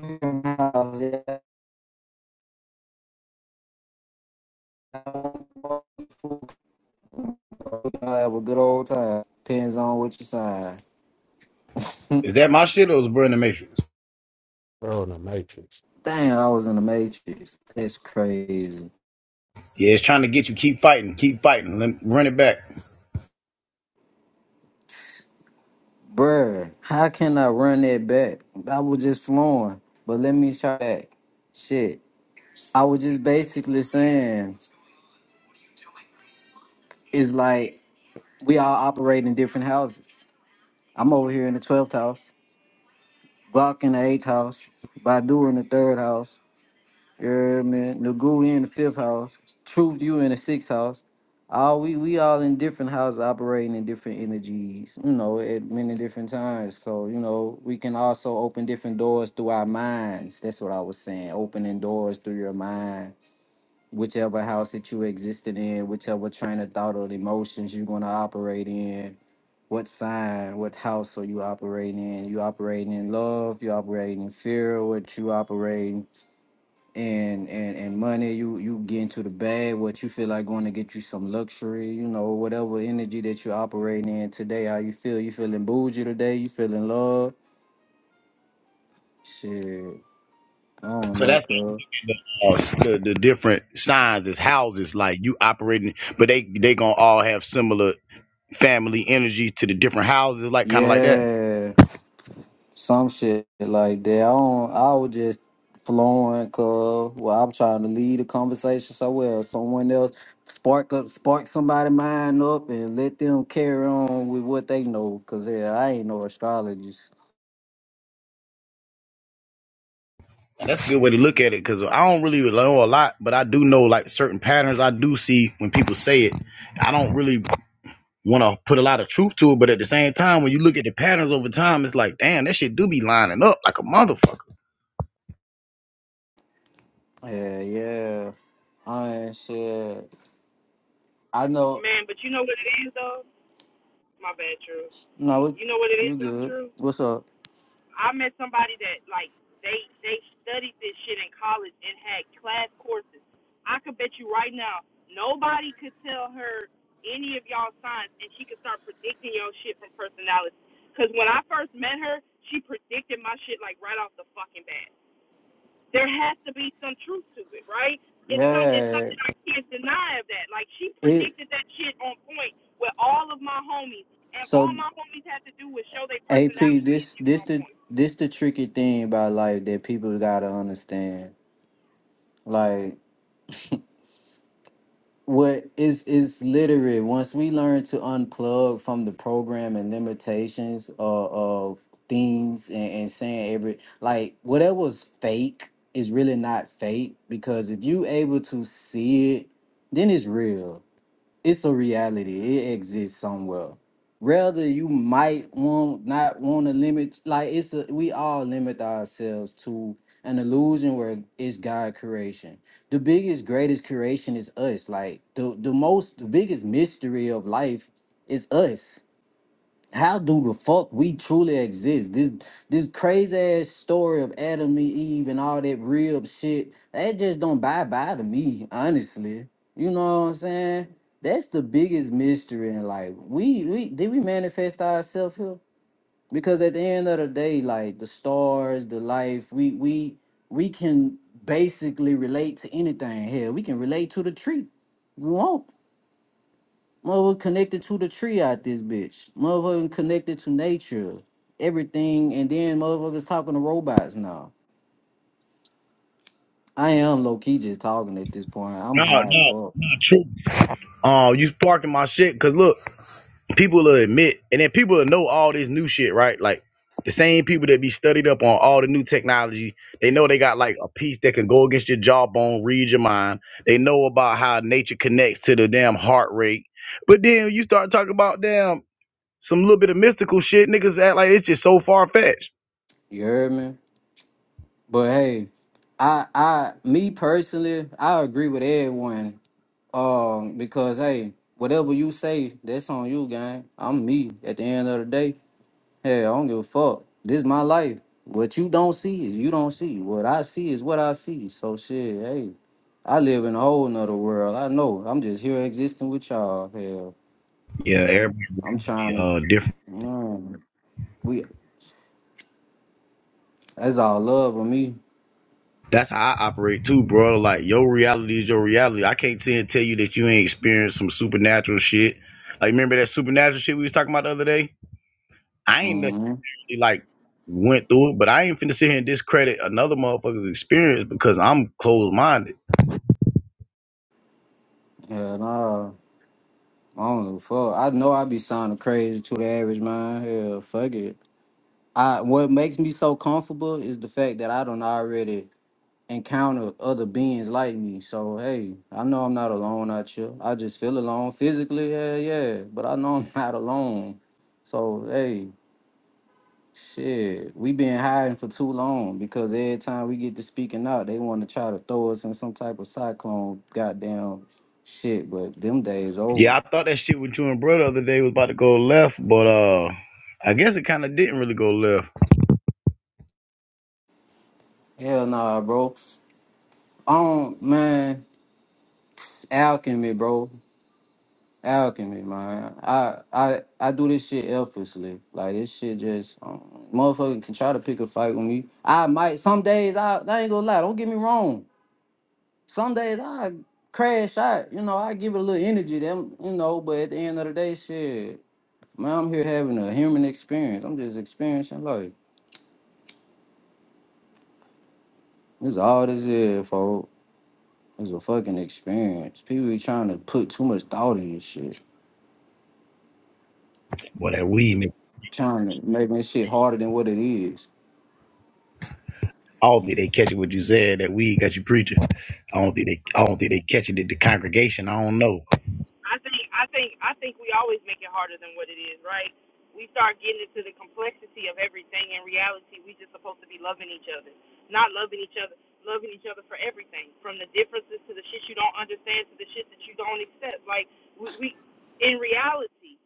[SPEAKER 15] I'm in my House, yeah. I have a good old time. Depends on what you sign. Damn,
[SPEAKER 17] Is that my shit or is Bro in the Matrix?
[SPEAKER 2] Bro, the matrix.
[SPEAKER 15] I was in the Matrix. That's crazy.
[SPEAKER 17] Yeah, it's trying to get you. Keep fighting. Keep fighting. Let run it back.
[SPEAKER 15] Bruh, how can I run that back? I was just flowing. But let me try back. Shit. I was just basically saying, it's like we all operate in different houses. I'm over here in the 12th house, Glock in the 8th house, Badu in the 3rd house, you hear me? Nagu in the 5th house, Truth you in the 6th house. All we, we all in different houses operating in different energies, you know, at many different times. So, you know, we can also open different doors through our minds. That's what I was saying, opening doors through your mind. Whichever house that you existed in, whichever train of thought or emotions you're going to operate in, what sign, what house are you operating in? You operating in love, you operating in fear, what you operating in and and money, you you get into the bag, what you feel like going to get you some luxury, you know, whatever energy that you're operating in today, how you feel, you feeling bougie today, you feeling love. Shit. I don't
[SPEAKER 17] So
[SPEAKER 15] know,
[SPEAKER 17] that's
[SPEAKER 15] girl.
[SPEAKER 17] uh, the, the different signs is houses. Like you operating, but they they gonna all have similar family energy to the different houses. Like kind of like that.
[SPEAKER 15] Yeah. some shit like that. I don't, I was just flowing cause well I'm trying to lead a conversation somewhere someone else spark up spark somebody mind up and let them carry on with what they know. Cause yeah, I ain't no astrologist.
[SPEAKER 17] That's a good way to look at it because I don't really know a lot, but I do know like certain patterns. I do see when people say it. I don't really want to put a lot of truth to it, but at the same time, when you look at the patterns over time, it's like, damn, that shit do be lining up like a motherfucker.
[SPEAKER 15] Yeah, yeah. I ain't shit. I know
[SPEAKER 16] Man, but you know what it is though? My bad, True.
[SPEAKER 15] no it-
[SPEAKER 16] You know what it is
[SPEAKER 15] you
[SPEAKER 16] though,
[SPEAKER 15] good.
[SPEAKER 16] True?
[SPEAKER 15] What's up?
[SPEAKER 16] I met somebody that like they they studied this shit in college and had class courses. I could bet you right now nobody could tell her any of y'all signs and she could start predicting your shit from personality. Cause when I first met her, she predicted my shit like right off the fucking bat. There has to be some truth to it, right? It's some it's
[SPEAKER 15] Yeah.
[SPEAKER 16] something I can't deny of that. Like she
[SPEAKER 15] It
[SPEAKER 16] predicted that shit on point with all of my homies, and all
[SPEAKER 15] so
[SPEAKER 16] my homies had to do was show their
[SPEAKER 15] AP
[SPEAKER 16] personality, and
[SPEAKER 15] this
[SPEAKER 16] she was
[SPEAKER 15] this
[SPEAKER 16] on
[SPEAKER 15] the
[SPEAKER 16] point.
[SPEAKER 15] this the tricky thing about life that people gotta understand. Like what is is literally once we learn to unplug from the program and limitations of, of things and, and saying every like whatever's fake is really not fake because if you able to see it then it's real it's a reality. It exists somewhere. Rather, you might want not want to limit. Like it's a, we all limit ourselves to an illusion where it's God creation. The biggest, greatest creation is us. Like the the most, the biggest mystery of life is us how do the fuck we truly exist? This this crazy ass story of Adam and Eve and all that rib shit, that just don't buy by to me, honestly. You know what I'm saying? That's the biggest mystery in life. We we did we manifest ourselves here? Because at the end of the day, like the stars, the life, we we we can basically relate to anything here. We can relate to the tree. We won't. Motherfucker connected to the tree out this bitch. Motherfucker connected to nature, everything, and then motherfuckers talking to robots now. I am low key just talking at this point. I'm
[SPEAKER 17] No,
[SPEAKER 15] high as
[SPEAKER 17] no,
[SPEAKER 15] fuck.
[SPEAKER 17] no, true. Uh, you sparking my shit because look, people will admit, and then people will know all this new shit, right? Like the same people that be studied up on all the new technology, they know they got like a piece that can go against your jawbone, read your mind. They know about how nature connects to the damn heart rate. But then you start talking about damn. Some little bit of mystical shit, niggas act like it's just so far fetched.
[SPEAKER 15] You heard me? But hey, I I me personally, I agree with everyone. Um, because hey, whatever you say, that's on you, gang. I'm me at the end of the day. Hey, I don't give a fuck. This is my life. What you don't see is you don't see. What I see is what I see. So shit, hey, I live in a whole nother world. I know. I'm just here existing with y'all. Hell,
[SPEAKER 17] Yeah, everybody
[SPEAKER 15] I'm trying
[SPEAKER 17] uh different.
[SPEAKER 15] to. mm, we that's all love of me.
[SPEAKER 17] That's how I operate too, bro. Like your reality is your reality. I can't sit and tell you that you ain't experienced some supernatural shit. Like remember that supernatural shit we was talking about the other day? I ain't
[SPEAKER 15] hmm
[SPEAKER 17] actually like went through it, but I ain't finna sit here and discredit another motherfucker's experience because I'm closed minded.
[SPEAKER 15] Hell nah. I don't give a fuck. I know I be sounding crazy to the average man. Hell, fuck it. I what makes me so comfortable is the fact that I don't already encounter other beings like me. So hey, I know I'm not alone out here. I just feel alone physically, yeah, yeah. But I know I'm not alone. So hey, shit, we been hiding for too long because every time we get to speaking out, they want to try to throw us in some type of cyclone, goddamn shit. But them days over.
[SPEAKER 17] Yeah, I thought that shit with you and bro the other day was about to go left, but uh I guess it kinda didn't really go left.
[SPEAKER 15] Hell nah, bro. Um, man, alchemy, bro. alchemy, man. I I I do this shit effortlessly. Like this shit just um, motherfucker can try to pick a fight with me. I might some days I, I ain't gonna lie, don't get me wrong. Some days I crash out, you know, I give it a little energy them, you know, but at the end of the day, shit, man, I'm here having a human experience. I'm just experiencing life. This all this is, folks. It's a fucking experience. People be trying to put too much thought in this shit.
[SPEAKER 17] Boy, that weed man.
[SPEAKER 15] Trying to make this shit harder than what it is.
[SPEAKER 17] I don't think they catching what you said. That weed got you preaching. I don't think they. I don't think they catching it. The congregation. I don't know.
[SPEAKER 16] I think I think I think we always make it harder than what it is, right? We start getting into the complexity of everything. In reality, we just supposed to be loving each other, not loving each other, loving each other for everything, from the differences to the shit you don't understand to the shit that you don't accept. Like we, we in reality,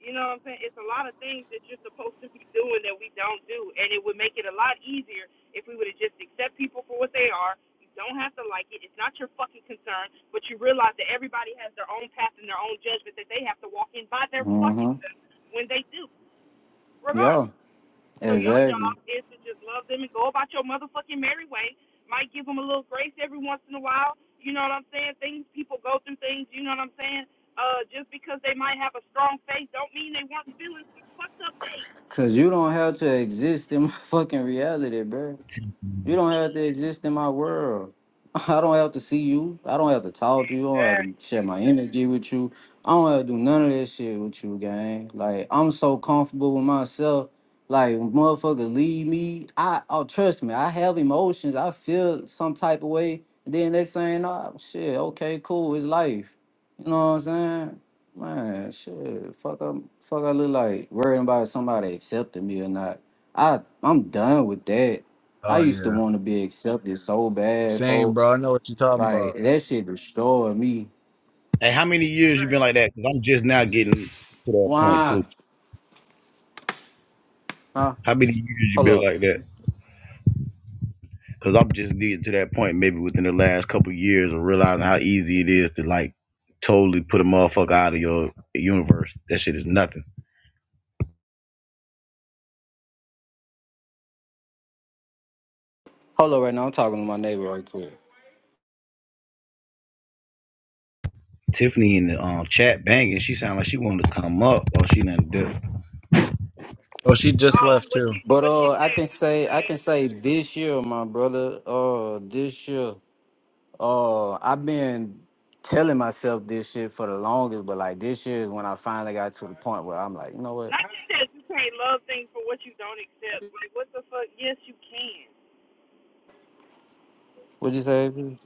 [SPEAKER 16] you know what I'm saying? It's a lot of things that you're supposed to be doing that we don't do, and it would make it a lot easier if we would have just accept people for what they are you don't have to like it. It's not your fucking concern. But you realize that everybody has their own path and their own judgment that they have to walk in by their fucking
[SPEAKER 15] Mm-hmm.
[SPEAKER 16] self when they do,
[SPEAKER 15] Yeah.
[SPEAKER 16] regardless. So your job
[SPEAKER 15] Exactly.
[SPEAKER 16] is to just love them and go about your motherfucking merry way. Might give them a little grace every once in a while. You know what I'm saying? Things people go through things. You know what I'm saying? Uh, just because they might have a strong faith, don't mean they weren't feeling some fucked up days.
[SPEAKER 15] Cause you don't have to exist in my fucking reality, bro. You don't have to exist in my world. I don't have to see you. I don't have to talk to you. I don't
[SPEAKER 16] Yeah.
[SPEAKER 15] have to share my energy with you. I don't have to do none of that shit with you, gang. Like I'm so comfortable with myself. Like motherfucker, leave me. I oh trust me, I have emotions. I feel some type of way. And then next thing, oh shit, okay, cool, it's life. You know what I'm saying? Man, shit, fuck up, fuck. I look like worrying about somebody accepting me or not. I I'm done with that. I
[SPEAKER 14] Oh
[SPEAKER 15] used to
[SPEAKER 14] yeah.
[SPEAKER 15] want to be accepted so bad,
[SPEAKER 14] Same,
[SPEAKER 15] folk.
[SPEAKER 14] bro. I know what you're talking
[SPEAKER 15] Like
[SPEAKER 14] about.
[SPEAKER 15] that shit destroyed me.
[SPEAKER 17] Hey, how many years you been like that? Cause I'm just now getting to that point
[SPEAKER 15] Why?
[SPEAKER 17] too.
[SPEAKER 15] Huh?
[SPEAKER 17] How many years you
[SPEAKER 15] Hold
[SPEAKER 17] been
[SPEAKER 15] up.
[SPEAKER 17] like that? Cause I'm just getting to that point maybe within the last couple of years of realizing how easy it is to like totally put a motherfucker out of your universe. That shit is nothing.
[SPEAKER 15] Hold up right now. I'm talking to my neighbor right quick.
[SPEAKER 17] Tiffany in the um, chat banging, she sound like she wanted to come up or she didn't do
[SPEAKER 14] Oh, she just
[SPEAKER 16] Um,
[SPEAKER 14] left
[SPEAKER 16] what
[SPEAKER 14] too.
[SPEAKER 16] you
[SPEAKER 15] But
[SPEAKER 16] what you
[SPEAKER 15] uh I
[SPEAKER 16] said?
[SPEAKER 15] can
[SPEAKER 16] What you
[SPEAKER 15] say
[SPEAKER 16] said?
[SPEAKER 15] I can say this year, my brother, uh this year, uh I've been telling myself this shit for the longest, but like this year is when I finally got to the point where I'm like, you know what?
[SPEAKER 16] Not just that you can't love things for what you don't accept. Like what the fuck? Yes, you can.
[SPEAKER 15] What'd you say? B?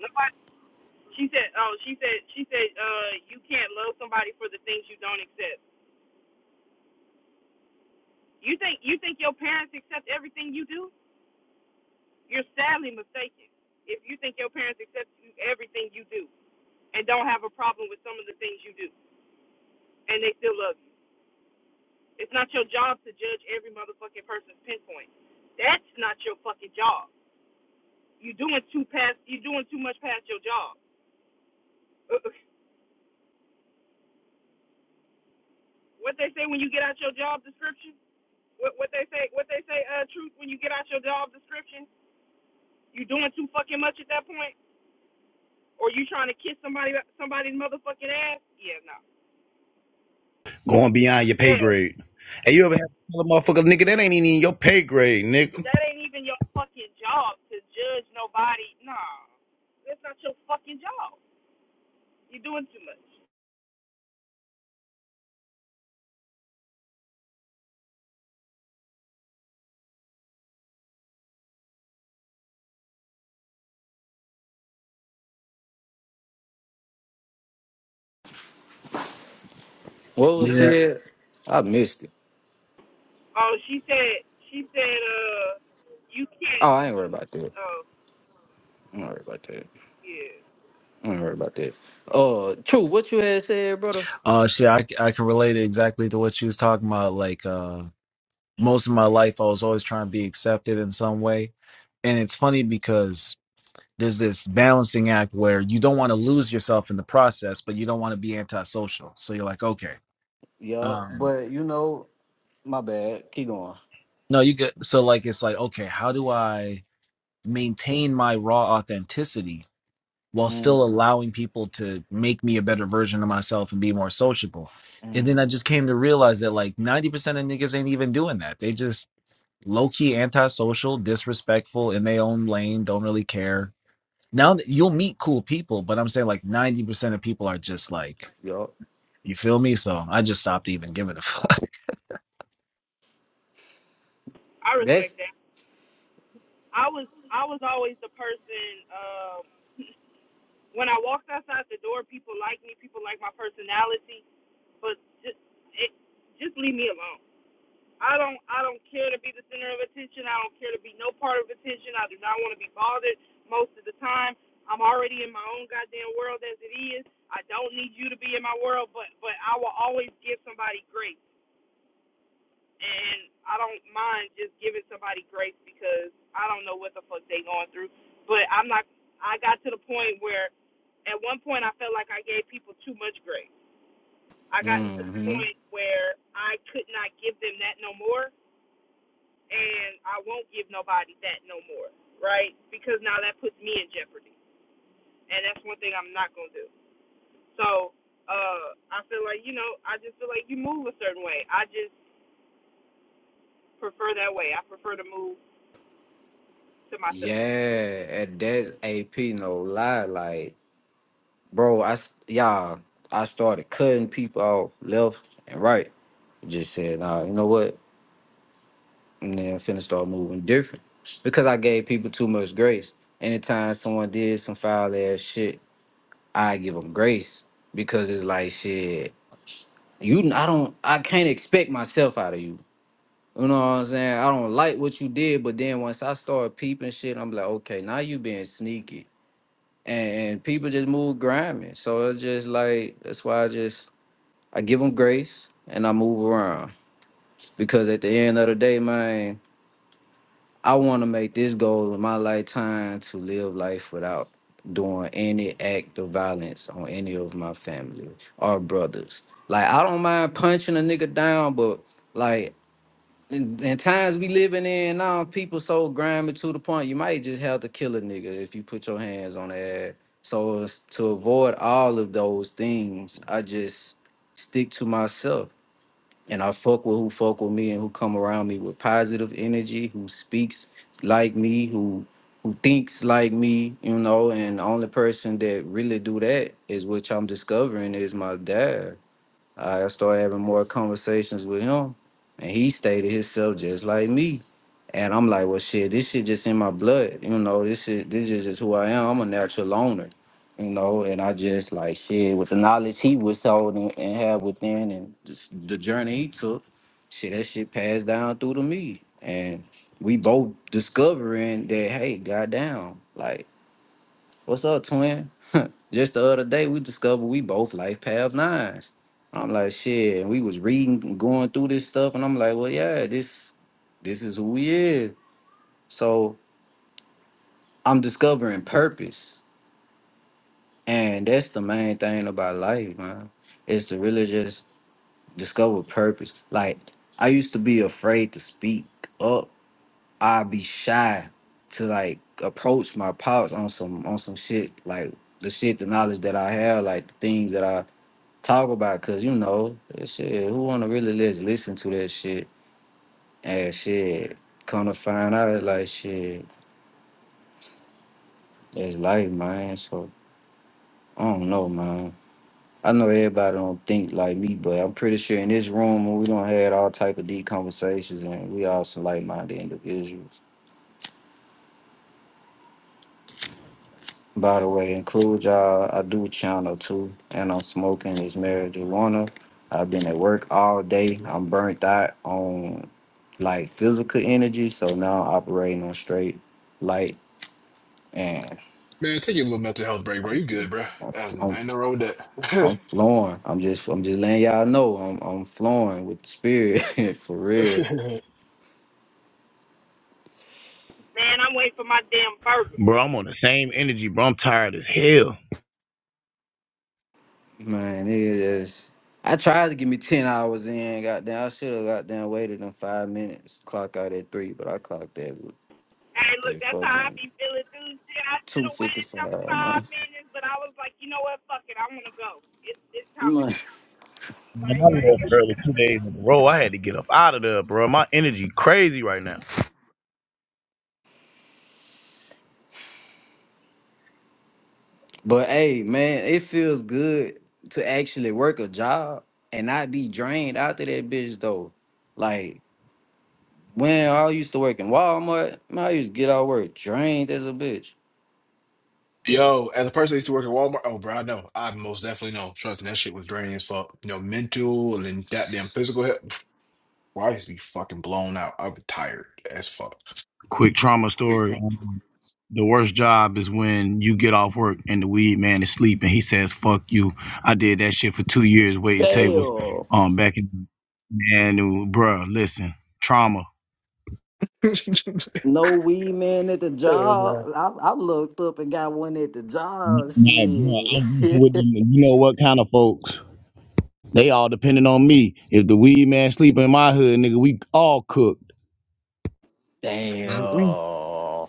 [SPEAKER 16] Nobody. She said. Oh, she said. She said. Uh, you can't love somebody for the things you don't accept. You think you think your parents accept everything you do? You're sadly mistaken. If you think your parents accept you- everything you do and don't have a problem with some of the things you do, and they still love you, it's not your job to judge every motherfucking person's pinpoint. That's not your fucking job. You're doing too past. You're doing too much past your job. what they say when you get out your job description? What what they say what they say uh truth when you get out your job description? You doing too fucking much at that point? Or you trying to kiss somebody somebody's motherfucking ass? Yeah, no.
[SPEAKER 17] going beyond your pay
[SPEAKER 16] Yeah.
[SPEAKER 17] grade. Hey, you ever had to tell a motherfucker nigga that ain't even in your pay grade, nigga?
[SPEAKER 16] That ain't even your fucking job to judge nobody. Nah. That's not your fucking job. You're doing too much.
[SPEAKER 15] What was
[SPEAKER 14] Yeah.
[SPEAKER 15] said? I missed it.
[SPEAKER 16] Oh, she said she said uh you can't
[SPEAKER 15] Oh, I ain't worried about that.
[SPEAKER 16] oh
[SPEAKER 15] I'm not worried about that.
[SPEAKER 16] yeah.
[SPEAKER 15] I ain't heard about that. Uh, true. What you had said, brother?
[SPEAKER 14] Uh, she, I, I can relate it exactly to what she was talking about. Like, uh, most of my life, I was always trying to be accepted in some way, and it's funny because there's this balancing act where you don't want to lose yourself in the process, but you don't want to be antisocial. So you're like, okay,
[SPEAKER 15] Yup.
[SPEAKER 14] um,
[SPEAKER 15] but you know, my bad. Keep going.
[SPEAKER 14] no, you get. So like, it's like, okay, how do I maintain my raw authenticity? while
[SPEAKER 15] Mm,
[SPEAKER 14] still allowing people to make me a better version of myself and be more sociable. And then I
[SPEAKER 15] mm,
[SPEAKER 14] just came to realize that like 90% of niggas ain't even doing that. They just low key antisocial, disrespectful in their own lane, don't really care. Now that- you'll meet cool people, but I'm saying like 90% of people are just like,
[SPEAKER 15] yup.
[SPEAKER 14] you feel me? So I just stopped even giving a fuck.
[SPEAKER 16] I
[SPEAKER 15] That's.
[SPEAKER 16] respect that. I was I was always the person um when I walked outside the door, people like me. People like my personality, but just it, just leave me alone. I don't I don't care to be the center of attention. I don't care to be no part of attention. I do not want to be bothered most of the time. I'm already in my own goddamn world as it is. I don't need you to be in my world, but but I will always give somebody grace, and I don't mind just giving somebody grace because I don't know what the fuck they going through. But I'm not. I got to the point where at one point I felt like I gave people too much grace. I got into the
[SPEAKER 15] Mm-hmm.
[SPEAKER 16] point where I could not give them that no more and I won't give nobody that no more, right? Because now that puts me in jeopardy. And that's one thing I'm not gonna do. So, uh I feel like, you know, I just feel like you move a certain way. I just prefer that way. I prefer to move to
[SPEAKER 15] Yeah,
[SPEAKER 16] myself.
[SPEAKER 15] and that's AP. No lie, like, bro. I s- y'all. I started cutting people off left and right. Just said, nah, you know what? And then finna start moving different because I gave people too much grace. Anytime someone did some foul ass shit, I give them grace because it's like shit. You, I don't, I can't expect myself out of you. You know what I'm saying? I don't like what you did, but then once I start peeping shit, I'm like, okay, now you being sneaky, and, and people just move grimy. So it's just like that's why I just I give them grace and I move around because at the end of the day, man. I want to make this goal in my lifetime to live life without doing any act of violence on any of my family or brothers. Like I don't mind punching a nigga down, but like in, in times we living in now, people so grimy to the point you might just have to kill a nigga if you put your hands on their ass. So as to avoid all of those things, I just stick to myself and I fuck with who fuck with me and who come around me with positive energy, who speaks like me, who who thinks like me, you know. And the only person that really do that is which I'm discovering is my dad. I started having more conversations with him, and he stayed to himself just like me. And I'm like, well, shit, this shit just in my blood, you know. This shit, this is just who I am. I'm a natural loner, you know. And I just like shit with the knowledge he was told and, and had within, and just the journey he took. Shit, that shit passed down through to me, and we both discovering that, hey, goddamn, like. What's up, twin? Just the other day, we discovered we both life path nines. I'm like, shit. And we was reading, and going through this stuff, and I'm like, well, yeah, this, this is who we is. So I'm discovering purpose, and that's the main thing about life, man. Is to really just discover purpose. Like I used to be afraid to speak up. I'd be shy to like approach my pops on some on some shit like the shit, the knowledge that I have, like the things that I talk about because you know shit who want to really just listen to that shit and shit come to find out it's like shit it's life man so i don't know man i know everybody don't think like me but i'm pretty sure in this room we don't had all type of deep conversations and we all some like-minded individuals by the way include y'all i do channel too and i'm smoking this marijuana i've been at work all day i'm burnt out on like physical energy. So now I'm operating on straight light, and
[SPEAKER 18] Man, take your little mental health break, bro.
[SPEAKER 15] I'm
[SPEAKER 18] You good, bro. That's,
[SPEAKER 15] I'm I'm,
[SPEAKER 18] ain't no wrong with that.
[SPEAKER 15] I'm flowing. I'm just I'm just letting y'all know I'm I'm flowing with the spirit for real,
[SPEAKER 16] Man, I'm waiting for my damn burger.
[SPEAKER 17] Bro, I'm on the same energy, bro. I'm tired as hell.
[SPEAKER 15] man. It is. I tried to give me ten hours in. Goddamn, I should have goddamn waited in five minutes. Clock out at three, but I clocked at
[SPEAKER 16] Hey, look,
[SPEAKER 15] at
[SPEAKER 16] that's how I
[SPEAKER 15] fucking
[SPEAKER 16] be feeling too. Shit, I should
[SPEAKER 15] two
[SPEAKER 16] have
[SPEAKER 15] fifty
[SPEAKER 16] waited some
[SPEAKER 15] five.
[SPEAKER 16] five
[SPEAKER 15] Man,
[SPEAKER 16] minutes, but I was like, you know what? Fuck it, I want to go. It's it's time to go.
[SPEAKER 17] Man, I
[SPEAKER 16] Like,
[SPEAKER 17] left early two days in a row. I had to get up out of there, bro. My energy crazy right now.
[SPEAKER 15] But hey, man, it feels good to actually work a job and not be drained after that bitch though. Like when I used to work in Walmart, man, I used to get out of work drained as a bitch. But
[SPEAKER 18] Yo, as a person that used to work at Walmart, oh, bro, I know. I most definitely know. Trust me, that shit was draining as fuck. You know, mental and then goddamn physical health. Well, I used to be fucking blown out. I was tired as fuck.
[SPEAKER 17] Quick trauma story. Um, the worst job is when you get off work and the weed man is sleeping. He says, "Fuck you." I did that shit for two years waiting tables.
[SPEAKER 15] damn,
[SPEAKER 17] Um, back in man, dude, bruh, listen, trauma.
[SPEAKER 15] no weed man at the
[SPEAKER 18] And,
[SPEAKER 15] job.
[SPEAKER 18] uh,
[SPEAKER 15] I, I looked up and got one at the job.
[SPEAKER 17] Nah, bro, I was working
[SPEAKER 15] Shit.
[SPEAKER 17] with them. and You know what kind of folks? They all depending on me. If the weed man sleeping in my hood, nigga, we all cooked.
[SPEAKER 18] mhm.
[SPEAKER 15] damn.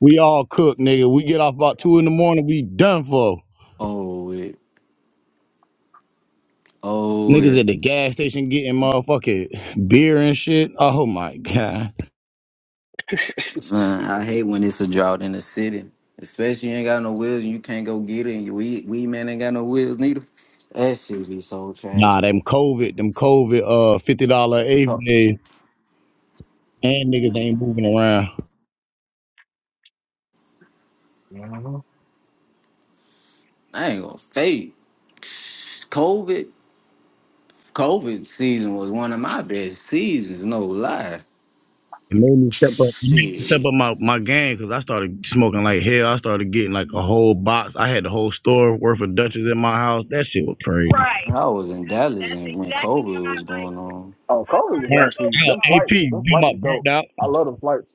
[SPEAKER 17] We all cooked, nigga. We get off about two in the morning. We done for.
[SPEAKER 15] Oh it. Oh
[SPEAKER 17] Niggas
[SPEAKER 15] it.
[SPEAKER 17] at the gas station getting motherfucking beer and shit. Oh my god.
[SPEAKER 15] Man, I
[SPEAKER 18] Sick.
[SPEAKER 15] hate when it's a drought in the city. Especially you ain't got no wheels and you can't go get it and your weed, weed man ain't got no wheels neither. That shit be so
[SPEAKER 17] Nah,
[SPEAKER 15] tragic.
[SPEAKER 17] them COVID, them COVID, uh, fifty dollar eighth
[SPEAKER 15] Oh,
[SPEAKER 17] day, and niggas
[SPEAKER 15] man.
[SPEAKER 17] ain't moving around.
[SPEAKER 18] Mhm.
[SPEAKER 15] I ain't gonna fake. COVID COVID season was one of my best seasons, no lie.
[SPEAKER 17] It made me step up. It made me step
[SPEAKER 15] Shit.
[SPEAKER 17] up my my game because I started smoking like hell. I started getting like a whole box. I had the whole store worth of Dutchess in my house. That shit was crazy.
[SPEAKER 16] right?
[SPEAKER 15] I was in
[SPEAKER 16] 'Cause
[SPEAKER 15] Dallas
[SPEAKER 16] that's
[SPEAKER 15] and when
[SPEAKER 16] exactly when
[SPEAKER 15] COVID
[SPEAKER 16] I
[SPEAKER 15] was
[SPEAKER 16] like
[SPEAKER 15] going on.
[SPEAKER 18] Oh,
[SPEAKER 16] I
[SPEAKER 18] COVID
[SPEAKER 16] started
[SPEAKER 18] was
[SPEAKER 17] Burnt
[SPEAKER 18] actually
[SPEAKER 16] smoking
[SPEAKER 17] out.
[SPEAKER 18] them
[SPEAKER 16] though.
[SPEAKER 17] AP,
[SPEAKER 18] flights. Them
[SPEAKER 17] you my
[SPEAKER 18] flights are dope.
[SPEAKER 17] burnt out.
[SPEAKER 18] I love them flights.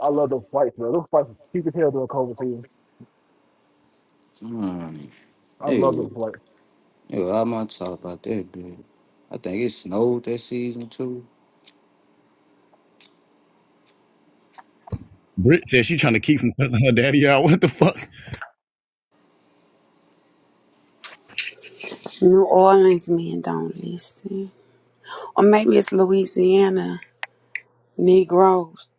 [SPEAKER 18] I love them flights, bro. Those flights, keep your hell during COVID season.
[SPEAKER 15] Mm.
[SPEAKER 18] I love them
[SPEAKER 15] Yo,
[SPEAKER 18] flights.
[SPEAKER 15] yo, I'm on top about that, dude. I think it snowed that season too.
[SPEAKER 17] Britt said she trying to keep from cussing her daddy out. What the fuck?
[SPEAKER 19] New Orleans men don't listen. Or maybe it's Louisiana Negroes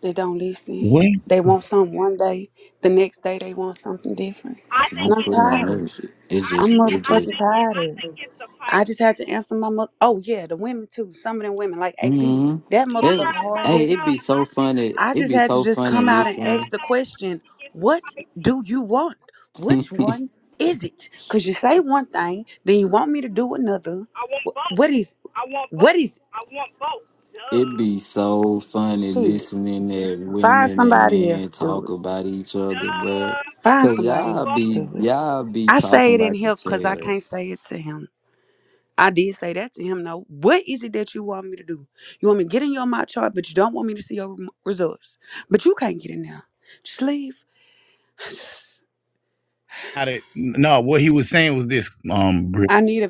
[SPEAKER 19] that don't listen.
[SPEAKER 17] What?
[SPEAKER 19] They want something one day, the next day they want something different.
[SPEAKER 16] I
[SPEAKER 19] And
[SPEAKER 15] Don't
[SPEAKER 16] think
[SPEAKER 19] I'm
[SPEAKER 15] put
[SPEAKER 16] it's
[SPEAKER 15] it
[SPEAKER 16] you.
[SPEAKER 15] on
[SPEAKER 19] tired of
[SPEAKER 15] this.
[SPEAKER 19] it.
[SPEAKER 15] It's
[SPEAKER 16] I
[SPEAKER 15] just,
[SPEAKER 19] I'm
[SPEAKER 16] think it.
[SPEAKER 15] it
[SPEAKER 16] I
[SPEAKER 19] motherfucking
[SPEAKER 15] just,
[SPEAKER 16] think it. I
[SPEAKER 19] tired of it.
[SPEAKER 16] think it's the
[SPEAKER 19] I
[SPEAKER 16] pipe.
[SPEAKER 19] just had to answer my mother. Oh, yeah, the women too. Some of them women, like AP,
[SPEAKER 15] hmm
[SPEAKER 19] that
[SPEAKER 16] No, no,
[SPEAKER 19] motherfucker
[SPEAKER 15] it,
[SPEAKER 16] no,
[SPEAKER 19] hard
[SPEAKER 15] hey,
[SPEAKER 19] headed.
[SPEAKER 16] no.
[SPEAKER 15] it'd be
[SPEAKER 16] I,
[SPEAKER 15] so funny.
[SPEAKER 19] I
[SPEAKER 15] It'd
[SPEAKER 19] just
[SPEAKER 15] be
[SPEAKER 19] had to
[SPEAKER 15] so
[SPEAKER 19] just
[SPEAKER 15] funny
[SPEAKER 16] no,
[SPEAKER 19] come out and
[SPEAKER 16] no.
[SPEAKER 19] ask
[SPEAKER 15] listening.
[SPEAKER 19] the question what do you want? Which one is it? Because you say one thing, then you want me to do another.
[SPEAKER 16] I want
[SPEAKER 19] Wh-
[SPEAKER 16] both.
[SPEAKER 19] What is
[SPEAKER 16] I want
[SPEAKER 19] What
[SPEAKER 16] both.
[SPEAKER 19] is
[SPEAKER 16] I want both.
[SPEAKER 15] it'd be
[SPEAKER 16] Duh.
[SPEAKER 15] so funny
[SPEAKER 19] shit?
[SPEAKER 15] listening that
[SPEAKER 19] Find
[SPEAKER 15] women and
[SPEAKER 19] somebody else
[SPEAKER 15] men
[SPEAKER 19] to do
[SPEAKER 15] talk
[SPEAKER 19] it.
[SPEAKER 15] about each other, bruh.
[SPEAKER 19] Find
[SPEAKER 15] Cause
[SPEAKER 19] somebody
[SPEAKER 15] y'all
[SPEAKER 19] else
[SPEAKER 16] Duh.
[SPEAKER 19] to
[SPEAKER 15] be,
[SPEAKER 19] do it.
[SPEAKER 15] y'all be
[SPEAKER 19] I say
[SPEAKER 15] talking
[SPEAKER 19] it in
[SPEAKER 15] about
[SPEAKER 19] here because I can't
[SPEAKER 15] yourselves.
[SPEAKER 19] say it to him. I did say that to him. No. what is it that you want me to do? You want me to get in your my chart, but you don't want me to see your rem- results. But you can't get in there. Just leave.
[SPEAKER 17] Got it. No, what he was saying was this. Um, Britt,
[SPEAKER 19] I need a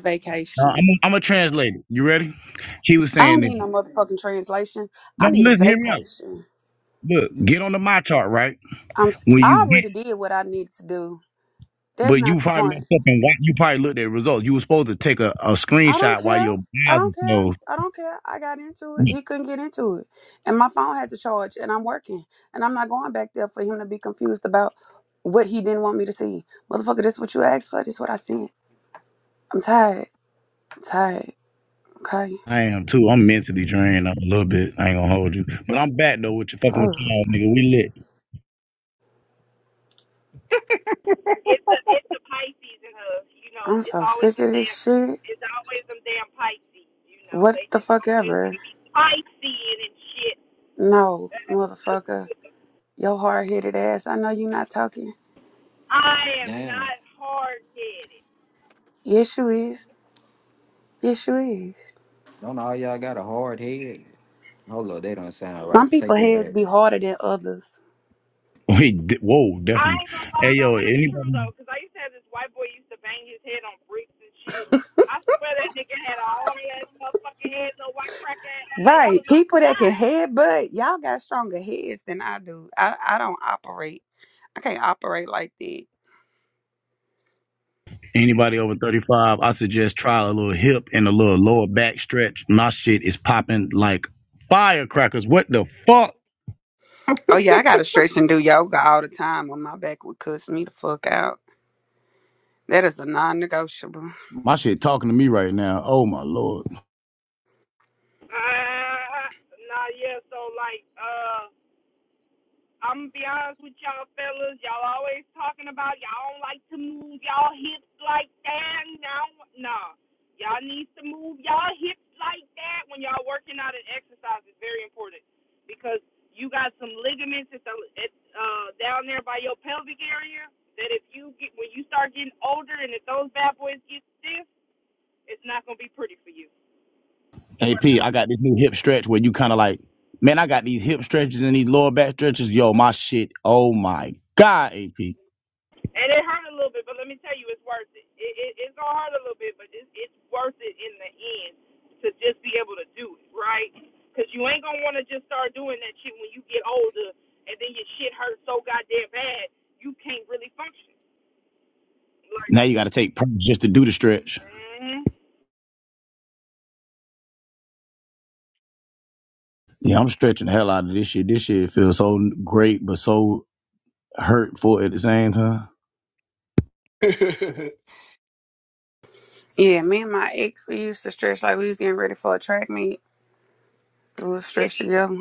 [SPEAKER 17] Uh,
[SPEAKER 19] vacation.
[SPEAKER 17] I'm a, I'm a translator. You ready? He was
[SPEAKER 19] I
[SPEAKER 17] saying
[SPEAKER 19] don't
[SPEAKER 17] this.
[SPEAKER 19] need no motherfucking translation.
[SPEAKER 17] No,
[SPEAKER 19] I need a
[SPEAKER 17] listen, hear me out.
[SPEAKER 19] vacation.
[SPEAKER 17] Look, get on the my chart, right?
[SPEAKER 19] I'm. s-
[SPEAKER 17] when you
[SPEAKER 19] I
[SPEAKER 17] get,
[SPEAKER 19] already did what I needed to do. That's
[SPEAKER 17] but you
[SPEAKER 19] not the
[SPEAKER 17] probably
[SPEAKER 19] point.
[SPEAKER 17] messed up and wa- you probably looked at results. You were supposed to take a, a
[SPEAKER 19] I don't
[SPEAKER 17] screenshot while
[SPEAKER 19] care.
[SPEAKER 17] your
[SPEAKER 19] I
[SPEAKER 17] eyes
[SPEAKER 19] don't care.
[SPEAKER 17] was
[SPEAKER 19] I don't care. I got into it.
[SPEAKER 17] closed.
[SPEAKER 19] He couldn't get into it. And my phone had to charge and I'm working. And I'm not going back there for him to be confused about what he didn't want me to see. Motherfucker, this what you asked for, this what I sent. I'm tired. I'm tired. Okay.
[SPEAKER 17] I am too. I'm
[SPEAKER 19] Just-
[SPEAKER 17] mentally drained up a little bit. I ain't gonna hold you, but I'm back though with you fucking with
[SPEAKER 19] Oh,
[SPEAKER 17] y'all, nigga. We lit.
[SPEAKER 16] it's the it's the Pisces in us. You know,
[SPEAKER 19] I'm
[SPEAKER 16] it's
[SPEAKER 19] so
[SPEAKER 16] always
[SPEAKER 19] sick
[SPEAKER 16] them
[SPEAKER 19] of this
[SPEAKER 16] damn
[SPEAKER 19] shit.
[SPEAKER 16] it's always them damn Pisces. You know,
[SPEAKER 19] What
[SPEAKER 16] they
[SPEAKER 19] the
[SPEAKER 16] just
[SPEAKER 19] fuck
[SPEAKER 16] always want
[SPEAKER 19] ever.
[SPEAKER 16] to be Piscean and shit.
[SPEAKER 19] No, motherfucker. Your hard headed ass. I know you not talking.
[SPEAKER 16] I am
[SPEAKER 15] Damn.
[SPEAKER 16] not hard headed.
[SPEAKER 19] Yes you is. Yes you is.
[SPEAKER 15] Don't all y'all got a hard head? Hold on, they don't sound right.
[SPEAKER 19] Some people
[SPEAKER 15] Take
[SPEAKER 19] heads
[SPEAKER 15] that
[SPEAKER 19] be harder than others.
[SPEAKER 17] We di- whoa,
[SPEAKER 16] I
[SPEAKER 17] definitely.
[SPEAKER 16] ain't gonna
[SPEAKER 17] Hey
[SPEAKER 16] lie though,
[SPEAKER 17] yo,
[SPEAKER 16] that's true
[SPEAKER 17] anybody
[SPEAKER 16] though, 'cause I used to have this white boy used to bang his head on bricks and shit. I swear that nigga had a hard ass motherfucking head, little white crack ass. I mean, that
[SPEAKER 19] Right.
[SPEAKER 16] was my
[SPEAKER 19] People that
[SPEAKER 16] guy.
[SPEAKER 19] can headbutt, y'all got stronger heads than I do. I, I don't operate. I can't operate like that.
[SPEAKER 17] anybody over 35, I suggest try a little hip and a little lower back stretch. My shit is popping like firecrackers. What the fuck?
[SPEAKER 19] Oh yeah, I gotta stretch and do yoga all the time when my back would cuss me the fuck out. That is a non negotiable.
[SPEAKER 17] My shit talking to me right now. Oh my lord.
[SPEAKER 16] Uh, nah, yeah. So like, uh. I'm gonna be honest with y'all fellas. Y'all always talking about y'all don't like to move y'all hips like that. Now, nah, y'all needs to move y'all hips like that when y'all working out and exercise is very important because you got some ligaments at the at, uh, down there by your pelvic area that if you get when you start getting older and if those bad boys get stiff, it's not gonna be pretty for you. You are.
[SPEAKER 17] AP, I got this new hip stretch where you kind of like, man, I got these hip stretches and these lower back stretches. Yo, my shit. Oh my God, AP.
[SPEAKER 16] And it hurt a little bit, but let me tell you, it's worth it. it, it it's gonna hurt a little bit, but it's it's worth it in the end to just be able to do it, right? Because you ain't gonna want to just start doing that shit when you get older, and then your shit hurts so goddamn bad you can't really function. Like,
[SPEAKER 17] Now you got to take practice just to do the stretch.
[SPEAKER 16] mm
[SPEAKER 17] Yeah, I'm stretching the hell out of this shit. This shit feels so great, but so hurtful at the same time.
[SPEAKER 19] Yeah, me and my ex we used to stretch like we was getting ready for a track meet. We would
[SPEAKER 16] yeah.
[SPEAKER 19] stretch together.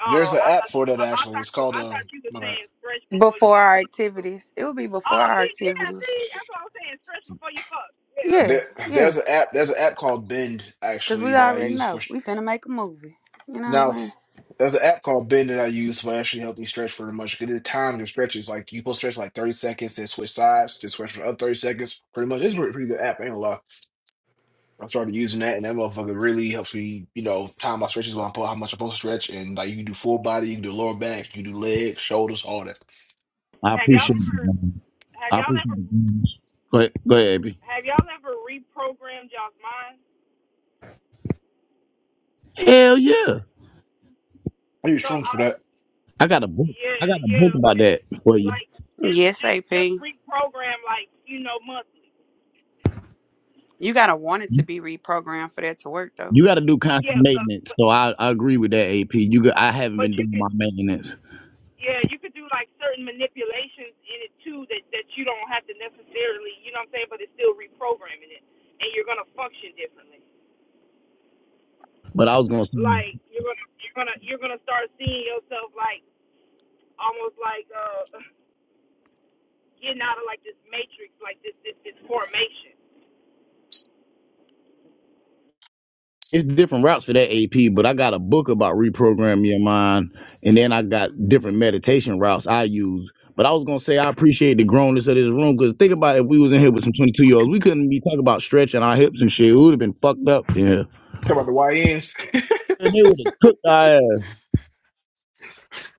[SPEAKER 16] oh,
[SPEAKER 18] There's an
[SPEAKER 16] I
[SPEAKER 18] app
[SPEAKER 16] thought you,
[SPEAKER 18] for that
[SPEAKER 16] I, I
[SPEAKER 18] actually.
[SPEAKER 16] thought
[SPEAKER 18] It's
[SPEAKER 16] you,
[SPEAKER 18] called
[SPEAKER 16] I thought
[SPEAKER 18] um.
[SPEAKER 16] you were
[SPEAKER 18] my bad.
[SPEAKER 16] saying stretch before you
[SPEAKER 19] Before our
[SPEAKER 16] fuck. or something.
[SPEAKER 19] activities. It would be before
[SPEAKER 16] Oh,
[SPEAKER 19] our
[SPEAKER 16] see, yeah, see,
[SPEAKER 19] activities.
[SPEAKER 16] that's what I'm saying. Stretch before you fuck. Yeah,
[SPEAKER 19] Yeah,
[SPEAKER 18] There,
[SPEAKER 16] okay.
[SPEAKER 19] yeah.
[SPEAKER 18] there's an app. There's an app called Bend
[SPEAKER 19] Cause we
[SPEAKER 18] actually that I
[SPEAKER 19] already
[SPEAKER 18] use for
[SPEAKER 19] know. We finna make a movie. You know what
[SPEAKER 18] now.
[SPEAKER 19] I'm
[SPEAKER 18] s- There's an app called Bend that I use for actually helping me stretch for much. Good time your stretches like you post stretch like 30 seconds, then switch sides, then stretch for another 30 seconds. Pretty much, it's a pretty, pretty good app. Ain't a lot. I started using that, and that motherfucker really helps me, you know, time my stretches when I put how much I'm supposed to stretch, and like you can do full body, you can do lower back, you can do legs, shoulders, all that.
[SPEAKER 17] I
[SPEAKER 16] Have y'all
[SPEAKER 17] appreciate
[SPEAKER 18] Mm.
[SPEAKER 17] it.
[SPEAKER 16] ever,
[SPEAKER 17] man.
[SPEAKER 16] have
[SPEAKER 17] I
[SPEAKER 16] y'all
[SPEAKER 17] appreciate
[SPEAKER 16] ever
[SPEAKER 17] it. Go ahead, go ahead, AP.
[SPEAKER 16] Have y'all ever reprogrammed y'all's mind?
[SPEAKER 17] Hell yeah.
[SPEAKER 18] I use
[SPEAKER 16] So
[SPEAKER 18] shrooms
[SPEAKER 16] I
[SPEAKER 18] for
[SPEAKER 16] would,
[SPEAKER 18] that.
[SPEAKER 17] I got a book.
[SPEAKER 16] yeah,
[SPEAKER 17] I got a
[SPEAKER 16] yeah,
[SPEAKER 17] book about
[SPEAKER 16] like,
[SPEAKER 17] that for you.
[SPEAKER 16] like
[SPEAKER 19] saying?
[SPEAKER 16] just,
[SPEAKER 19] Yes,
[SPEAKER 16] just, just
[SPEAKER 19] AP.
[SPEAKER 16] reprogram, like you know, monthly.
[SPEAKER 19] You gotta want it to be reprogrammed for that to work though.
[SPEAKER 17] You got to do constant
[SPEAKER 16] Yeah, but,
[SPEAKER 17] maintenance.
[SPEAKER 16] but,
[SPEAKER 17] So I, I agree with that, AP. You got, I haven't
[SPEAKER 16] but
[SPEAKER 17] been
[SPEAKER 16] you
[SPEAKER 17] doing
[SPEAKER 16] could,
[SPEAKER 17] my maintenance.
[SPEAKER 16] yeah, you could do like certain manipulations in it too that that you don't have to necessarily, you know what I'm saying? But it's still reprogramming it, and you're gonna function differently.
[SPEAKER 17] But I was gonna say
[SPEAKER 16] Like you're gonna, you're gonna, you're gonna start seeing yourself like almost like uh getting out of like this matrix, like this, this, this formation.
[SPEAKER 17] it's different routes for that AP. But I got a book about reprogramming your mind, and then I got different meditation routes I use. But I was gonna say I appreciate the grownness of this room because think about it, if we was in here with some twenty two year olds, we couldn't be talking about stretching our hips and shit. We would have been fucked up. Yeah,
[SPEAKER 18] Talk about the YNs.
[SPEAKER 17] and they would have cooked our ass,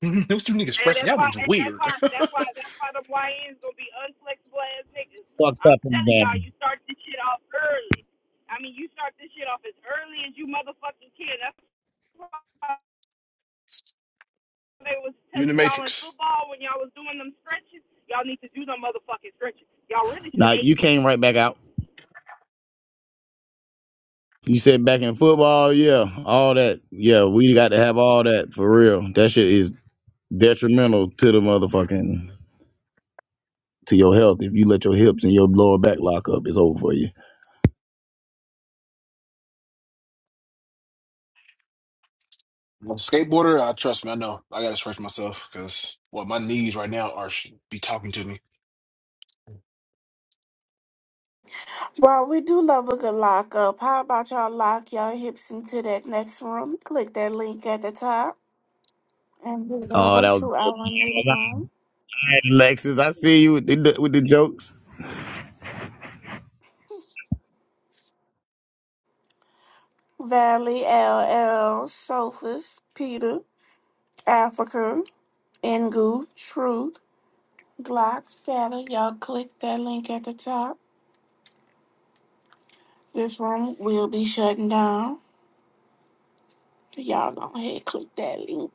[SPEAKER 18] Those two niggas
[SPEAKER 16] And
[SPEAKER 18] stretching.
[SPEAKER 16] that's
[SPEAKER 18] Y'all
[SPEAKER 16] why,
[SPEAKER 18] niggas
[SPEAKER 16] and that's
[SPEAKER 18] weird.
[SPEAKER 16] why, that's why, that's why them YNs gonna be unflexible ass niggas.
[SPEAKER 17] fucked
[SPEAKER 16] I'm
[SPEAKER 17] up and
[SPEAKER 16] telling y'all,
[SPEAKER 17] down.
[SPEAKER 16] you start this shit off early. I mean, you start this shit off as early as you motherfucking can. That's why they was
[SPEAKER 18] You in the
[SPEAKER 16] telling y'all in
[SPEAKER 18] matrix.
[SPEAKER 16] football when y'all was doing them stretches, y'all need to do them motherfucking stretches. Y'all really should
[SPEAKER 17] Now
[SPEAKER 16] have ate
[SPEAKER 17] you came right back out. You said back in football, yeah, all that, yeah, we got to have all that for real. That shit is detrimental to the motherfucking. to your health. If you let your hips and your lower back lock up, it's over for you.
[SPEAKER 18] As a skateboarder, I trust me. I know I gotta stretch myself because well, my knees right now are should be talking to me.
[SPEAKER 1] Well, we do love a good lock up. How about y'all lock y'all hips into that next room? Click that link at the top and head
[SPEAKER 17] Oh,
[SPEAKER 1] over
[SPEAKER 17] that was
[SPEAKER 1] to our
[SPEAKER 17] good.
[SPEAKER 1] new
[SPEAKER 17] All
[SPEAKER 1] room.
[SPEAKER 17] right, Alexis. I see you with the with the jokes.
[SPEAKER 1] Valley, L L Sophus, Peter, Africa, Ngu, Truth, Glock, Scatter. Y'all click that link at the top. This room will be shutting down. Y'all go ahead and click that link.